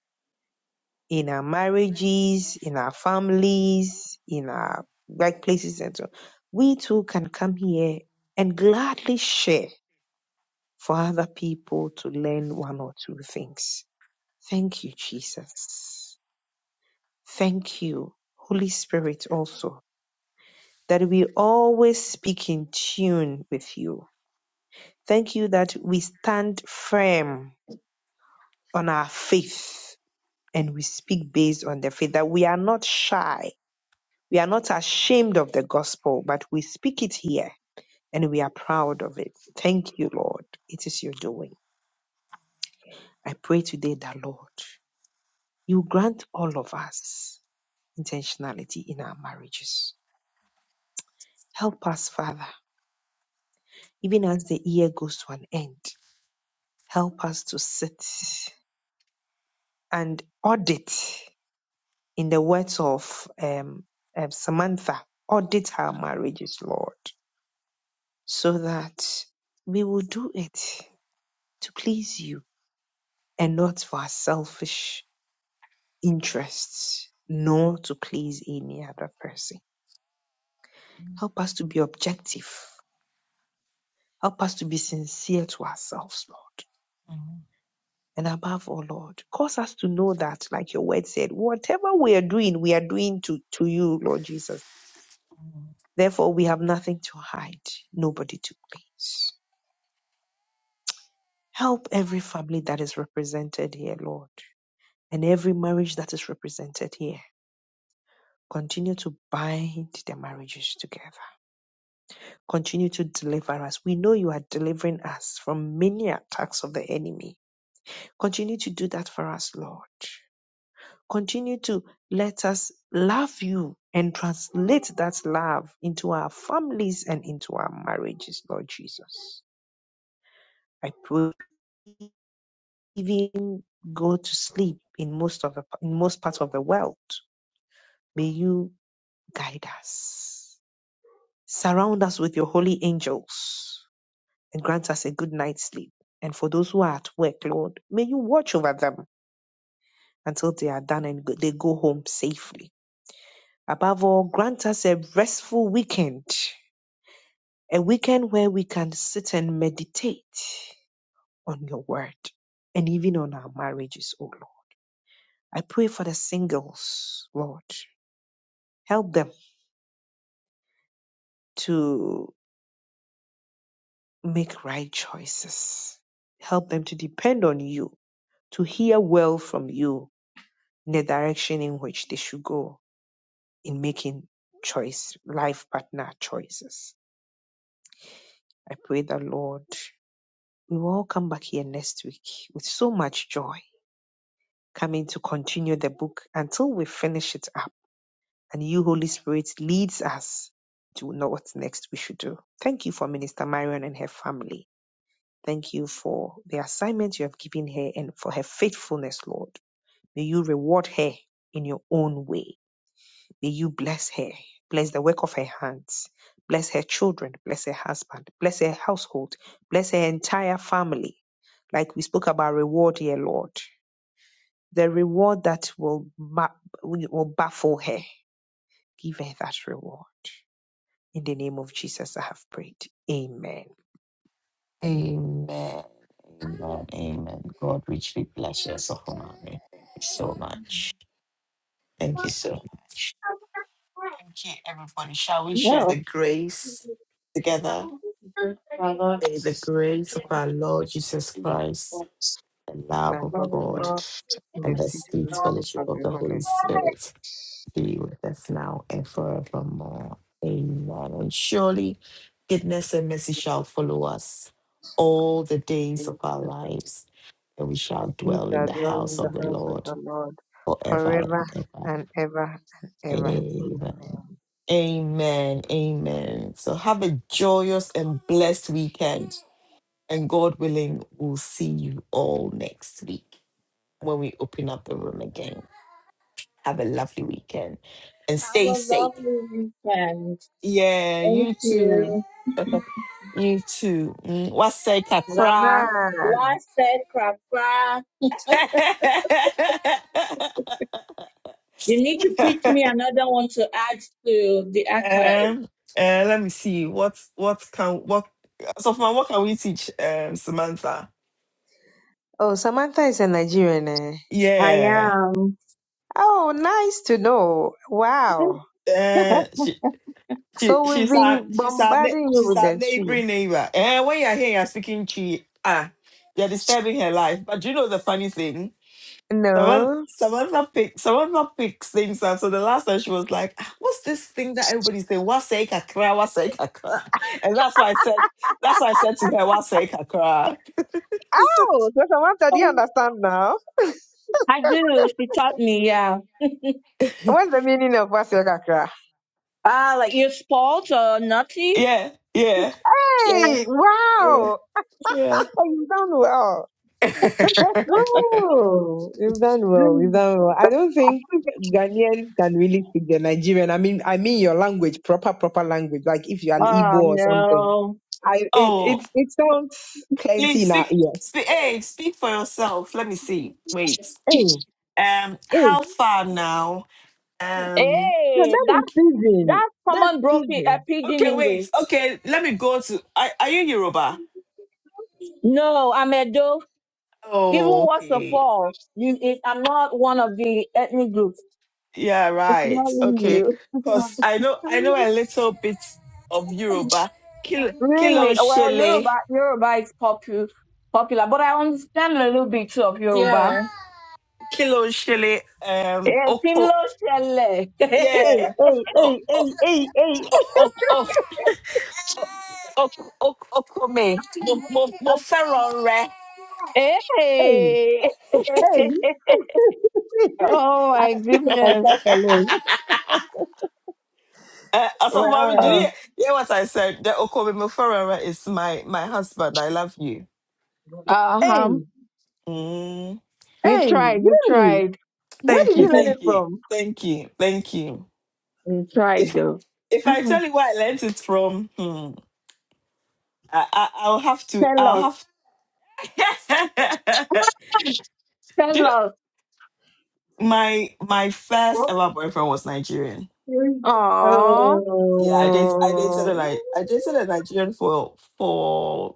S4: in our marriages, in our families, in our workplaces, and so on. we too can come here and gladly share for other people to learn one or two things. Thank you, Jesus. Thank you, Holy Spirit, also, that we always speak in tune with you. Thank you that we stand firm on our faith and we speak based on the faith that we are not shy. We are not ashamed of the gospel, but we speak it here and we are proud of it. Thank you, Lord. It is your doing. I pray today that, Lord, you grant all of us intentionality in our marriages. Help us, Father, even as the year goes to an end, help us to sit and audit, in the words of um, um, Samantha, audit our marriages, Lord so that we will do it to please you and not for our selfish interests, nor to please any other person. Help us to be objective. Help us to be sincere to ourselves, Lord.
S1: Mhm.
S4: And above all, Lord, cause us to know that, like your word said, whatever we are doing, we are doing to, to you, Lord Jesus. Therefore, we have nothing to hide, nobody to please. Help every family that is represented here, Lord. and every marriage that is represented here. Continue to bind their marriages together. Continue to deliver us. We know you are delivering us from many attacks of the enemy. Continue to do that for us, Lord. Continue to let us love you and translate that love into our families and into our marriages, Lord Jesus. I pray even go to sleep in most of the in most parts of the world. May you guide us. Surround us with your holy angels and grant us a good night's sleep. And for those who are at work, Lord, may you watch over them until they are done and they go home safely. Above all, grant us a restful weekend, a weekend where we can sit and meditate on your word and even on our marriages, O Lord. I pray for the singles, Lord. Help them to make right choices. Help them to depend on you to hear well from you in the direction in which they should go in making choice, life partner choices. I pray that Lord, we will all come back here next week with so much joy, coming to continue the book until we finish it up and you, Holy Spirit, leads us to know what next we should do. Thank you for Minister Marion and her family. Thank you for the assignment you have given her and for her faithfulness, Lord. May you reward her in your own way May you bless her. Bless the work of her hands. Bless her children. Bless her husband. Bless her household. Bless her entire family. Like we spoke about reward here, Lord. The reward that will, ma- will baffle her. Give her that reward. In the name of Jesus, I have prayed. Amen.
S1: Amen. Amen. Amen. God richly bless you, Sophomami. Thank you so much. Thank you so much. Thank you, everybody. Shall we share
S6: No.
S1: the grace together?
S6: My Lord,
S1: May the grace of our Lord Jesus
S6: we
S1: Christ, the love
S4: Lamb
S1: of
S4: of
S6: love of
S1: God,
S4: God,
S6: God.
S4: in the
S1: and the
S4: feet
S1: sweet
S4: of
S1: fellowship of
S4: the
S1: the Holy
S4: Holy
S1: Spirit be with us now and forevermore. Amen. And surely goodness and mercy shall follow us all the days of our
S4: Spirit.
S1: lives, and we
S4: The
S1: shall
S4: fruit
S1: dwell in
S4: are
S1: the
S4: dwell
S1: house
S4: in the
S1: of the
S4: house of
S1: Lord
S4: the Lord
S1: forever and
S4: forever
S1: ever.
S4: and ever and ever.
S1: Amen.
S4: Amen.
S1: Amen. Amen. So have a joyous and blessed weekend. And God willing, we'll see you all next week when we open up the room again. Have a lovely weekend and
S6: Have a
S1: stay safe.
S6: lovely weekend.
S1: Yeah,
S6: Thank
S1: you too.
S6: you.
S1: you too. Mm, What's say, Kakra?
S6: What
S4: Zaman.
S6: a crap. You
S1: Um, uh, let me see. What what can what so man, what can we teach um Samantha?
S4: Oh, Samantha is a Nigerian. Eh?
S6: I
S1: Yeah.
S4: Oh, nice to know. Wow.
S1: Uh, she she
S4: So we've
S1: she's our
S4: been
S1: she's our ne-
S4: bombarding you
S1: she's
S4: with
S1: our
S4: the tree.
S1: neighboring neighbor. And when you're here, you're speaking Chi. Ah, you're disturbing her life. But do you know the funny thing? Samantha
S4: No.
S1: Samantha picks Samantha picks things up. So the last time she was like, "Ah, "What's this thing that everybody's saying? What's say kakra? What's say kakra?" And that's why I said that's why I said to her, "What's say kakra?"
S4: Oh, so Samantha, do you
S6: know,
S4: understand now?
S6: I I do. She taught me, yeah.
S4: What's the meaning of Wasiokakra?
S6: Ah, like your are spoiled or naughty?
S1: yeah, yeah, yeah,
S4: Hey,
S1: yeah,
S4: wow.
S1: yeah.
S4: Oh, you done well. Oh, you've done well. You've
S6: Mm.
S4: done well. I don't think Ghanaians can really speak the Nigerian. I mean, I mean your language, proper, proper language. Like if you're an Igbo
S6: Oh,
S4: or something.
S6: no.
S4: I it
S1: Oh,
S4: it, it sounds plenty
S1: please
S4: in our
S1: speak,
S4: ear.
S1: speak, hey, speak for yourself. Let me see. Wait.
S4: Hey,
S1: Um,
S4: hey,
S1: how far now? Um,
S4: no,
S6: Hey,
S4: that
S6: that,
S4: is pigeon.
S6: that
S4: That's
S6: someone broke it. uh,
S4: pigeon.
S6: pidgin
S1: okay,
S6: English.
S1: wait. Okay, let me go to. Are, are you Yoruba?
S6: No, I'm a do. Even
S1: Oh,
S6: worse of
S1: okay.
S6: all, you, it, I'm not one of the ethnic groups.
S1: Yeah,
S6: It's
S1: right.
S6: not in
S1: Okay, cause I know I
S6: you.
S1: know a little bit of Yoruba. Kil Kilon
S6: Really? Oh, Well,
S1: Shele.
S6: Yoruba, Yoruba is popu- popular, but I understand a little bit too of Yoruba.
S1: Yeah. Kilon Shele.
S6: Eh,
S1: Um,
S6: Tin
S1: Oko.
S6: lo ṣẹlẹ̀.
S4: Hey,
S1: Yeah.
S4: hey,
S1: Oh,
S4: hey,
S1: oh,
S4: hey, hey,
S1: oh, oh. ok- ok- okome mo mo mo fẹ́ràn rẹ.
S4: hey, hey,
S6: Hey.
S4: hey.
S6: Oh
S4: I
S6: my
S4: took
S6: goodness.
S4: myself alone.
S1: Uh, Asafomami, do you
S4: Wow.
S6: Oh,
S1: hear, what I said? The okome mo fẹ́ràn is my my husband. I love you.
S4: Hey,
S6: uh-huh.
S1: Mm,
S6: You
S4: hey,
S6: tried, you
S4: really?
S6: tried.
S4: Where
S1: thank
S4: did
S1: you,
S4: you learn
S1: thank
S6: you
S4: it
S1: you,
S4: from?
S1: thank you, thank you.
S6: tried
S1: If
S6: though.
S1: if I
S6: Uh-huh.
S1: tell you where I learned it from, hmm, I, I I'll have to
S6: Tell
S1: I'll
S6: us.
S1: have. do you
S6: Tell
S1: know,
S6: us.
S1: my my first ever boyfriend was Nigerian.
S4: Oh,
S6: Aw.
S1: yeah, I date I dated a Ni- I dated a Nigerian for for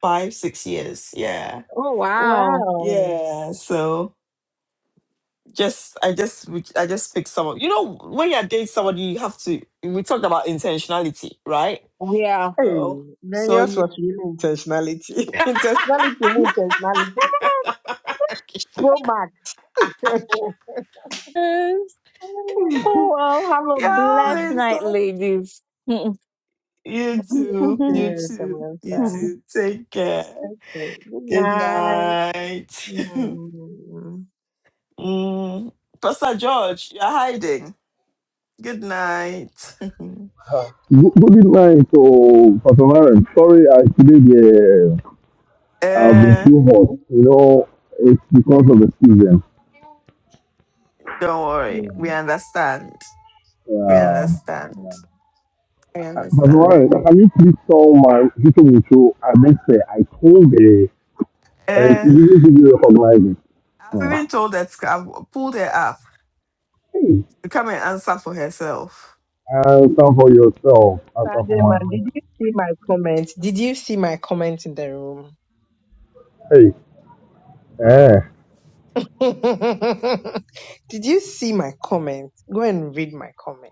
S1: five six years. Yeah,
S6: Oh wow.
S4: wow.
S1: yeah. So just I just we- I just picked someone. You know, when you date somebody, you have to. We talked about intentionality, right?
S6: Yeah.
S4: Hey,
S1: So
S4: then
S1: so
S4: yours
S1: you.
S4: was really intentionality. intentionality means intentionality. Pro mark.
S6: Yes. Oh, well, have a blessed
S1: yeah,
S6: night,
S1: so
S6: ladies.
S1: you too,
S4: Yeah,
S1: you
S4: I'm
S1: too,
S4: well,
S1: you too. Take care.
S4: Okay, Good
S1: Good
S4: night.
S1: night.
S4: Mm.
S1: mm. Pastor George, you're hiding. Good night.
S10: Good night, oh, Pastor Maren. Sorry, I today the I've been
S1: Uh,
S10: too hot. You know, it's because of the season.
S1: don't worry. We understand. We
S10: Um,
S1: understand. We
S10: uh, Pastor
S1: understand.
S10: Maren, can you please tell my people in show? I must say, I told the and she
S1: Uh,
S10: didn't really recognize it.
S1: I've
S10: Hmm.
S1: even told that I've pulled her up
S10: Hey,
S1: to come and answer for herself.
S10: answer for yourself. Answer for
S4: Sadio man,
S10: my.
S4: did you see my comment? Did you see my comment in the room?
S10: Hey, eh. Ah.
S4: did you see my comment? Go and read my comment.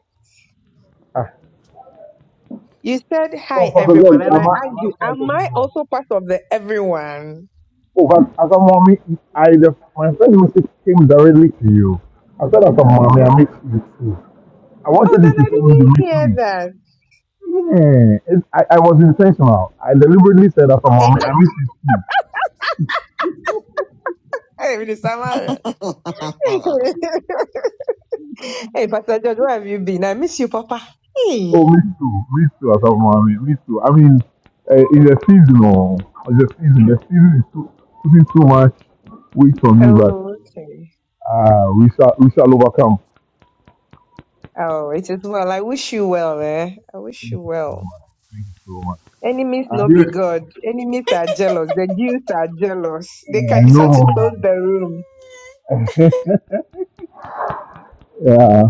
S4: You said
S10: For,
S4: hi,
S10: for God, Lord,
S4: everyone, and
S10: am
S4: I
S10: I am I
S4: argued,
S10: fine to
S4: am
S10: go
S4: I
S10: wrong?
S4: also part of the everyone?
S10: Oh, but I said, mommy, I the, my friend message came directly to you. I said, as a mommy, I miss you too. I
S4: Oh,
S10: wanted you
S4: then
S10: to
S4: I
S10: tell me
S4: didn't
S10: you miss
S4: hear
S10: me.
S4: that.
S10: Yeah, it, I, I was intentional. I deliberately said, as a
S4: Eh,
S10: mommy, I miss you too.
S4: Hey, I'm in Samaria.
S1: but
S4: hey, Pastor George, where have you been? I miss you, Papa.
S10: Oh,
S4: Hey.
S10: me too, me too, as a mommy, me too. I mean, uh, it's a seasonal. It's a season. The season is too, putting too much weight on me, but
S4: Oh, okay.
S10: uh, we shall, we shall overcome.
S4: Oh, it is well. I wish you well, eh? I wish you
S10: Thank you so
S4: well.
S10: much. Thank you so much.
S4: Enemies no be
S10: I,
S4: God. Enemies are jealous. The Jews are jealous. They
S10: I
S4: can decide to close
S10: know.
S4: the room.
S10: yeah.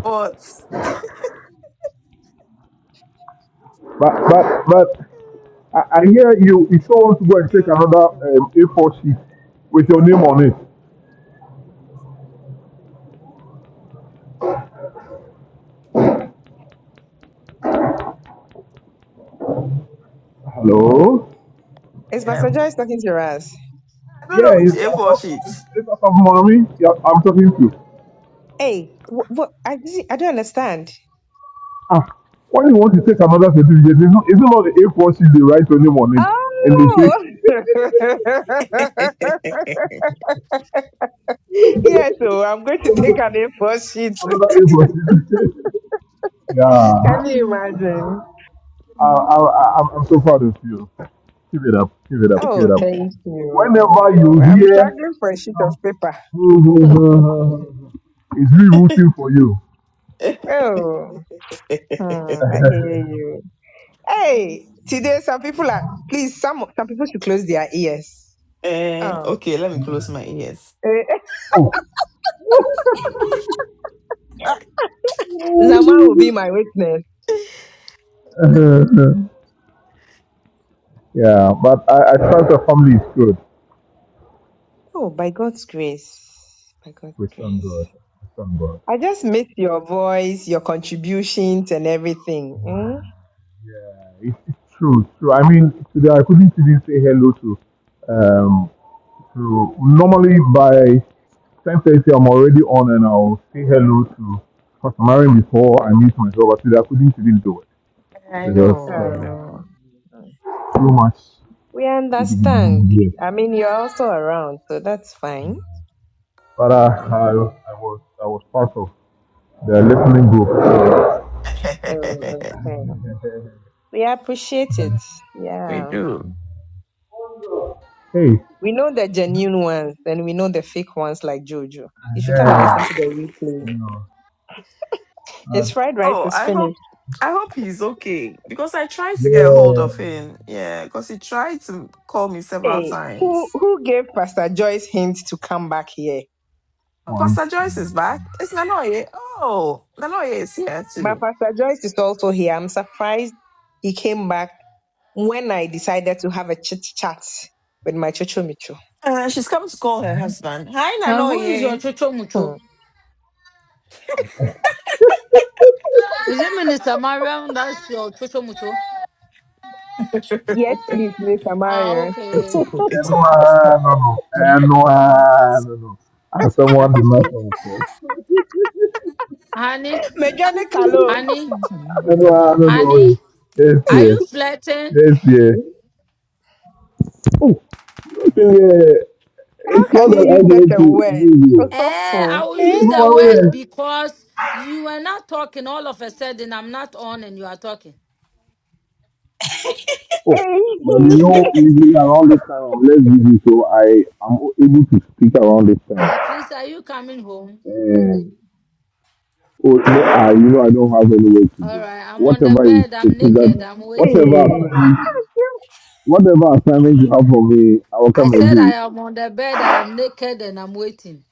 S10: But but but I, I hear you. You told us to go and
S1: you
S10: take
S1: know,
S10: another um, A4 sheet with your name on it. Hello.
S4: Is
S1: yeah,
S4: Pastor Joyce talking to us?
S1: put up
S10: Yeah,
S1: which
S10: it's
S1: A4 sheet.
S10: it's, it's some mommy. Yeah, I'm talking to.
S4: Hey, what? I didn't- I don't understand.
S10: Ah, when you want to take another certificate, it's not, it's not the A4 sheet. They write your name on it, and they say
S4: Oh, yes. So I'm going to take an A4 sheet.
S10: another A4 sheet. yeah.
S4: Can you imagine?
S10: I, I, I, I'm I'm so proud of you. Keep it up. Keep it up. Keep it
S4: Oh,
S10: up.
S4: thank
S10: Whenever
S4: you.
S10: you
S4: I'm
S10: hear
S4: struggling for a sheet of paper.
S10: It's me rooting for you.
S4: Oh, hmm, I hear you. Hey, today some people are. Please, some some people should close their ears.
S1: Uh,
S4: Oh,
S1: okay, let me close my ears.
S4: eh,
S10: Oh,
S1: Ah,
S4: Zama will be my witness.
S10: yeah, but I, I trust the family is good.
S4: Oh, by God's grace. By God's
S10: We thank
S4: grace.
S10: God. We thank God.
S4: I just miss your voice, your contributions, and everything. Hmm?
S10: Yeah, it's, it's true. It's true. I mean, today I couldn't even say hello to. Um, to normally by ten thirty I'm already on and I'll say hello to customary before I meet myself. But today I couldn't even do it because um,
S4: Uh,
S10: Too much
S4: we understand.
S10: yes.
S4: I mean, you're also around, so that's fine.
S10: But I,
S4: Yeah.
S10: I, I was I was part of the listening group.
S4: Oh, okay. We appreciate it.
S1: we
S4: Yeah.
S1: do.
S10: hey,
S4: We know the genuine ones and we know the fake ones like Jojo. You should come and listen
S10: uh,
S4: to the replay.
S10: you know, uh,
S4: His fried rice
S1: Oh,
S4: is
S1: I hope.
S4: finished.
S1: I hope he's okay because I tried to get a hold
S10: yeah,
S1: of him. Yeah, because he tried to call me several
S4: Hey,
S1: times.
S4: who who gave Pastor Joyce hint to come back here?
S1: Oh,
S10: one
S1: Pastor Joyce is
S10: thing.
S1: back. It's Nanoye. Oh, Nanoye is here
S4: But
S1: too.
S4: Pastor Joyce is also here. I'm surprised he came back when I decided to have a chit chat with my Chocho Micho.
S1: Uh, she's come to call her husband. Hi,
S8: Uh, who is your
S1: Nanoye.
S8: Chocho
S4: Hmm.
S8: Mucho? Is it Minister Mariam? That's your Chocho Mucho?
S4: Yes, please, Mr.
S8: ah
S4: Mario.
S1: It's
S8: okay,
S1: okay. It's
S10: And
S1: okay. It's okay.
S10: one, no, no, and one, no, no. And someone is not on call.
S8: honey,
S4: Mejani Kalo,
S8: honey,
S10: And one, no, no,
S8: honey.
S10: wait. yes,
S8: Are
S10: dear,
S8: you flirting?
S10: yes, Oh, yeah,
S4: how
S10: it's not
S4: can you
S10: that I
S4: use such
S10: did
S4: a
S10: to
S4: word?
S10: you.
S8: Eh, I
S4: Osofo.
S8: will use
S4: Eh?
S8: the word because you were not talking. All of a sudden, I'm not on, and you are talking.
S10: Oh, but you
S4: Hey.
S10: know, usually around this time, I'm less busy, so I am able to speak around this time.
S8: Uh, please, are you coming home?
S10: And oh, no, I, you know, I don't have anywhere to
S8: All
S10: go.
S8: right, I'm on the
S10: Whatever is,
S8: bed.
S10: it
S8: I'm
S10: is
S8: naked.
S10: that
S8: I'm waiting.
S10: whatever assignment, whatever assignment you have for me, I will
S8: I
S10: come and
S8: said I
S10: do.
S8: am on the bed. I am naked, and I'm waiting.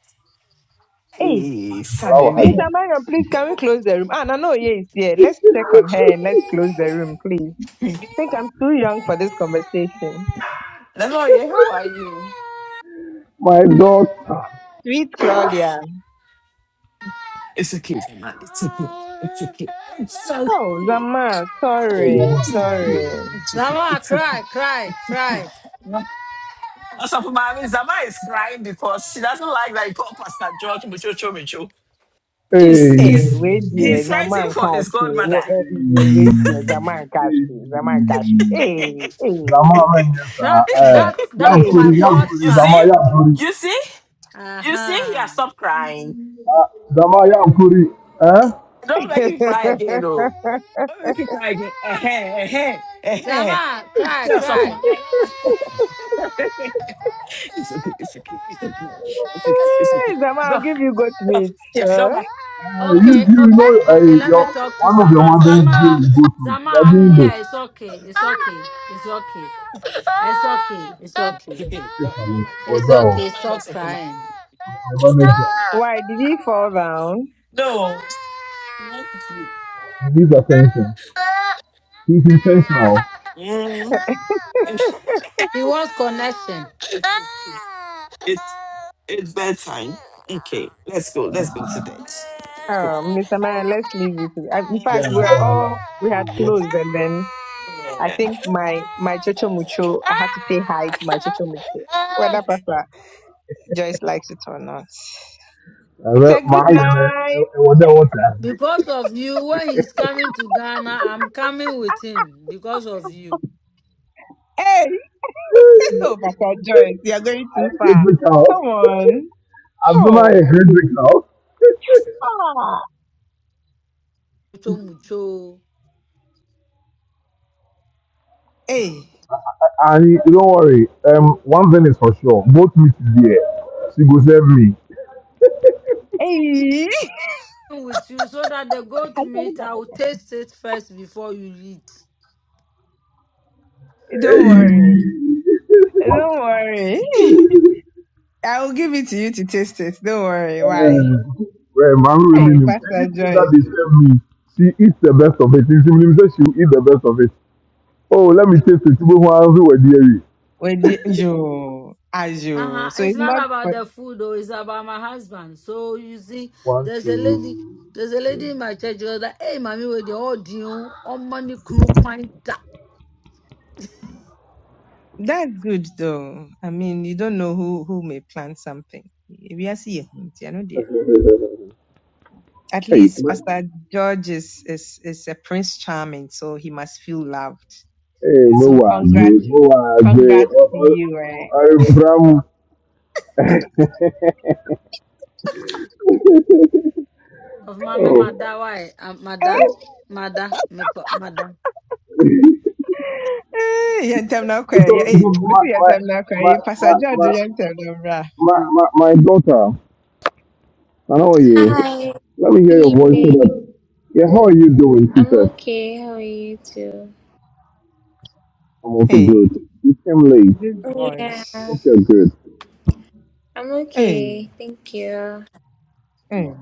S4: Hey,
S1: It's
S10: Allow her
S1: okay.
S10: to.
S4: Mr.
S10: do.
S4: Marion, please, can we close the room? Ah, no, no, yeah, it's here. Let's check on her and let's close the room, please. I think I'm too young for this conversation.
S10: My daughter.
S4: Sweet Claudia.
S1: It's okay. man. It's okay. It's okay.
S4: Oh, Zama,
S10: Oh,
S4: sorry, sorry.
S1: It's okay.
S8: Lama,
S1: It's okay.
S8: cry, cry, cry.
S1: Also, for Mami, Zama is crying because she doesn't like that you call Pastor George Muchocho Micho. He's,
S4: Hey,
S1: he's,
S4: wait,
S1: he's
S4: dear, Zama
S1: fighting
S4: and
S1: for
S4: Kashi.
S1: his godmother.
S4: Wait, eh, wait, dear, Zama and Kashi, Zama and Kashi.
S10: Hey.
S4: Hey,
S10: Zama
S4: hey,
S10: manyan sa,
S8: That's
S10: eh,
S8: that's that's
S4: Hey
S8: my
S10: Yankuri, Yankuri,
S1: You
S10: Zama,
S8: godson.
S1: see?
S10: Yankuri,
S1: You see? You see? He
S8: Uh-huh.
S1: has stopped crying.
S10: Ah Zama, Yankuri, eh?
S1: Don't let him cry again, oh. Look at Tiger. Uh, hey, hey, hey, hey.
S8: Zama, cry,
S1: Tell
S4: Zama,
S1: someone
S8: cry.
S1: that it's okay, it's okay, it's okay, it's okay, it's okay.
S4: I'll
S1: Go,
S4: give you goat
S1: go.
S4: meat.
S1: Yeah,
S4: Uh,
S1: go don't
S10: Uh, you,
S8: Okay,
S1: back.
S10: you know,
S8: okay,
S10: uh,
S8: okay. Let
S10: your,
S8: me talk to
S10: one of your
S8: Zama.
S10: mothers
S8: Zama,
S10: really go to it. You
S8: Zama,
S10: are
S8: I'm
S10: doing
S8: here.
S10: this.
S8: It's okay. It's okay. It's okay. It's okay. It's okay.
S10: Hey, for what's
S8: It's
S10: that? oh?
S8: okay. Stop crying.
S10: My manager.
S4: why did he fall down?
S1: No,
S10: He needs attention. He's intentional.
S1: mm,
S8: He wants connection.
S1: it's it's bedtime. Okay, let's go, let's go today.
S4: Oh, Mr. Maya, let's leave it. I- In
S10: Yeah,
S4: fact, we're
S10: yeah, yeah.
S4: all we had
S10: yeah. yeah.
S4: closed, and then I think my my chocho mucho. I had to say hi to my chocho mucho, whether Pastor Joyce likes it or not.
S10: And
S4: It's
S10: then
S4: a good
S10: my, and then,
S4: night.
S10: I wonder what I say.
S8: Because of you, when he's coming to Ghana, I'm coming with him because of you.
S4: Hey, oh, Pastor Joyce, you're going
S10: I
S4: too
S10: am
S4: far.
S10: critical.
S4: Come on.
S10: I'm not a
S4: Oh,
S10: critical.
S4: ah,
S8: Mucho, mucho.
S4: hey,
S10: And you don't worry. Um, one thing is for sure. Both meet is there. She go save me.
S4: hey.
S8: with you so that the goat
S4: I thought
S8: meat I
S4: about
S8: will taste it first before you eat.
S4: it. Don't worry. Don't worry. I will give it to you to taste it. Don't worry. Why?
S10: Eh, well, man, we
S4: Hey,
S10: minimum.
S4: Pastor
S10: Anything that
S4: Joyce.
S10: they serve me, she eats the best of it. She minimum says she will eat the best of it. Oh, let me taste it. Even when we're was dear.
S4: Well, the, yo,
S8: Uh-huh.
S4: ayo. So
S8: It's
S4: it's
S8: not
S4: not
S8: about
S4: for,
S8: the food though, it's about my husband. So you see,
S10: One,
S8: there's a lady
S10: two.
S8: there's a lady in my church who was like, hey mommy, with the audio on money knu quite da
S4: that's good though. I mean, you don't know who, who may plant something. We are seeing, you know, there. At
S10: Hey,
S4: least
S10: ma-
S4: Pastor George is, is, is a prince charming, so he must feel loved.
S10: hey, no
S4: So
S10: was
S4: congrats,
S10: eh, no was
S4: congrats
S10: eh.
S4: to
S10: Oh,
S4: you,
S10: oh,
S4: eh?
S10: I'm from.
S8: of mommy
S10: Oh,
S8: mada why mada
S10: oh.
S8: mada mada
S4: Eh, yɛntɛm na kɔ ɛ, yɛ-
S10: because
S4: eh,
S10: my
S4: mesi yɛntɛm
S10: my
S4: na kɔ
S10: my
S4: ɛ, Pastor
S10: my
S4: George
S10: my
S4: yɛntɛm na mmra.
S10: my, my, my daughter, I know you.
S11: Hi,
S10: Let me hear
S11: good
S10: your voice so
S11: evening.
S10: that. Yeah, how are you doing? She
S11: I'm
S10: said,
S11: okay. How are you too?
S10: I'm also
S4: Eh,
S10: good. You came late.
S4: this voice.
S11: Yeah,
S10: Hope you're good.
S11: I'm
S4: Eh,
S11: okay. Thank you.
S4: eh,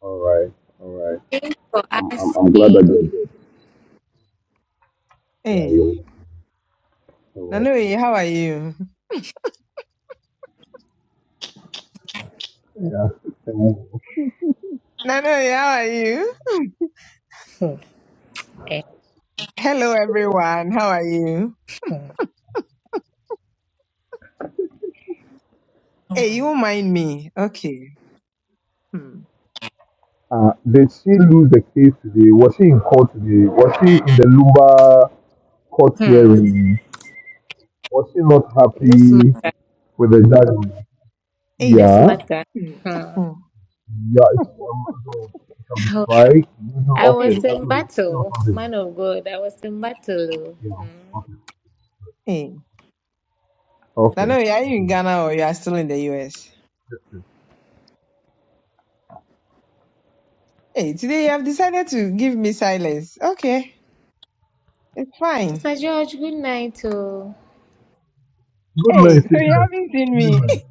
S10: All right, all right.
S11: Thanks for
S10: I'm I'm, I'm glad that
S11: asking.
S10: you're good. Yeah,
S4: eh.
S10: you. You're welcome.
S4: Nanoye, how are you?
S10: Yeah. Um,
S4: Nanoye, how are you? Hello, everyone. How are you? Hey, you won't mind me. Okay. Hmm.
S10: Uh, did she lose the case today? Was she in court today? Was she in the Lumba court
S11: Hmm.
S10: hearing? Was she not
S11: This
S10: happy
S11: ma-
S10: with the judge? Yeah.
S4: Hey.
S11: this
S10: Ja,
S11: matter.
S4: Hmm.
S11: Hmm.
S4: Hmm.
S10: ja, ich, ähm, also, ich habe die zwei Lösungen
S11: I was
S4: Hey.
S10: aufwählen.
S11: in
S10: Also, die
S11: battle,
S10: 24.
S11: man of God. I was in battle. oh.
S10: Ja,
S11: Hmm.
S10: okay.
S4: Hey.
S10: Okay.
S4: Nanoye, are you in Ghana or you are still in the US?
S10: Yes, yes.
S4: Hey, today you have decided to give me silence. Okay. It's fine.
S11: Mr. George, good night. Oh,
S10: Good
S4: Hey,
S10: night,
S4: so you
S10: sister.
S4: haven't seen me.
S10: Good night.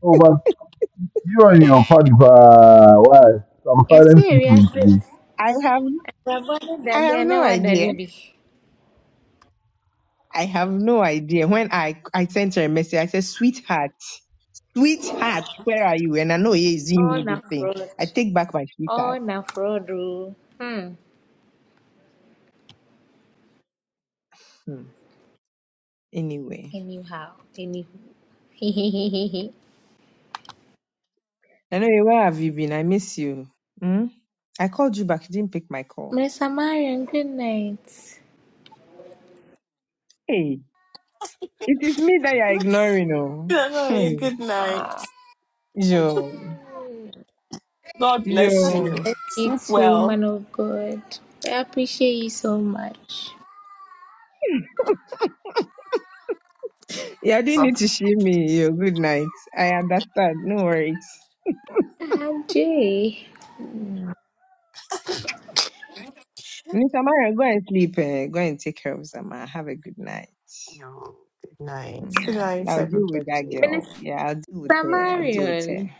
S10: Oh, but you and your party, uh, why? Some
S11: yes,
S10: silent
S11: serious.
S10: treatment today.
S4: I have
S11: Rabana
S4: I
S11: Dani,
S4: have
S11: I
S4: no
S11: know what
S4: idea.
S11: Dani be.
S4: I have no idea. When I I sent her a message, I said, "Sweetheart, sweetheart, where are you?" And I know he is in
S11: All
S4: me this
S11: na
S4: thing.
S11: fraud.
S4: I take back my sweetheart.
S11: All na fraud. oh. Hmm.
S4: Hmm. Anyway,
S11: Anyhow, anywho.
S4: I know where have you been? I miss you. Hmm? I called you back. You didn't pick my call.
S11: My Samaritan, good night.
S4: Hey, it is me that you're ignoring, oh.
S1: No, no, you
S4: Hmm.
S1: good night.
S4: Yo,
S1: God bless
S4: yo.
S1: you.
S11: You
S1: Sleep
S11: too,
S1: well.
S11: man of God. I appreciate you so much.
S4: You didn't
S1: So,
S4: need to shame me. Yo, good night. I understand. No worries.
S11: Ah, Jay.
S4: Miss Amara, go and sleep. eh, go and take care of Zama. Have a good night.
S1: you good night. Good
S4: Mm,
S1: night,
S4: I'll deal with that
S1: everybody.
S4: girl.
S11: Minister
S4: Yeah, I'll deal with her. I'll deal with her.
S11: Samaritan,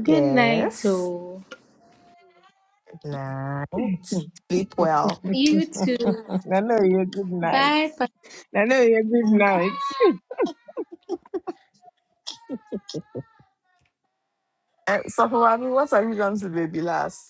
S11: good
S1: Yes,
S11: night, oh.
S1: sleep well.
S11: You too.
S4: Nano, you good night.
S11: Bye,
S4: Nano, you good night.
S1: And so, what have you done to baby last?